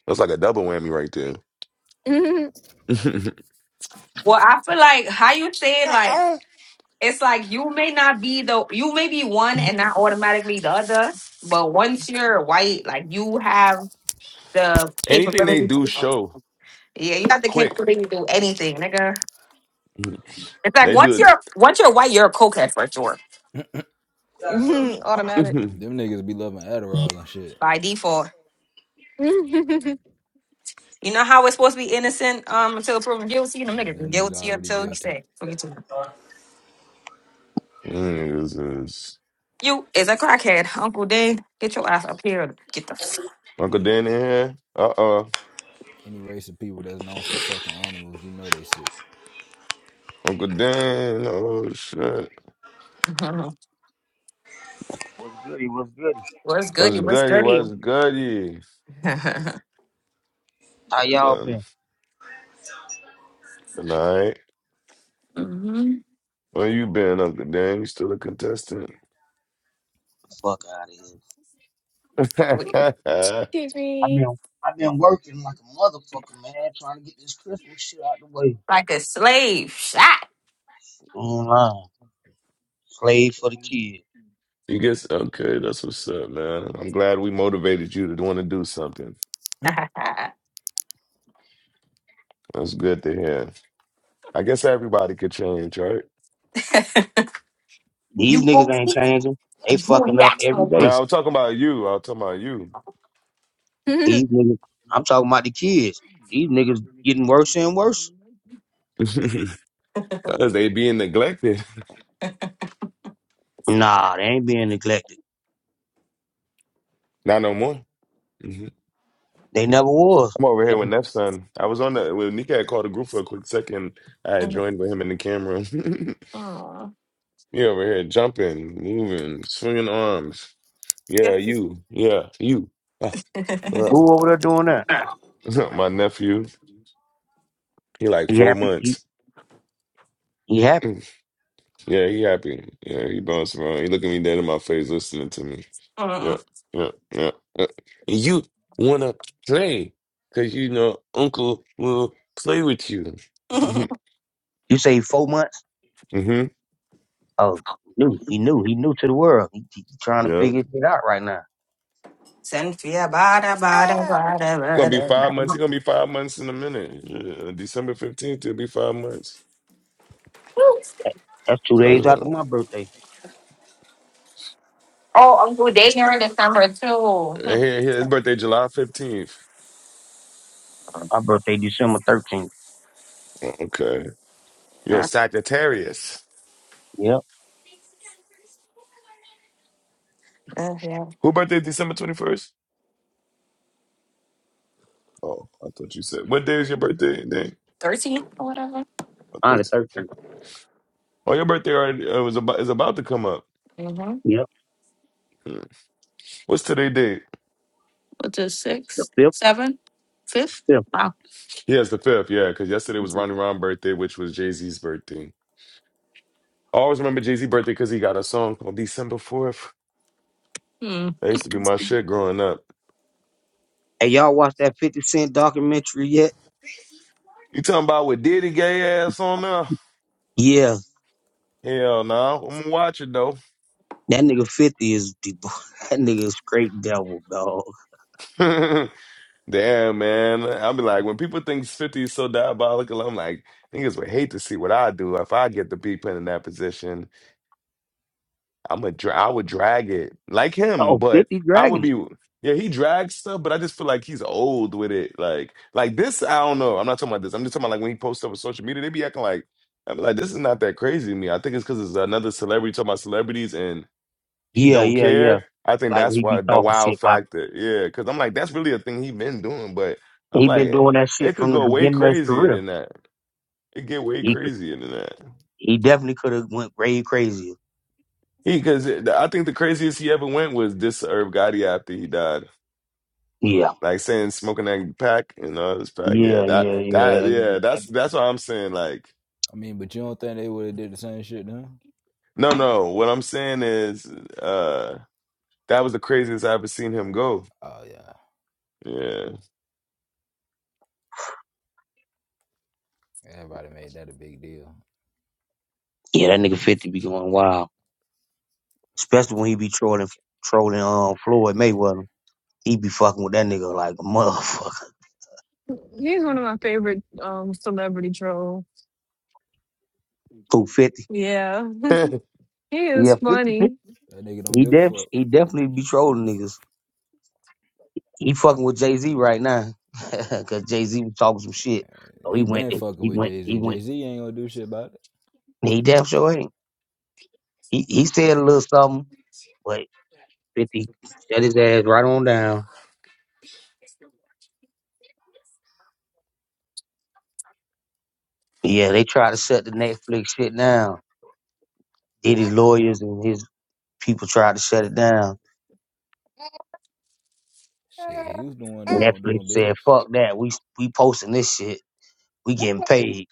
S3: That's like a double whammy right there.
S5: two,
S8: Well, I feel like how you said, like
S3: Uh-uh.
S8: it's like you may not be the you may be one and not automatically the other, but once you're white, like you have the
S3: Anything they
S8: capability.
S3: do
S8: to-
S3: show
S8: Yeah, you have the
S3: quick.
S8: capability to do anything, nigga.
S3: Mhm.
S8: It's like
S3: They
S8: once
S3: do it.
S8: you're once you're white, you're a cokehead for sure
S5: three. Automatic.
S3: Mhm.
S10: them niggas be loving Adderall and shit.
S8: by default.
S5: Excuse
S8: You know how we're supposed to be innocent um until proven guilty. Them
S10: And
S8: niggas
S10: them niggas
S8: guilty
S10: already
S8: until you
S10: guilty.
S8: say fuck you too.
S3: Mm, this is-
S8: You is a crackhead, Uncle Dan. Get your ass up here. Get the. f-
S3: Uncle Dan in here. Uh oh.
S10: Any race of people that's known for fucking animals, you know they sick.
S3: Uncle Dan. Oh shit.
S14: What's goody? What's goody?
S8: What's good? You?
S3: What's
S8: What's
S3: goody?
S8: good?
S3: What's
S8: You?
S3: goody?
S14: How
S3: I'm
S14: y'all
S3: done.
S14: been?
S3: Good night.
S8: mm-hmm.
S3: Where you been, Uncle Dan? You still a contestant?
S14: Fuck out of here. I've
S5: me.
S14: been I've been working like a motherfucker, man, trying to get this Christmas shit out the way.
S8: Like a slave shot.
S14: Online. Slave for the kid.
S3: You guess okay, that's what's up, man. I'm glad we motivated you to want to do something. That's good to hear. I guess everybody could change, right?
S14: These
S8: you
S14: niggas
S8: go
S14: ain't
S8: sit
S14: changing. They
S8: and you
S14: fucking
S8: ain't
S14: up
S8: ask for
S14: every day.
S3: Now I'm talking about you. I'm talking about you.
S14: These niggas I'm talking about the kids. These niggas getting worse and worse.
S3: 'Cause they being neglected.
S14: Nah, they ain't being neglected.
S3: Not no more. hmm
S14: They never was.
S3: I'm over
S14: They
S3: here with
S14: just-
S3: Neff's son. I was on the well, Nika had called the group for a quick second. I had
S8: And
S3: joined with him in the camera.
S8: oh,
S3: he over here jumping, moving, swinging arms.
S8: yeah.
S3: Yeah, you. Yeah, you. Uh, uh.
S14: Who over there doing that?
S3: My nephew. He like
S14: He
S3: four
S14: happy. He,
S3: months.
S14: he happy.
S3: Yeah, he happy. Yeah, he bouncing around. He looking me dead in my face, listening to me. Yeah,
S8: Mm.
S3: yeah, yeah. yeah. And you wanna play, cause you know Uncle will play with you.
S14: You say four months?
S3: Mm-hmm.
S14: Oh, he knew. He knew. He knew to the world. He, he trying to
S3: Yeah.
S14: figure shit out right now.
S8: Cynthia, bada bada bada
S3: Gonna be
S8: bada.
S3: five months.
S8: bada.
S3: It's gonna be five months in a minute. Yeah, December fifteenth, it'll be five months.
S14: That's two
S3: So that's
S14: days after
S3: real.
S14: my birthday.
S8: Oh, Uncle Dan here in December too.
S3: And
S8: Hmm.
S3: Here, here, his birthday July fifteenth.
S14: My birthday, December 13th.
S3: Oh, Okay. You're a
S8: Yeah,
S3: Sagittarius.
S14: Yep.
S8: Uh, yeah.
S3: Who birthday December twenty first? Oh, I thought you said what day is your birthday?
S8: Thirteen or whatever.
S14: On the
S3: Dang.
S14: 13th.
S3: Oh, your birthday already uh, was about is about to come up.
S14: Yep.
S3: What's today date?
S8: what's it,
S14: The
S8: sixth,
S14: 5th,
S8: seventh, fifth?
S14: 5th.
S8: Wow.
S3: Yes, the fifth. Yeah, because yesterday was Ronnie Ron's birthday, which was Jay Z's birthday. I always remember Jay Z's birthday because he got a song called December Fourth.
S8: Hmm.
S3: That used to be my shit growing up.
S14: Hey, y'all watch that 50 Cent documentary yet?
S3: You talking about with Diddy gay ass on there?
S14: Yeah.
S3: Hell no, I'm gonna watch it though.
S14: That nigga 50 is, the- that nigga is straight devil, dog.
S3: Damn man, I'll be like when people think Fifty is so diabolical, I'm like niggas would hate to see what I do if I get to be put in that position. I'm a dra- I would drag it like him,
S14: Oh,
S3: but
S14: fifty
S3: I would
S14: dragging it.
S3: be yeah. He drags stuff, but I just feel like he's old with it. Like like this, I don't know. I'm not talking about this. I'm just talking about like when he posts up on social media, they be acting like I'm like this is not that crazy to me. I think it's because it's another celebrity talking about celebrities and he
S14: Yeah,
S3: don't
S14: yeah, yeah.
S3: care. I think
S14: Like
S3: that's
S14: we
S3: why
S14: be
S3: the
S14: talking
S3: wild
S14: shit about.
S3: factor. Yeah, because I'm like that's really a thing he been doing, but I'm
S14: He been doing
S3: like
S14: that
S3: it
S14: shit
S3: could
S14: from the
S3: go way
S14: beginning of his
S3: crazier
S14: career.
S3: than that. It get way
S14: He could-
S3: crazier than that.
S14: he definitely could have went way crazier.
S3: He because I think the craziest he ever went was this Herb Gotti after he died.
S14: Yeah.
S3: Like saying smoking that pack and all this pack. Yeah,
S14: Yeah,
S3: that
S14: yeah,
S3: that
S14: yeah.
S3: yeah, that's that's what I'm saying. Like
S10: I mean, but you don't think they would have did the same shit then?
S3: no no, what I'm saying is uh that was the craziest I ever seen him go.
S10: Oh yeah.
S3: Yeah.
S10: Everybody made that a big deal.
S14: Yeah, that nigga 50 be going wild. especially when he be trolling
S10: I
S14: trolling
S10: mean,
S14: um
S10: I
S14: Floyd
S10: mean,
S14: Mayweather. He be fucking with that nigga like a motherfucker.
S5: He's one of my favorite um celebrity trolls.
S14: Two fifty.
S5: Yeah, he is
S14: Yeah, 50, 50.
S5: funny.
S10: that nigga don't
S14: He
S10: give a
S14: def
S10: fuck.
S14: he definitely be trolling niggas. He
S10: And
S14: fucking with Jay Z right now. Cause Jay Z was talking some shit. So he
S10: he
S14: went
S10: been fucking
S14: he
S10: with
S14: went
S10: Jay
S14: he
S10: Z.
S14: went
S10: Jay Z ain't gonna do shit about it.
S14: he damn sure ain't. He he said a little something, but fifty shut his ass right on down. Yeah, they tried to shut the Netflix shit down. Did his lawyers and his people tried to shut it down
S10: Shit, he was the one that won't
S14: Netflix
S10: doing
S14: said,
S10: business.
S14: "Fuck that. We we posting this shit. We getting paid."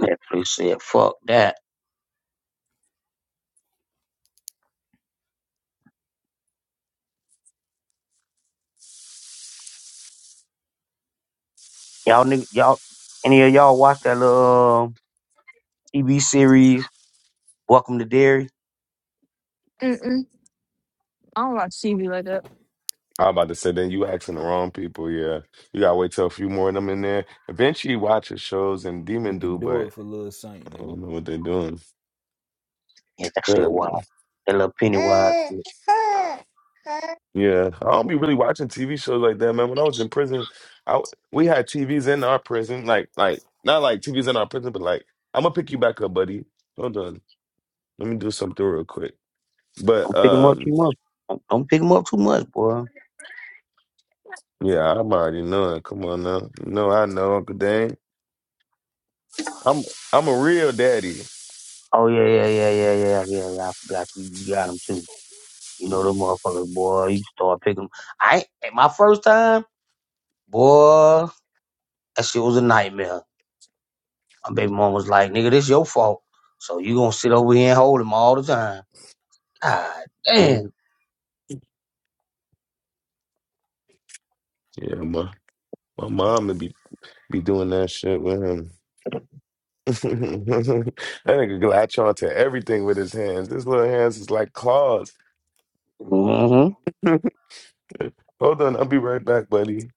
S14: Netflix said, "Fuck that." Y'all nigg- y'all any of y'all watch that little um, TV series Welcome to Dairy?
S5: Mm-mm. I don't watch TV like that.
S3: I'm about to say then you asking the wrong people, yeah. You gotta wait till a few more of them in there. Eventually watch his shows and
S10: We
S3: Demon do,
S10: could do
S3: but
S10: it for Lil Saint,
S3: I don't know
S10: nigga.
S3: what they're doing.
S14: Yeah, that shit wild. That little Pennywise. shit.
S3: Yeah, I don't be really watching TV shows like that, man. When I was in prison, I we had TVs in our prison, like like not like TVs in our prison, but like I'm gonna pick you back up, buddy. Hold on, let me do something real quick. But
S14: Don't pick him up
S3: um,
S14: too much. Don't, don't pick him up too much, boy.
S3: yeah, I'm already knowing. Come on now, you know I know Uncle Dane. I'm I'm a real daddy.
S14: Oh yeah, yeah, yeah, yeah, yeah, yeah. yeah. I forgot you. You got him too. You know them motherfuckers, boy. You start picking. I ain't- my first time, boy. That shit was a nightmare. My baby mom was like, nigga, this your fault. So you gonna sit over here and hold him all the time. God damn.
S3: Mhm. Yeah, my my mom would be be doing that shit with him. that nigga can latch on to everything with his hands. His little hands is like claws.
S14: Mm-hmm.
S3: Hold on, I'll be right back, buddy.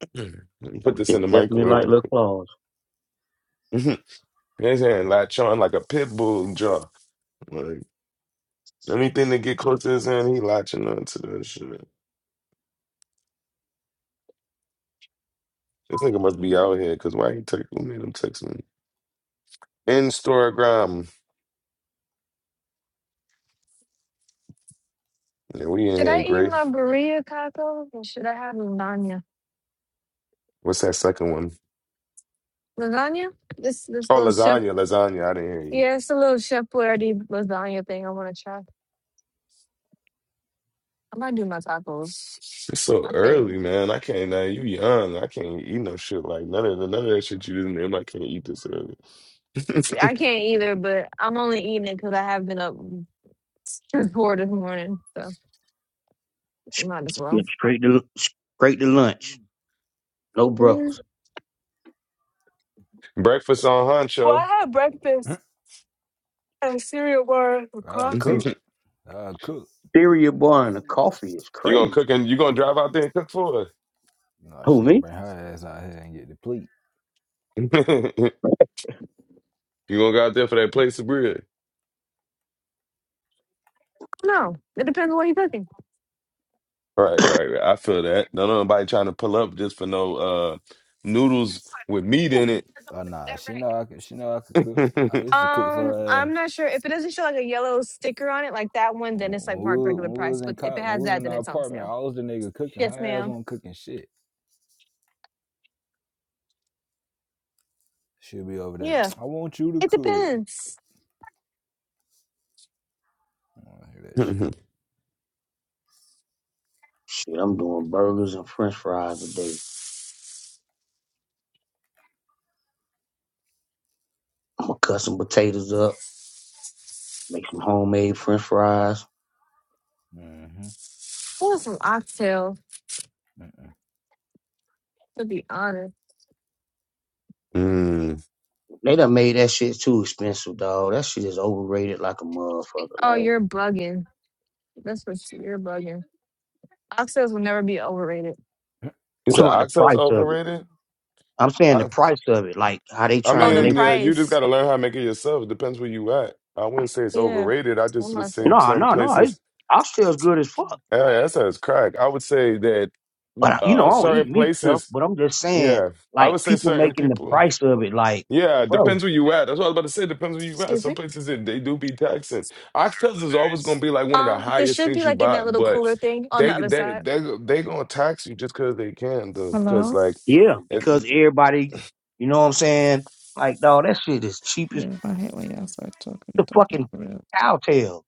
S3: Let me Put this in
S14: It's
S3: the
S14: definitely
S3: microwave
S14: like
S3: real
S14: little
S3: quick.
S14: claws.
S3: His hand latch on like a pit bull jaw. Like anything that get close to his hand, he latching on to that shit. This nigga must be out here, cause why he text? Who made him text me? Instagram. Yeah, we in
S5: Should
S3: here,
S5: I eat
S3: Gray.
S5: my burrito tacos or should I have lasagna?
S3: What's that second one?
S5: Lasagna? This this
S3: Oh,
S5: little chef.
S3: lasagna, lasagna. I didn't hear you.
S5: Yeah, it's a little chef Boyardee lasagna thing I want to try. I might do my tacos.
S3: It's so
S5: I pay.
S3: early, man. I can't. Uh, you young. I can't eat no shit like none of the, none of that shit you just named. I can't eat this early.
S5: I can't either, but I'm only eating it because I have been up since four this morning, so might as
S14: Get
S5: well.
S14: straight to straight to lunch. No
S5: Mm.
S14: breakfast.
S3: Breakfast on
S5: Well,
S3: Honcho.
S5: I had breakfast and a cereal bar for
S10: I'll
S5: coffee.
S10: cook.
S3: you
S10: I'll cook.
S14: Cereal bar and a coffee is
S3: gonna
S14: crazy.
S3: cook and you gonna drive out there and cook for her.
S10: Nah,
S14: Who
S10: she gonna
S14: me?
S10: bring her ass out here and get the plate.
S3: you gonna go out there for that place of bread.
S5: No, it depends on what you're cooking.
S3: Right, right, right. I feel that. Don't nobody trying to pull up just for no uh noodles with meat
S5: Yeah.
S3: in it.
S10: Oh nah, she know I could she know I could cook. I
S3: mm.
S10: used to cook
S5: Um,
S10: for her
S5: I'm
S10: ass.
S5: not sure if it doesn't show like a yellow sticker on it, like that one,
S10: When
S5: then it's like
S10: when we,
S5: marked regular
S10: when we
S5: price.
S10: was in
S5: But if it
S10: cop when we
S5: has
S10: was
S5: that,
S10: in
S5: then
S10: our
S5: it's on
S10: apartment, I
S5: sale.
S10: was the nigga cooking. Her
S5: Yes,
S10: ass
S5: ma'am.
S10: wasn't cooking shit. She'll be over there.
S5: Yeah,
S10: I want you to
S5: it
S10: cook.
S5: depends.
S10: I wanna hear that shit.
S14: Shit, I'm doing burgers and French fries today. I'ma cut some potatoes up, make some homemade French fries.
S10: Mm-hmm.
S5: I want some oxtail,
S10: Mm-mm.
S5: to be honest.
S3: You
S14: They done made that shit too expensive, dog. That shit is overrated like a motherfucker.
S5: Oh,
S14: Like
S5: you're bugging. That's what you- you're bugging. Oxtails will never be overrated.
S10: I
S14: I'm
S3: said
S14: talking about the
S3: oxtails
S14: price of it.
S3: overrated?
S14: I'm saying the
S3: I,
S14: price of it, like how they
S3: I
S14: trying
S5: Oh,
S14: to
S5: the
S14: make
S3: mean,
S14: it.
S3: yeah, you just
S5: price.
S3: gotta learn how to make it yourself. It depends where you at. I wouldn't say it's
S5: Yeah.
S3: overrated. I
S5: One
S3: just would
S5: myself.
S3: say
S14: No,
S3: some
S14: no, no. It's,
S3: places.
S14: I'm still as good as fuck.
S3: Yeah, that sounds crack. I would say that
S14: But I- you
S10: don't
S14: know,
S3: uh,
S14: I
S10: fuck
S14: don't
S10: with
S3: certain
S14: eat
S10: it.
S14: meat, tough.
S3: places
S14: But I'm just saying,
S3: Yeah, I
S14: like
S3: would say
S14: people
S3: certain
S14: making the
S3: people.
S14: price of it, like,
S3: Yeah,
S14: bro,
S3: depends where you at. That's what I was about to say. Depends where you at.
S5: Excuse
S3: Some
S5: me.
S3: places they, they do be taxing. Oxtails is always gonna be like one of the
S5: Um, there
S3: highest
S5: should be
S3: things you
S5: like in
S3: buy,
S5: that little
S3: but
S5: cooler thing on the
S3: they
S5: other
S3: they
S5: side.
S3: they they gonna tax you just because they can though. Because
S9: Hello.
S3: like,
S14: yeah, because
S3: it,
S14: everybody, you know what I'm saying? Like, dog, that shit is cheap as
S9: Damn, I hate when y'all start talking,
S14: the
S9: talking
S14: fucking
S9: for real.
S14: cow tail.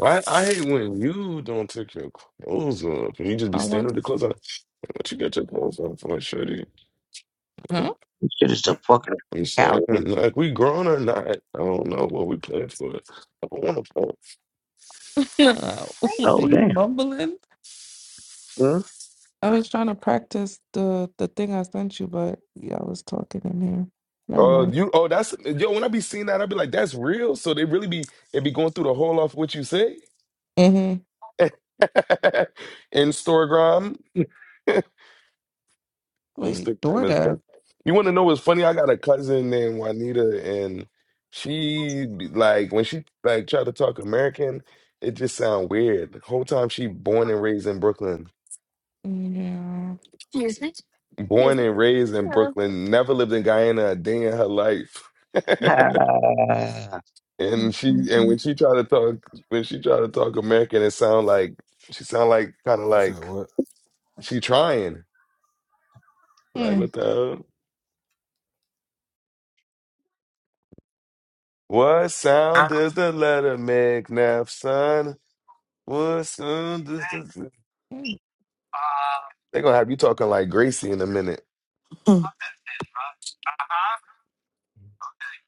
S3: I I hate when you don't take your clothes off and you just be
S9: I
S3: standing
S9: want,
S3: with the clothes on. What you got your clothes on for, shitty?
S9: huh?
S14: This shit is the fucking
S3: I'm
S14: cow
S3: saying
S14: tail.
S3: like we grown or not, I don't know what we playing for. I don't want to
S9: what are
S14: Oh
S9: you
S14: damn.
S9: mumbling?
S3: play.
S9: I was trying to practice the the thing I sent you, but y'all was talking in here. Never
S3: Oh,
S9: mind.
S3: you oh that's yo, when I be seeing that, I be like, that's real. So they really be it be going through the whole off what you say.
S9: hmm
S3: Instagram.
S9: Wait,
S3: Instagram is fun.
S9: DoorDev.
S3: You wanna know what's funny? I got a cousin named Juanita and she be- like when she like try to talk American, it just sound weird. The whole time she born and raised in Brooklyn.
S9: Yeah.
S5: Excuse me.
S3: Born
S5: Excuse me.
S3: and raised in
S5: Yeah.
S3: Brooklyn, never lived in Guyana a day in her life.
S14: Ah,
S3: And she
S9: Mhm.
S3: and when
S9: Mm.
S3: she tried to talk when she tried to talk American, it sound like she sound like kind of
S10: You said
S3: like
S10: what?
S3: she trying. Like what
S9: Mm.
S3: the hell? What sound does the letter make, Naf son? What sound does the They gonna have you talking like Gracie in a minute.
S5: Uh-huh.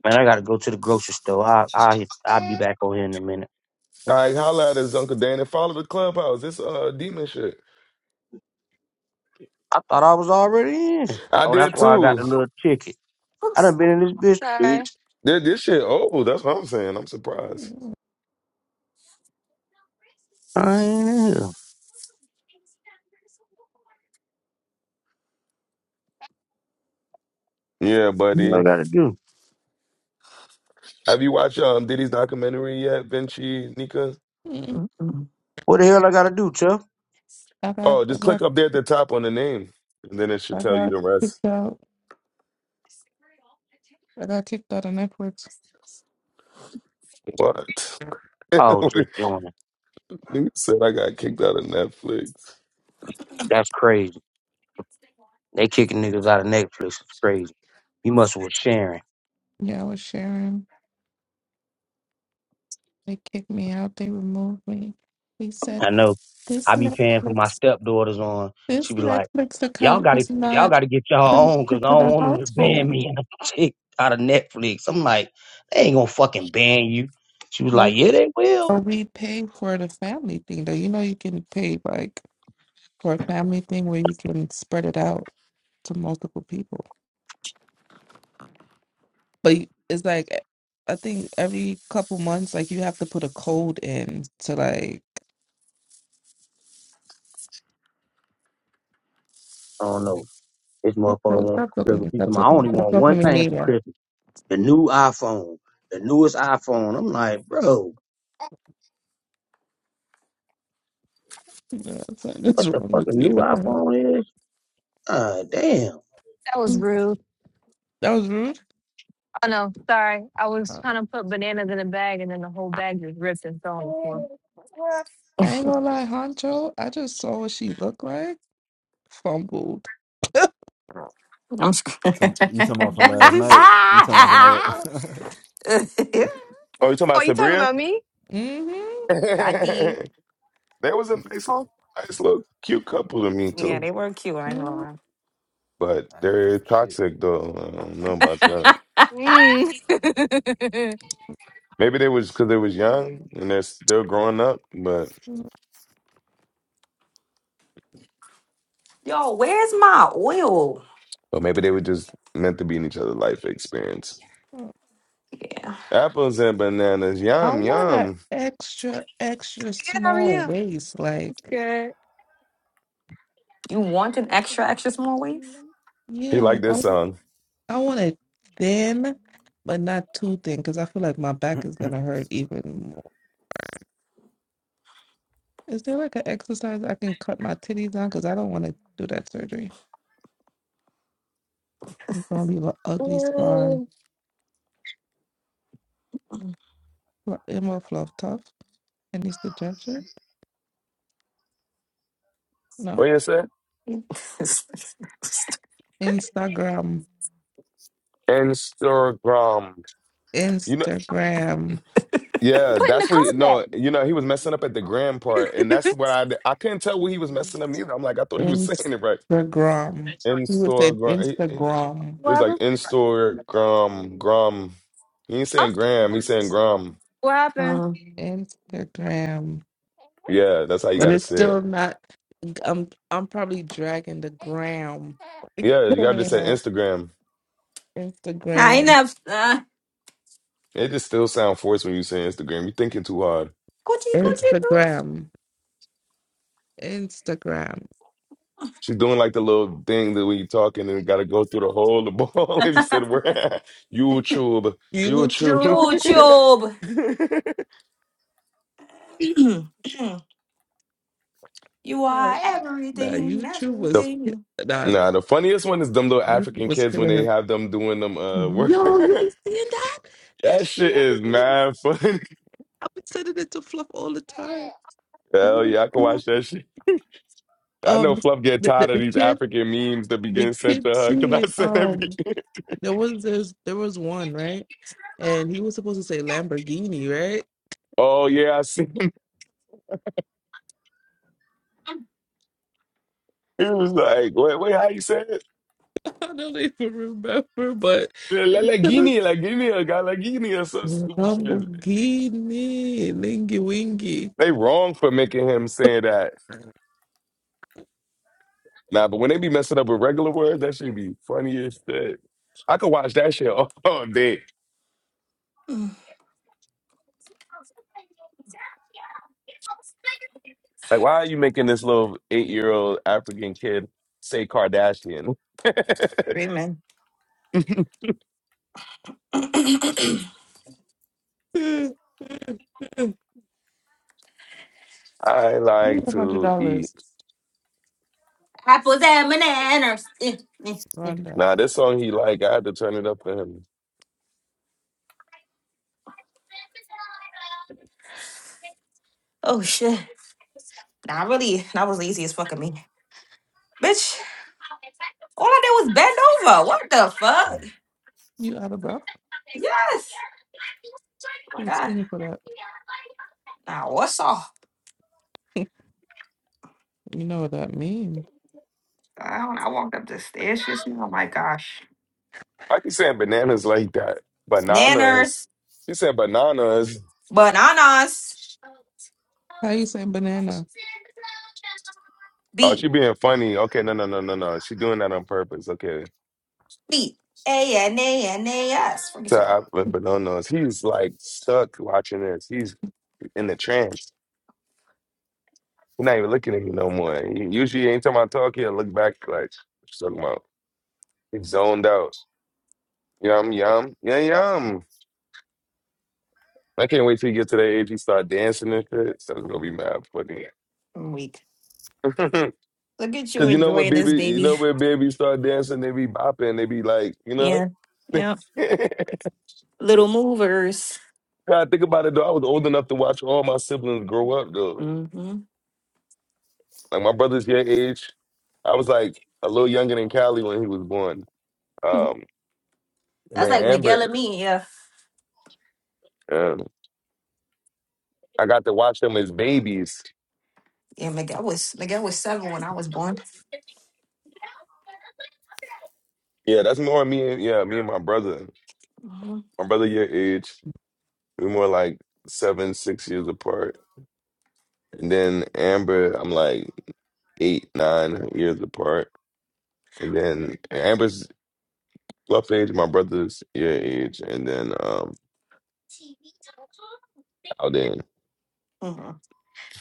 S14: Man, I gotta go to the grocery store. I I will I'll I'll be back on here in a minute.
S3: All right, holla at us, Uncle Dan, and follow the clubhouse. This uh demon shit.
S14: I thought I was already in.
S3: I
S14: Oh, that's
S3: did
S14: why I got
S3: too.
S14: the little ticket. I
S5: Oops,
S14: done been in this bitch three
S5: sorry.
S3: This, this shit old. That's what I'm saying. I'm surprised.
S9: Mm.
S14: times.
S3: Yeah,
S14: What
S3: buddy.
S14: I gotta do?
S3: Have you watched um Diddy's documentary yet, Vinci Nika?
S9: Mm.
S8: Mm, mm, mm.
S14: What the hell I gotta do, Chuck?
S9: I got,
S3: Oh,
S9: I
S3: just
S9: got,
S3: click up there at the top on the name, and then it should
S9: I
S3: tell you
S9: got
S3: the rest.
S9: kicked out. I got kicked out of Netflix.
S3: What?
S14: Oh, just
S3: Nigga
S14: join it.
S3: said I got kicked out of Netflix.
S14: That's crazy. They kicking niggas out of Netflix. It's crazy. You must with Sharon.
S9: Yeah, I was sharing. They kicked me out. They removed me. They said
S14: I know.
S9: this
S14: I be paying for my
S9: Netflix
S14: stepdaughters on. She
S9: This
S14: be like,
S9: Netflix
S14: y'all
S9: account
S14: gotta,
S9: is
S14: y'all
S9: not
S14: gotta get y'all own 'cause
S9: connected
S14: I
S9: to
S14: don't
S9: the
S14: want them to ban
S9: household.
S14: me and I'm kicked out of Netflix. I'm like, they ain't gonna fucking ban you. She was like,
S9: But
S14: yeah, they will.
S9: are we pay for the family thing though? You know you can pay like for a family thing where you can spread it out to multiple people. But you- it's like eh, I think every couple months like you have to put a code in to like
S14: I don't know. This
S9: stop,
S14: motherfucker
S9: talk-
S14: wants
S9: stop
S14: for
S9: talking to
S14: Christmas.
S9: me,
S14: She
S9: stop
S14: told I
S9: talking to me,
S14: only
S9: stop
S14: want
S9: talking
S14: one
S9: to me
S14: thing for
S9: Nita.
S14: Christmas: the new iPhone, the newest iPhone. I'm like, bro.
S9: Yeah, it's like what's
S14: What the
S9: wrong with
S14: fucking
S9: me?
S14: new
S9: What the hell?
S14: iPhone is? Ah, damn.
S5: That was
S9: Mm,
S5: rude.
S9: That was rude.
S5: Oh no, sorry. I was
S9: I
S5: trying to put bananas in a bag and then the whole bag just ripped and fell on the floor.
S9: ain't gonna lie, Honcho, I just saw what she looked like. Fumbled.
S8: I'm scared.
S10: Tom- you talking about from last night? You talking about from last?
S3: Oh, you talking about
S5: oh, you talking
S3: Sabria?
S5: about me?
S9: Mm-hmm.
S8: I did.
S3: that was a nice,
S5: Oh.
S3: nice little cute couple to me
S8: Yeah,
S3: too.
S8: they were cute. I ain't
S9: mm-hmm.
S8: gonna
S3: But
S10: I ain't from
S3: they're
S10: fumble shit.
S3: toxic though. I don't know about that.
S8: lie.
S5: Mm. Good,
S3: Maybe they was because they was young and they're still growing up, but
S8: Yo, where's my oil?
S3: or maybe they were just meant to be in each other's life experience.
S8: Yeah.
S3: Apples and bananas,
S9: I
S3: yum
S9: want a
S3: yum.
S9: extra, extra
S5: how are
S9: small
S5: you?
S9: waist. Like,
S5: That's good.
S8: You want an
S5: Ooh,
S8: extra, extra small waist?
S3: He
S9: yeah,
S3: liked
S9: like I,
S3: this
S9: want.
S3: song.
S9: I want it thin, but not too thin, because I feel like my back is gonna hurt even more. Is there like an exercise I can cut my titties down? Because I don't want to do that surgery. It's gonna leave an ugly scar. Fl- Emma Fluff Tough. Any suggestion?
S3: What
S9: No.
S3: you say?
S9: Instagram.
S3: Instagram. You know,
S9: Instagram.
S3: yeah,
S5: putting the
S3: that's what. He,
S5: card back.
S3: no, you know, he was messing up at the gram part, and that's where I I couldn't tell what he was messing up neither. I'm like, I thought he was saying it right.
S9: Instagram. He would say
S3: Instagram. He, he
S9: Instagram.
S3: he
S5: What
S3: was like
S5: happened?
S3: Instagram, gram. He ain't
S5: Huh?
S3: saying gram. He's saying gram.
S5: What happened?
S8: um,
S9: Instagram.
S3: Yeah, that's how you got
S9: But
S3: to
S9: it's
S3: say it.
S9: still not I'm I'm probably dragging the gram.
S3: Yeah, you got to just say
S9: Gram.
S3: Instagram.
S8: I
S9: Instagram.
S8: enough. Uh,
S3: It just still sound forced when you say Instagram. You're thinking too hard.
S8: Gucci,
S3: Yeah.
S8: Gucci,
S9: Instagram. Instagram.
S3: She's doing like the little thing that we talking and we gotta go through the whole the ball. And he said, "Where YouTube, YouTube."
S9: YouTube.
S8: YouTube. you
S9: Nah,
S8: are
S9: nah,
S8: everything,
S9: YouTube
S3: the
S9: was ki-
S8: everything.
S9: nah,
S3: nah, the funniest one is them little
S9: YouTube
S3: African
S9: was
S3: kids when
S9: killing
S3: they
S9: him.
S3: have them doing them. Uh, work.
S9: Yo, you been seeing that?
S3: that
S9: That's the
S3: shit
S9: other
S3: is
S9: thing.
S3: mad funny.
S9: I've been sending it to Fluff all the time. Oh
S3: Hell
S9: my
S3: yeah, I can
S9: god.
S3: watch that shit. I know
S9: Um
S3: Fluff get
S9: the,
S3: tired
S9: the,
S3: of
S9: the
S3: these
S9: kid
S3: African memes that be
S9: They
S3: getting sent to
S9: kept
S3: her because I
S9: seeing
S3: sent
S9: um
S3: everything.
S9: there was there's there was one, right? And he was supposed to say Lamborghini, right?
S3: Oh yeah, I see. He was like, "Wait, wait, how you say it?"
S9: I don't even remember, but
S3: La Lagini, Lagini, or Galagini, or some
S9: Lamborghini,
S3: stupid shit.
S9: lingy wingy.
S3: They wrong for making him saying that. Nah, but when they be messing up with regular words, that should be funny as shit. I could watch that shit all, all day.
S8: Mm,
S3: Like, why are you making this little eight year old African kid say Kardashian?
S8: Screaming.
S9: I
S3: I like
S9: need a hundred
S3: to eat.
S9: dollars
S8: Apples and bananas. Eh, eh, eh.
S9: on that.
S3: Nah, this song he like, I had to turn it up for him.
S8: Oh shit. Nah, I really, that was lazy as fucking me. Bitch, all I did was bend over. What the fuck?
S10: Mm.
S9: You out of breath?
S8: Yes. Oh my
S9: Too
S8: god.
S9: skinny for that.
S8: Nah, what's off?
S9: You know what that means.
S8: I don't I walked up the stairs just now. Oh my gosh.
S3: I keep saying bananas like that. Bananas.
S8: Nanners.
S3: She said bananas.
S8: Bananas.
S9: How you say banana?
S3: Oh, she
S8: B.
S3: being funny. Okay, no, no, no, no, no. She doing that on purpose. Okay.
S8: B. A N A N A S. Forget
S3: to
S8: to
S3: our Bananas. He's like stuck watching this. He's in the trance. He's not even looking at you no more. He, usually, anytime I talk, he'll look back like, "What's talking about?" He's zoned out. Yum yum yum yum. I can't wait till you get to that age he start dancing and shit. So it's gonna be mad funny.
S8: I'm weak. Look at you
S3: Cause you know when
S8: enjoying
S3: baby,
S8: this,
S3: you know
S8: baby.
S3: when babies start dancing, they be bopping, they be like, you know.
S8: Yeah. Yeah. Little movers.
S3: God, think about it though. I was old enough to watch all my siblings grow up though.
S8: mm hmm
S3: Like my brother's your age. I was like a little younger than Callie when he was born. Um, and
S8: That's
S3: then
S8: like Miguel
S3: Amber,
S8: and me. Yeah.
S3: um, I got to watch them as babies.
S8: Yeah, Miguel was Miguel was seven when I was born.
S3: Yeah, that's more me and yeah, me and my brother.
S8: Mhm.
S3: My brother your age. We're more like seven, six years apart. And then Amber, I'm like eight, nine years apart. And then Amber's rough age, my brother's your age, and then um Alden.
S8: Mhm.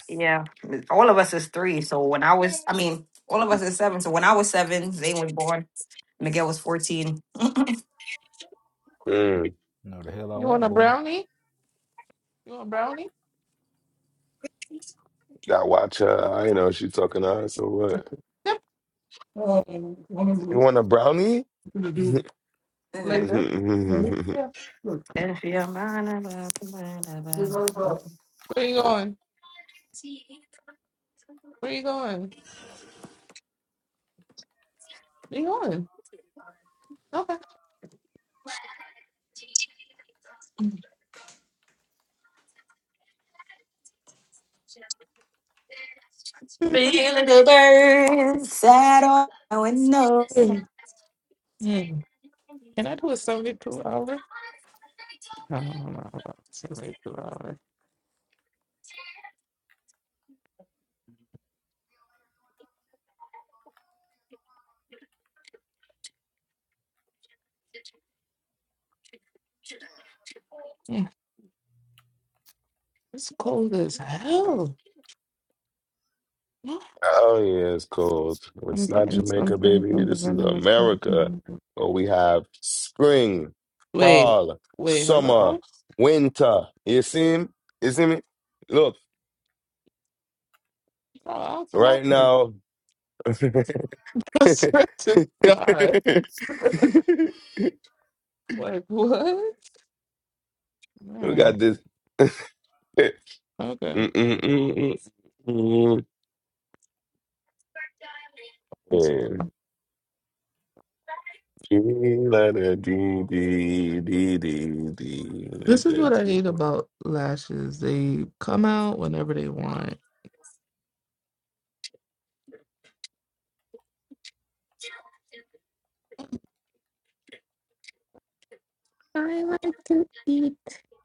S8: Yeah, all of us is three. So when I was, I mean, all of us is seven. So when I was seven, Zane was born. Miguel was fourteen.
S3: Mm.
S10: You Know the hell I
S9: You want
S10: want,
S9: a
S10: boy.
S9: brownie? You want a brownie?
S3: I watch her, I know she's talking to her, so what?
S9: Yep. Um, what
S3: You
S9: I'm
S3: want a brownie?
S9: gonna do.
S3: Oh
S8: Mhm.
S9: Later. Mhm. Yeah. Look,
S8: If your mind about the mind
S9: we're
S8: about
S9: going for
S8: it.
S9: us. Where you going? Where you going? Where you going? Okay.
S8: Feel the birds sad on my window.
S9: Mm. Mm. Can I do a 72 hour? No, no, no, no. 72 hour. Yeah. It's cold as hell. Yeah.
S3: yeah, it's cold.
S9: I'm
S3: It's not
S9: getting
S3: Jamaica,
S9: something
S3: baby.
S9: from the
S3: This is
S9: vending machine.
S3: America, where we have spring,
S9: Wait.
S3: fall,
S9: Wait,
S3: summer,
S9: hello?
S3: winter. You see him? You see me? Look,
S9: Oh, I'll clap
S3: right
S9: you.
S3: now, we
S9: I swear to God. like, what? All right.
S3: got this.
S9: Okay.
S3: Mm-mm-mm-mm-mm. G, letter D, D, D, D, D,
S9: This is
S3: letter
S9: what I
S3: D.
S9: hate about lashes. They come out whenever they want. I like to eat,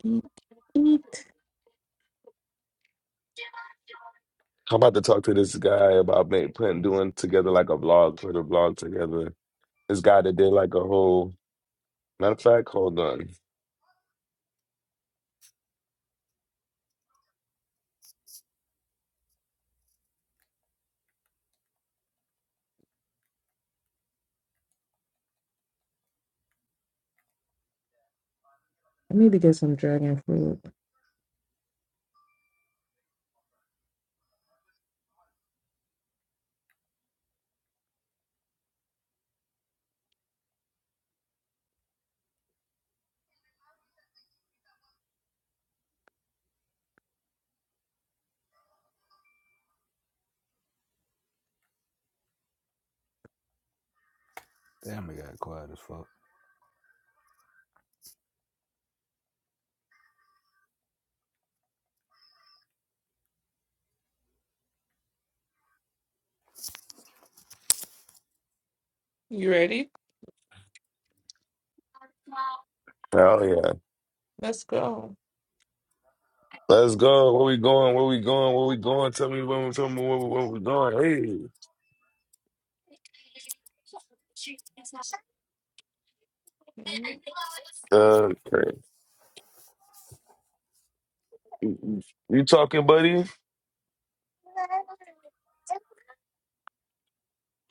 S9: eat, eat.
S3: I'm about to talk to this guy about make, putting doing together like a vlog, put a vlog together. This guy that did like a whole. Matter of fact, hold on.
S9: I need to get some dragon fruit.
S10: Damn, it got quiet as fuck.
S9: You ready?
S3: Hell yeah,
S9: Let's go.
S3: let's go. Where we going? Where we going? Where we going? Tell me when. Tell me where, where we going.
S9: Mhm,
S3: Hey, uh, you talking, buddy?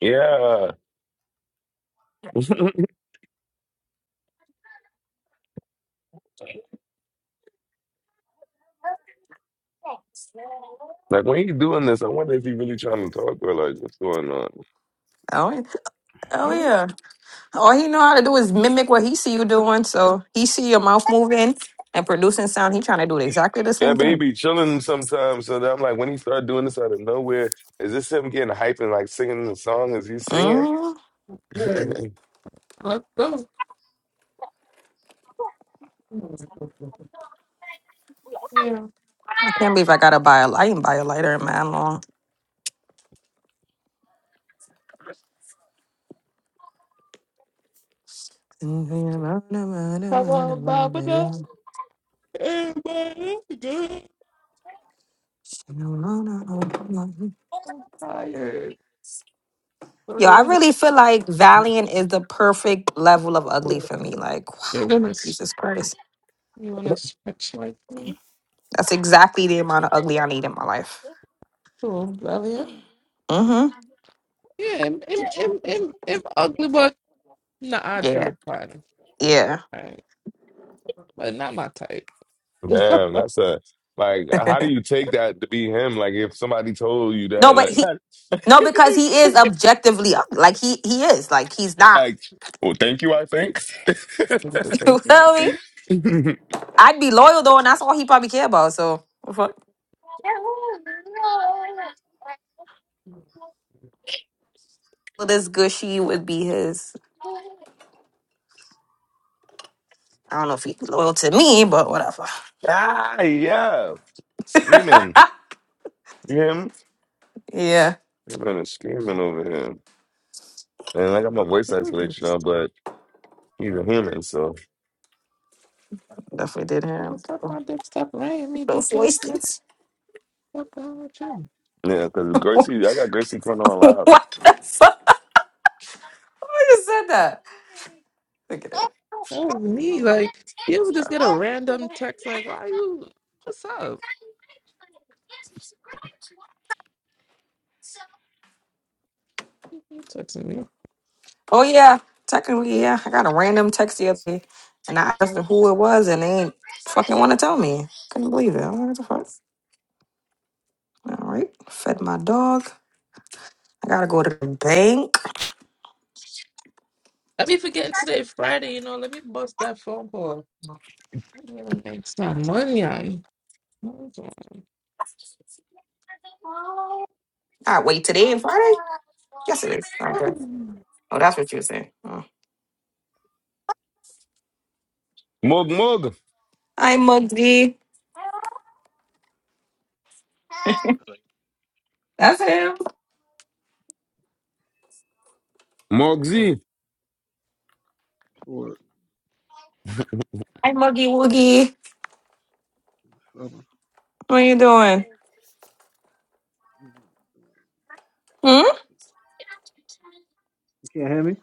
S3: Yeah. Like when he doing this, I wonder if he really trying to talk or like what's going on.
S8: Oh, yeah. oh
S9: mhm.
S8: yeah. All he know how to do is mimic what he see you doing. So he see your mouth moving and producing sound. He trying to do exactly the
S3: Yeah,
S8: same
S3: but he
S8: thing.
S3: be chilling sometimes. So that I'm like, when he start doing this out of nowhere, is this him getting hype and like singing the song? Is he singing?
S8: Mm-hmm.
S9: Hey. Let's go. Yeah.
S8: I can't believe I gotta buy a. I can buy a lighter in man long.
S9: Hello, Baba Dust. Everybody, good. I'm tired. So,
S8: Yo, I
S9: yeah,
S8: really feel like Valiant is the perfect level of ugly
S9: you-
S8: for me. Like,
S9: You're
S8: wow,
S9: gonna, s-
S8: Jesus Christ,
S9: you wanna stretch like me?
S8: that's exactly the amount of ugly I need in my life.
S9: Cool, Elliot.
S8: Mm-hmm.
S9: Yeah, I'm, I'm, I'm, I'm, I'm ugly, but Nah, I'd feel
S8: Yeah.
S9: look fine.
S8: Yeah.
S9: Right. But not my type.
S3: Damn, that's a like. How do you take that to be him? Like, if somebody told you
S8: No, but
S3: that,
S8: he.
S3: like,
S8: No, because he is objectively ugly. Like he he is. Like he's not.
S3: like, well, thank you. I think.
S9: Look at the
S8: you
S9: thank you. Like,
S8: feel me?
S9: "Bitch,
S8: I'd be loyal though, and that's all he probably care about. So, what the fuck? this gushy would be his. I don't know if he's loyal to me, but whatever.
S3: ah, yeah, screaming. You hear him?
S8: Yeah,
S3: I'm gonna screaming over him, and I got my voice
S9: this
S3: isolation
S9: is-
S3: now, but he's a human, so
S8: definitely did him.
S9: Stop my dick, stop lying me,
S8: Those
S9: bitch ass. nigga.
S8: voices.
S9: What's wrong with you?
S3: yeah. Because Gracie, I got Gracie going on loud.
S8: what the fuck? Why just said that? Look at it.
S9: That was me. Like, you would just get a random text, like, why you, what's up? You texting me.
S8: Oh yeah, technically yeah. I got a random text the other day, and I asked them who it was, and they ain't fucking want to tell me. Couldn't believe it. I'm like, What the fuck? All right, fed my dog. I gotta go to the bank.
S9: I be forgetting today, Friday, you know, let me bust that phone call. I am going to make some money on. Hold
S8: I wait today and Friday. Yes, it is. Okay.
S9: on.
S8: Oh, that's what you were saying. Oh.
S3: Mug, mug,
S8: Hi, Muggy.
S13: What's good?
S8: That's him.
S3: mug Z.
S13: Trouble.
S8: Hi, Muggy Woogie. What are you doing?
S13: You
S8: Hmm.
S13: can't hear me?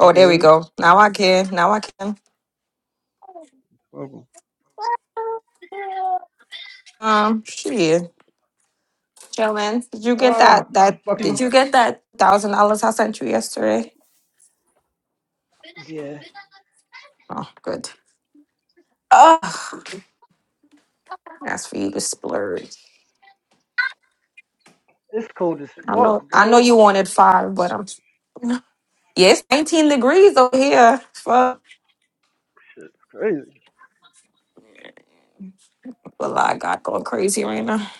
S13: You can
S8: there
S13: hear
S8: we
S13: me?
S8: go. Now I can. Now I can.
S13: Trouble.
S8: Um, shit, chillin. Did you get
S13: Ah,
S8: that? That
S13: fucking.
S8: did you get that thousand dollars I sent you yesterday?
S13: Yeah.
S8: Oh, good. Oh, That's for you to splurge.
S13: It's cold as
S8: I know.
S13: fuck,
S8: I know
S13: bro.
S8: you wanted five, but I'm. Yeah, it's 19 degrees over here. Fuck.
S13: Shit's crazy.
S8: Well, I got going crazy right now.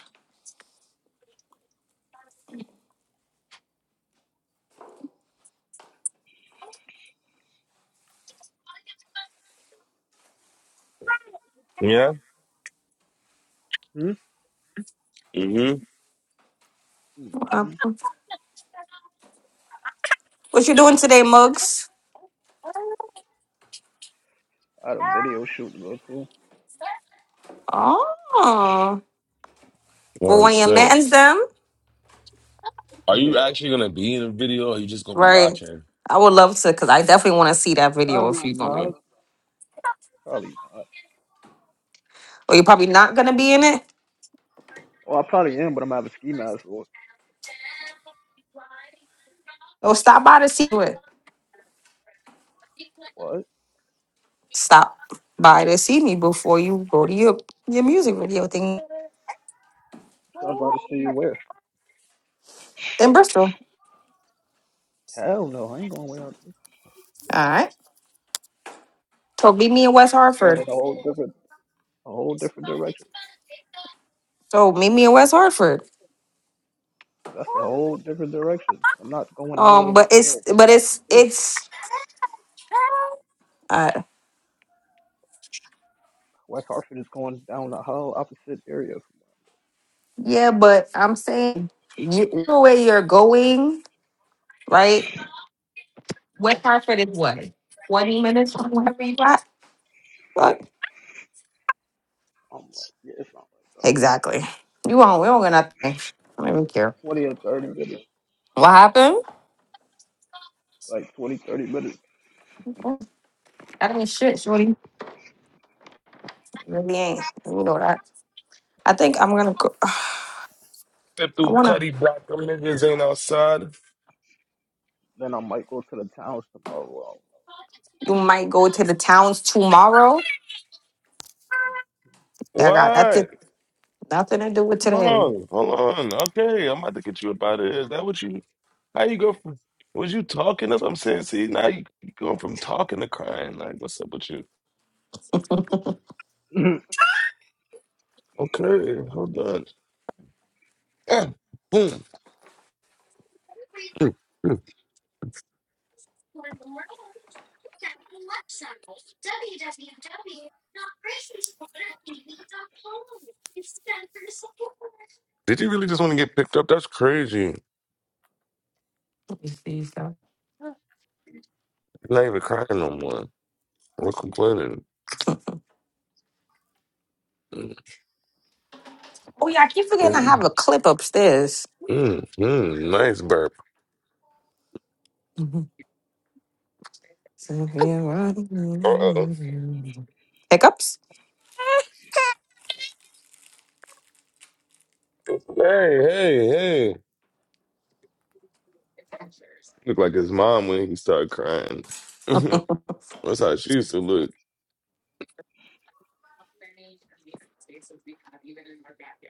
S3: Yeah.
S13: Hmm?
S3: Mm-hmm.
S8: Uh,
S13: Mm-hmm.
S8: What you doing today, Mugs?
S13: I had a video shoot to go to.
S8: Oh, for
S3: Oh
S8: one of your
S3: shit.
S8: mans, them.
S3: Are you
S13: Yeah.
S3: actually gonna be in the video, or you just gonna be
S8: Right.
S3: watching?
S8: I would love to, cause I definitely want to see that video
S13: Probably
S8: if you're gonna be.
S13: not. Probably not.
S8: or you're probably not gonna be in it.
S13: Well, I probably am, but I'm gonna have a ski mask. Or
S8: Or stop by to see it.
S13: what?
S8: Stop by to see me before you go to your your music video thing
S13: So I brought it to you where?
S8: in Bristol.
S13: Hell no, I ain't going without this.
S8: All right. So meet me in West
S13: It's going in
S8: Hartford.
S13: a whole different, a whole different direction.
S8: So meet me in West Hartford.
S13: That's a whole different direction. I'm not going
S8: Um,
S13: nowhere
S8: but it's
S13: near
S8: but it's
S13: it.
S8: it's uh
S13: West Hartford is going down the whole opposite area.
S8: yeah, but I'm saying you know where you're going, right? West Hartford is what? Twenty minutes from wherever you at? Like,
S13: I'm like, yeah, it's not like that.
S8: exactly. You won't we don't get nothing. I don't even care.
S13: 20 or 30 minutes,
S8: What happened?
S13: like 20 30 minutes.
S8: I mean shit, shorty. Really ain't. You know that. I think I'm gonna go. I
S3: Step through
S8: wanna.
S3: Cuddy Black, them niggas ain't outside.
S13: Then I might go to the towns tomorrow.
S8: You might go to the towns tomorrow. That got nothing,
S3: What?
S8: nothing to do with today.
S3: Hold on, hold on. Okay, I'm about to get you up out of here. Is that what you? How you go from? Was you talking? That's what I'm saying. See, now you, you going from talking to crying. Like, what's up with you? Okay, hold on. Ah, Boom. Mm, mm. Did you really just want to get picked up? That's crazy.
S8: Let me see something.
S3: You're not even crying no more. We're complaining. Mm,
S8: Oh yeah, I keep forgetting I
S3: mm,
S8: have a clip upstairs.
S3: mm, mm. nice burp.
S8: Mhm.
S3: Uh oh.
S8: Hiccups.
S3: Hey, hey, hey. Looked like his mom when he started crying. That's how she used to look.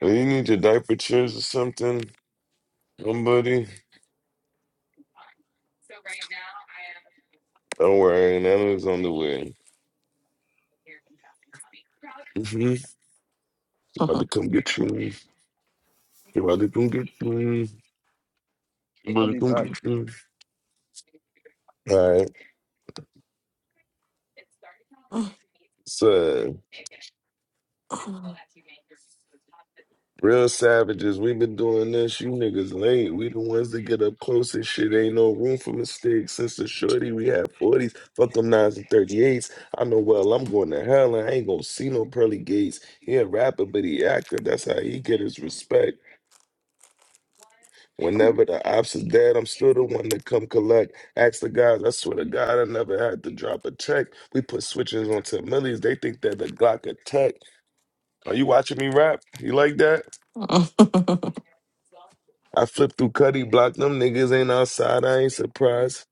S3: Well, you need your diaper changed or something, somebody. Don't worry, Nana's on the way. hmm About to
S8: Mhm.
S3: come get you. About to come get you. About
S13: I'll
S3: to
S13: be
S3: come
S13: back.
S3: get you. All right, So Real savages, we been doing this. You niggas late. We the ones that get up close and shit. Ain't no room for mistakes. Since the shorty, we had 40s. Fuck them 9s and 38s. I know well I'm going to hell and I ain't gonna see no pearly gates. He a rapper, but he active. That's how he get his respect. Whenever the ops is dead, I'm still the one to come collect. Ask the guys, I swear to God, I never had to drop a check. We put switches on 10 millies. They think that the Glock attack. Are you watching me rap? You like that? I flipped through Cuddy Block. Them niggas ain't outside. I ain't surprised.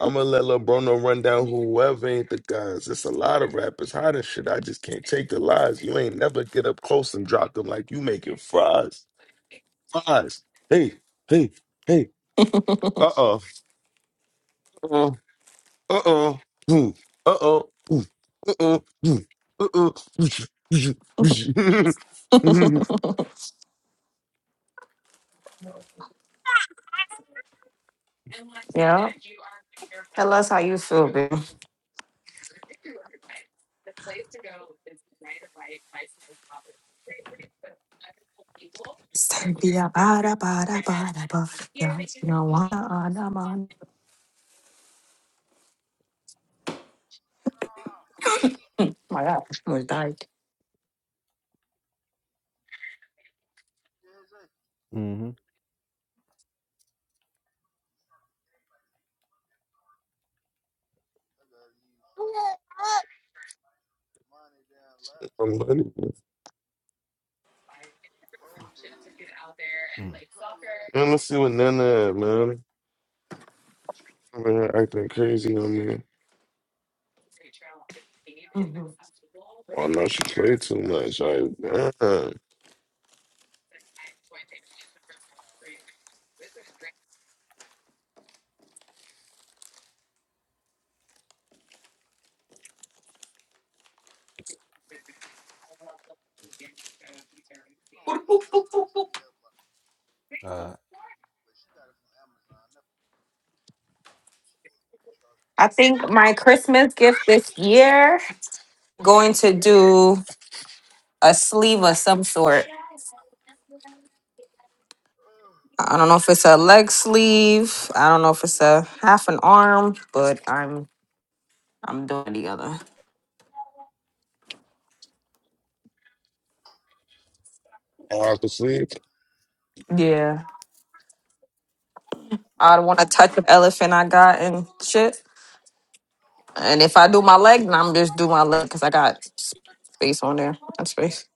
S3: I'ma let LeBrono run down whoever ain't the guys. It's a lot of rappers hot as shit. I just can't take the lies. You ain't never get up close and drop them like you making fries. Fries. Hey, hey, hey. Uh-oh. Uh-oh. Uh-oh. Hmm. Uh-oh. Hmm. Uh-oh. Hmm. Uh-oh.
S8: yeah. Tell us how you feel, baby. Cynthia, bada, bada, bada, bada. Yes, you know, wanna, uh, nah, man. Oh my God, I almost died.
S10: Mm-hmm.
S3: I'm funny.
S10: Mm.
S3: Man, let's see what Nana had, man. Man, acting crazy on me.
S8: Mhm.
S3: Oh no, she played too much. Like, uh,
S10: Uh,
S8: I think my Christmas gift this year going to do a sleeve of some sort. I don't know if it's a leg sleeve. I don't know if it's a half an arm, but I'm I'm doing the other.
S3: I have to sleep.
S8: Yeah. I don't want to touch the elephant I got and shit. And if I do my leg, then I'm just do my leg because I got s- space on there. Not space.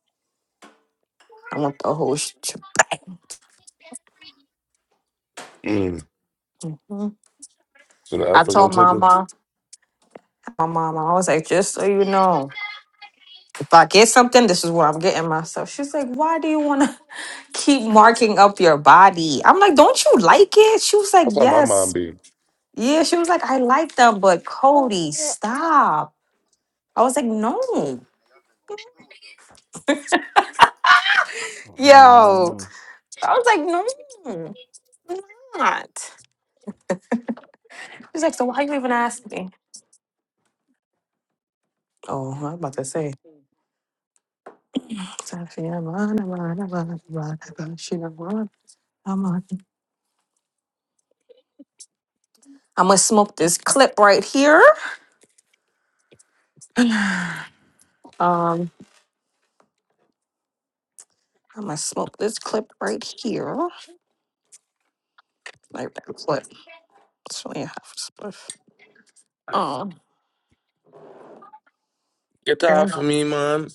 S8: I want the whole shit.
S3: Mm. So the
S8: I
S3: effort gonna
S8: told
S3: take
S8: my
S3: her.
S8: mom, my mom, I was like, just so you know, if I get something, this is what I'm getting myself. She's like, why do you want to keep marking up your body? I'm like, don't you like it? She was like,
S3: That's how my mom
S8: yes.
S3: be.
S8: Yeah, she was like, I like them, but Cody, stop. I was like, no.
S10: What have been going
S8: Yo.
S10: on?
S8: I was like, no, I'm not. She's like, so why you even ask me? Oh, I'm about to say. I'm gonna smoke this clip right here. Um, I'm gonna smoke this clip right here. Like that clip. It's only a half a spliff. Um,
S3: Get the
S8: and
S3: off of
S8: I'll
S3: me, mom.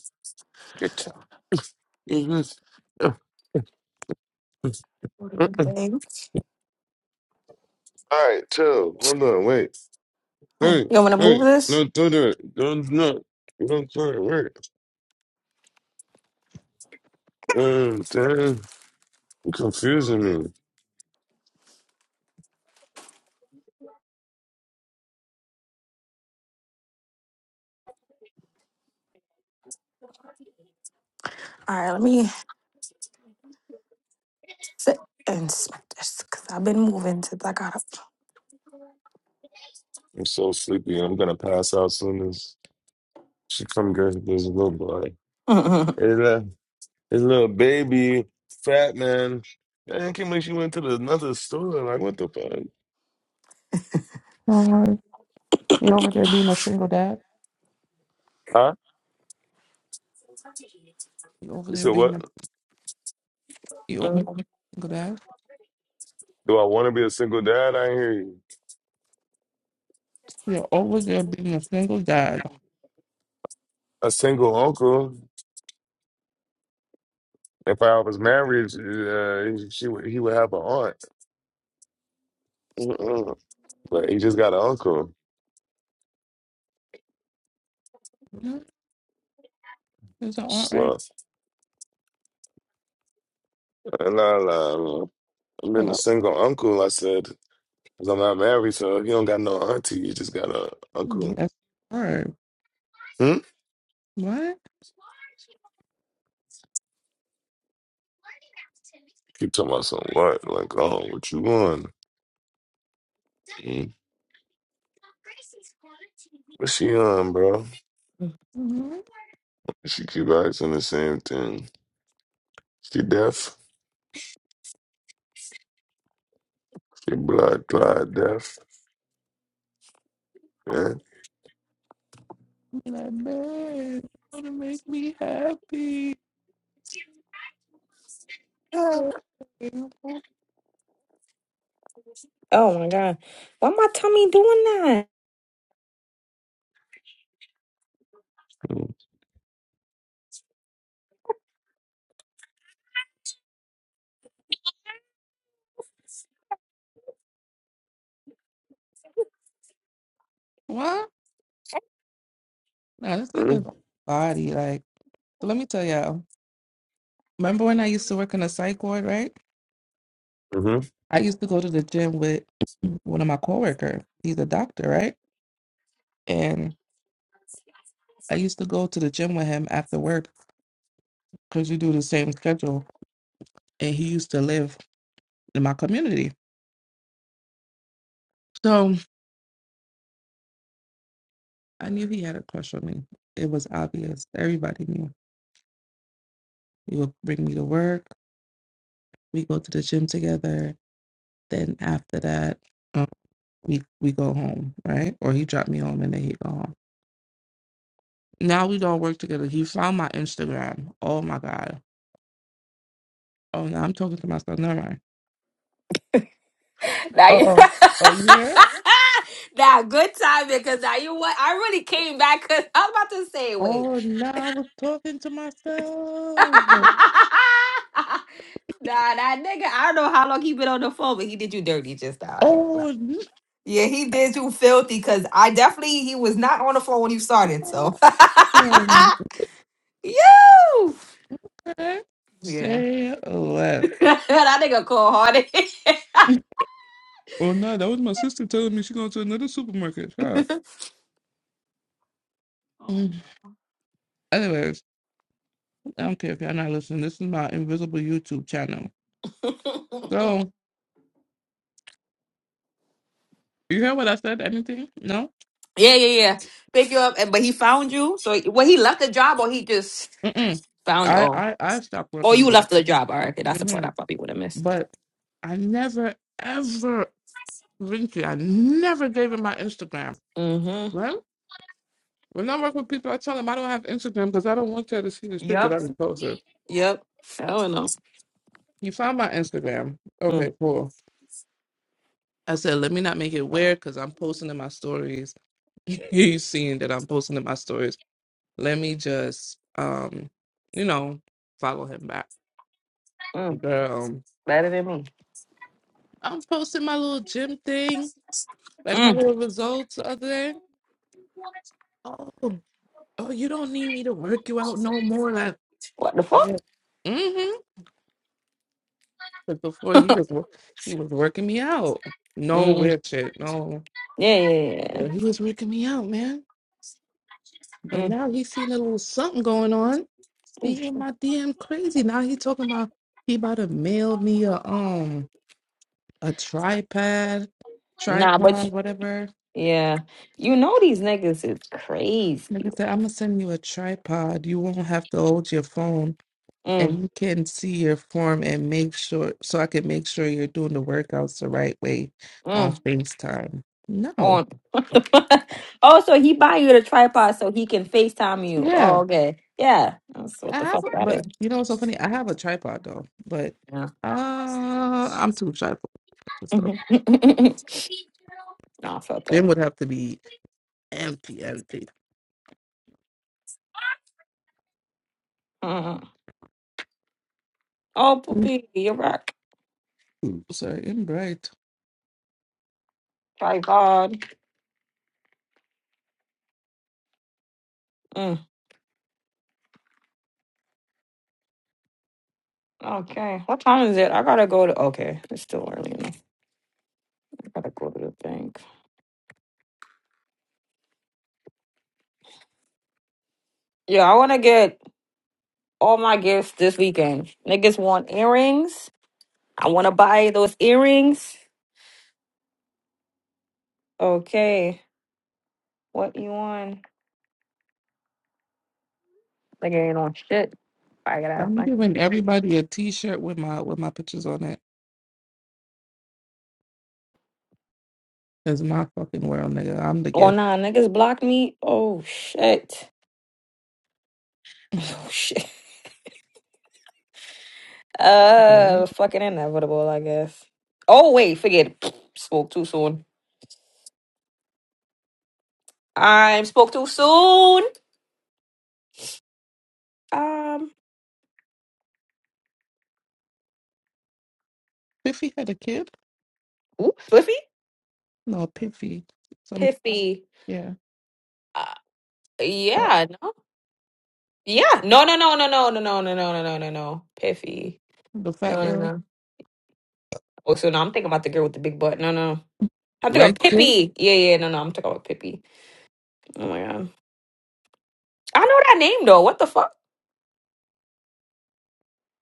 S3: Get the. Mhm. Uh, uh,
S8: go to
S3: uh.
S8: the
S3: All
S8: bank.
S3: right, chill. Hold on, wait.
S8: Fine.
S3: Hey,
S8: You want me to move
S3: hey,
S8: this?
S3: no, don't do it. Don't, no, don't do it. Wait. Um, damn, you're confusing me.
S8: All right, let me sit and smack this because I've been moving since I got up.
S3: I'm so sleepy. I'm gonna pass out soon. She come dressed up as a little boy.
S8: Mm, mm,
S3: his a, it's little baby, fat man. Man, it can't believe she went to the, another store. Like, what the fuck?
S9: Uh, You over there being a single dad?
S3: Huh?
S9: You over
S3: You
S9: there
S3: said
S9: being
S3: what?
S9: a, you over there
S8: mm,
S9: being a single dad?
S3: Do I want to be a single dad? I hear you.
S9: You're over there being a single dad.
S3: A single uncle. If I was married, uh, she would, he would have an aunt. Mm-mm. But he just got an uncle.
S9: Is that all right?
S3: So, and I, uh, nah, nah, nah. I'm in a
S9: Hello?
S3: single uncle. I said, 'cause I'm not married, so you don't got no auntie. You just got a uncle.
S9: Yes, sir.
S3: Hmm.
S9: What?
S3: Keep talking about some what? Like, oh, what you on? Mm. What she on, bro?
S8: mm.
S9: Mhm.
S3: She keep asking the same thing. She deaf. She blood clot deaf. Yeah.
S9: And I beg you to make me happy. What?
S8: oh my god, why my tummy doing that?
S9: Now this nigga
S3: Mm-hmm.
S9: is on my body. Like, so let me tell y'all. Remember when I used to work in a psych ward, right?
S3: Mm-hmm.
S9: I used to go to the gym with one of my coworkers. He's a doctor, right? And I used to go to the gym with him after work because we do the same schedule. And he used to live in my community. So I knew he had a crush on me. It was obvious. Everybody knew. He would bring me to work. We go to the gym together. Then after that, um, we we go home, right? Or he dropped me home and then he go home. Now we don't work together. He found my Instagram. Oh my god. Oh no, I'm talking to myself. Never mind.
S8: Now
S9: Oh
S8: you.
S9: oh oh, you here?
S8: Now, good time because now you what? I really came back because I was about to say, wait.
S9: Oh no, I was talking to
S8: nah,
S9: myself.
S8: that nigga, I don't know how long he been on the phone, but he did you dirty just now. I ain't gonna lie.
S9: Oh
S8: Yeah, he did you filthy because I definitely he was not on the phone when you started.
S9: no.
S8: So you,
S9: Okay.
S8: yeah,
S9: Say left.
S8: that nigga cold hearted.
S9: Well, no, that was my sister telling me she going to another supermarket. Shop.
S8: Oh.
S9: Mm. Anyways, I don't care if y'all not listening. This is my invisible YouTube channel. So you hear what I said? Anything? No.
S8: yeah, yeah, yeah. Pick you up, and but he found you. So well, he left the job, or he just
S9: Mm-mm.
S8: found
S9: I
S8: oh,
S9: I I stopped
S8: or
S9: working
S8: you
S9: there.
S8: left the job. All right, okay, that's the part
S9: hmm
S8: I probably would have missed.
S9: But I never ever, Vinci, I never gave him my Instagram.
S8: Mm-hmm.
S9: Well, when I work with people, I tell them I don't have Instagram because I don't want y'all to see the shit that
S8: Yep.
S9: I've been posting.
S8: Yep. I don't know.
S9: He found my Instagram. Okay, cool. I said, let me not make it weird because I'm posting in my stories. you seeing that I'm posting in my stories. Let me just, um, you know, follow him back.
S8: Mm,
S9: Girl,
S8: better than me.
S9: I'm posting my little gym thing, like my
S8: Mm,
S9: little results the other day. Oh, oh, you don't need me to work you out no more. Like,
S8: what the fuck?
S9: like, mm-hmm. But before he was, wor- he was working me out. No
S8: Mm,
S9: weird shit. No,
S8: yeah, yeah, yeah.
S9: Yeah, he was working me out, man. But
S8: Mm,
S9: now he's seen a little something going on
S8: ooh,
S9: He in
S8: shit.
S9: my DM crazy. Now he talking about he about to mail me a um a tripod,
S8: Nah, but
S9: tripod,
S8: you,
S9: whatever.
S8: yeah, you know these niggas is crazy.
S9: Nigga said, I'm gonna send you a tripod. You won't have to hold your phone
S8: Mm,
S9: and you can see your form and make sure so I can make sure you're doing the workouts the right way on
S8: mm,
S9: FaceTime. No.
S8: on. oh, so he buy you the tripod so he can Facetime you. Oh,
S9: Yeah.
S8: okay. Yeah, that's what
S9: I
S8: the
S9: have
S8: fuck
S9: a-
S8: that is.
S9: but you know what's so funny? I have a tripod though, but
S8: Yeah.
S9: uh I'm too shy for that stuff.
S8: Mhm. no, I felt that.
S9: Gym would have to be empty, empty.
S8: Mm. Oh, poopy, you're back.
S9: So I'm great.
S8: Tripod. Mm. Okay. What time is it? I gotta go to. Okay, it's still early enough. I gotta go to the thing. Yeah, I want to get all my gifts this weekend. Niggas want earrings. I want to buy those earrings. Okay, what you want? Nigga ain't on shit. I gotta ask
S9: I'm
S8: my.
S9: giving everybody a T-shirt with my with my pictures on it. It's my fucking world, nigga. I'm the
S8: Oh
S9: gift.
S8: nah, niggas blocked me. Oh shit. Oh shit.
S9: Babe.
S8: Uh, fucking inevitable, I guess. Oh wait, forget. It. Spoke too soon. I spoke too soon. Um,
S9: Piffy had a kid.
S8: ooh, slippy,
S9: No, Piffy. Some
S8: piffy.
S9: yeah,
S8: Uh,
S9: fat,
S8: yeah, no. Yeah. No, no, no, no, no, no, no, no, no, no, no, no, no. Piffy.
S9: the fat
S8: No, no,
S9: girl.
S8: no. Oh, so no, I'm thinking about the girl with the big butt. No, no. no. I'm thinking
S9: Light
S8: about
S9: skin.
S8: Pippi. Yeah, yeah, yeah. no, no. I'm talking about Pippi. Oh my god. I know that name though. What the fuck?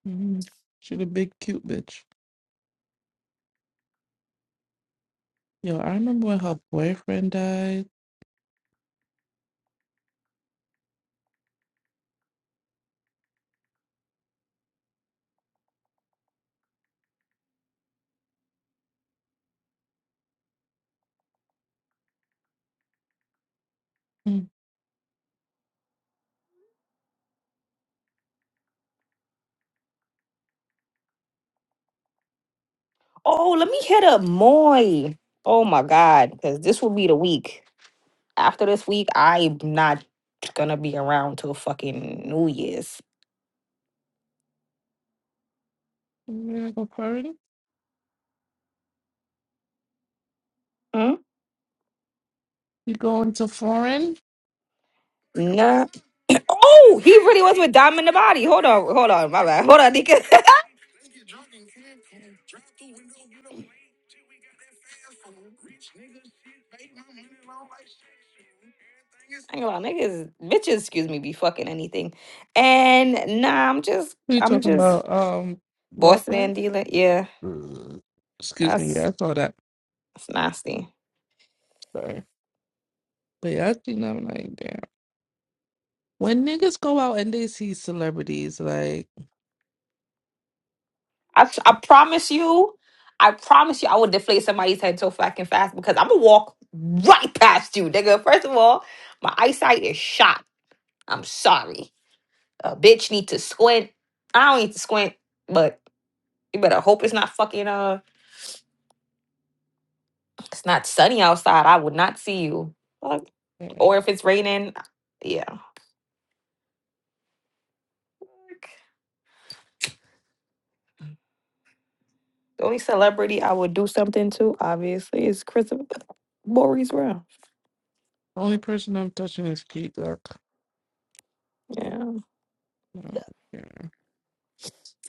S9: Mhm. She the big cute bitch. Yo, I remember when her boyfriend died. Mm.
S8: Oh, let me hit up Moy. Oh my god. Because this will be the week. After this week, I'm not gonna be around till fucking New Year's.
S9: You gonna go foreign?
S8: Hmm?
S9: You going to foreign?
S8: Nah. Oh, he really was with Diamond the Body. Hold on, hold on, my bad. Hold on, Nika. I ain't gonna lie, niggas, bitches, excuse me, be fucking anything. And nah, I'm just,
S9: Who you
S8: I'm
S9: talking
S8: just
S9: about? Um,
S8: bossing
S9: boyfriend.
S8: and dealing. Yeah,
S9: Ugh. Excuse me.
S8: that's
S9: Yeah, I saw that.
S8: that's nasty.
S9: Sorry, but yeah, I seen that. I'm like, damn. When niggas go out and they see celebrities, like
S8: I, tr- I promise you, I promise you, I will deflate somebody's head so fucking fast because I'm gonna walk right past you, nigga. First of all, my eyesight is shot. I'm sorry. A bitch need to squint. I don't need to squint, but you better hope it's not fucking uh. it's not sunny outside, I would not see you. Fuck.
S9: eh, the
S8: Or if it's raining, uh, yeah. The only celebrity I would do something to, obviously, is Christopher Maurice Brown.
S9: only person I'm touching is Key Duck.
S8: Yeah.
S9: I don't care.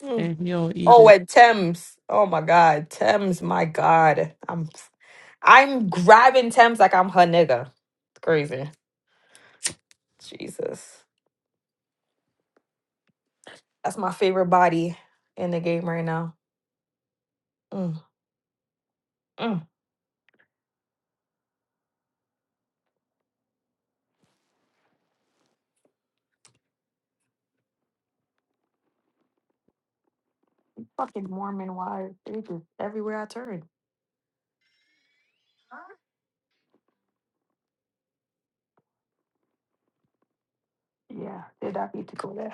S8: Mm.
S9: And he don't eat
S8: Oh, and Thames. Oh my God, Thames. My God, I'm I'm grabbing Thames like I'm her nigga. It's crazy. Jesus, that's my favorite body in the game right now. Mm, mm. Fucking Mormon wives. They just everywhere I turn. Yeah, did not need to go there.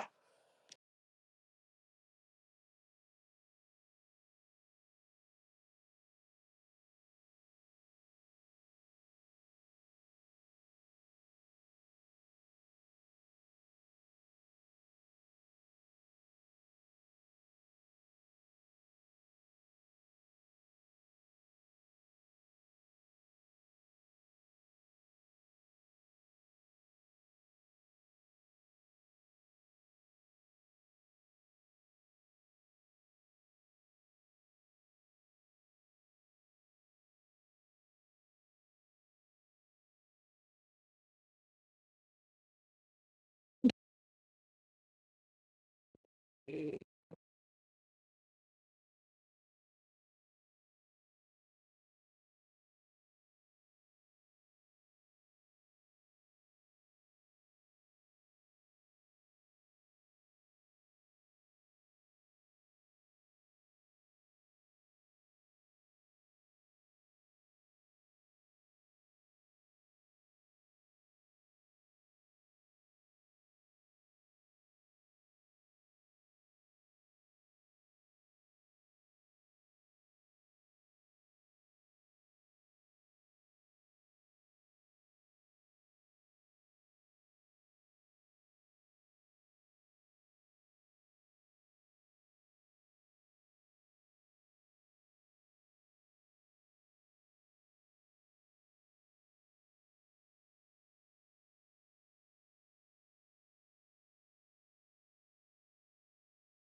S9: it.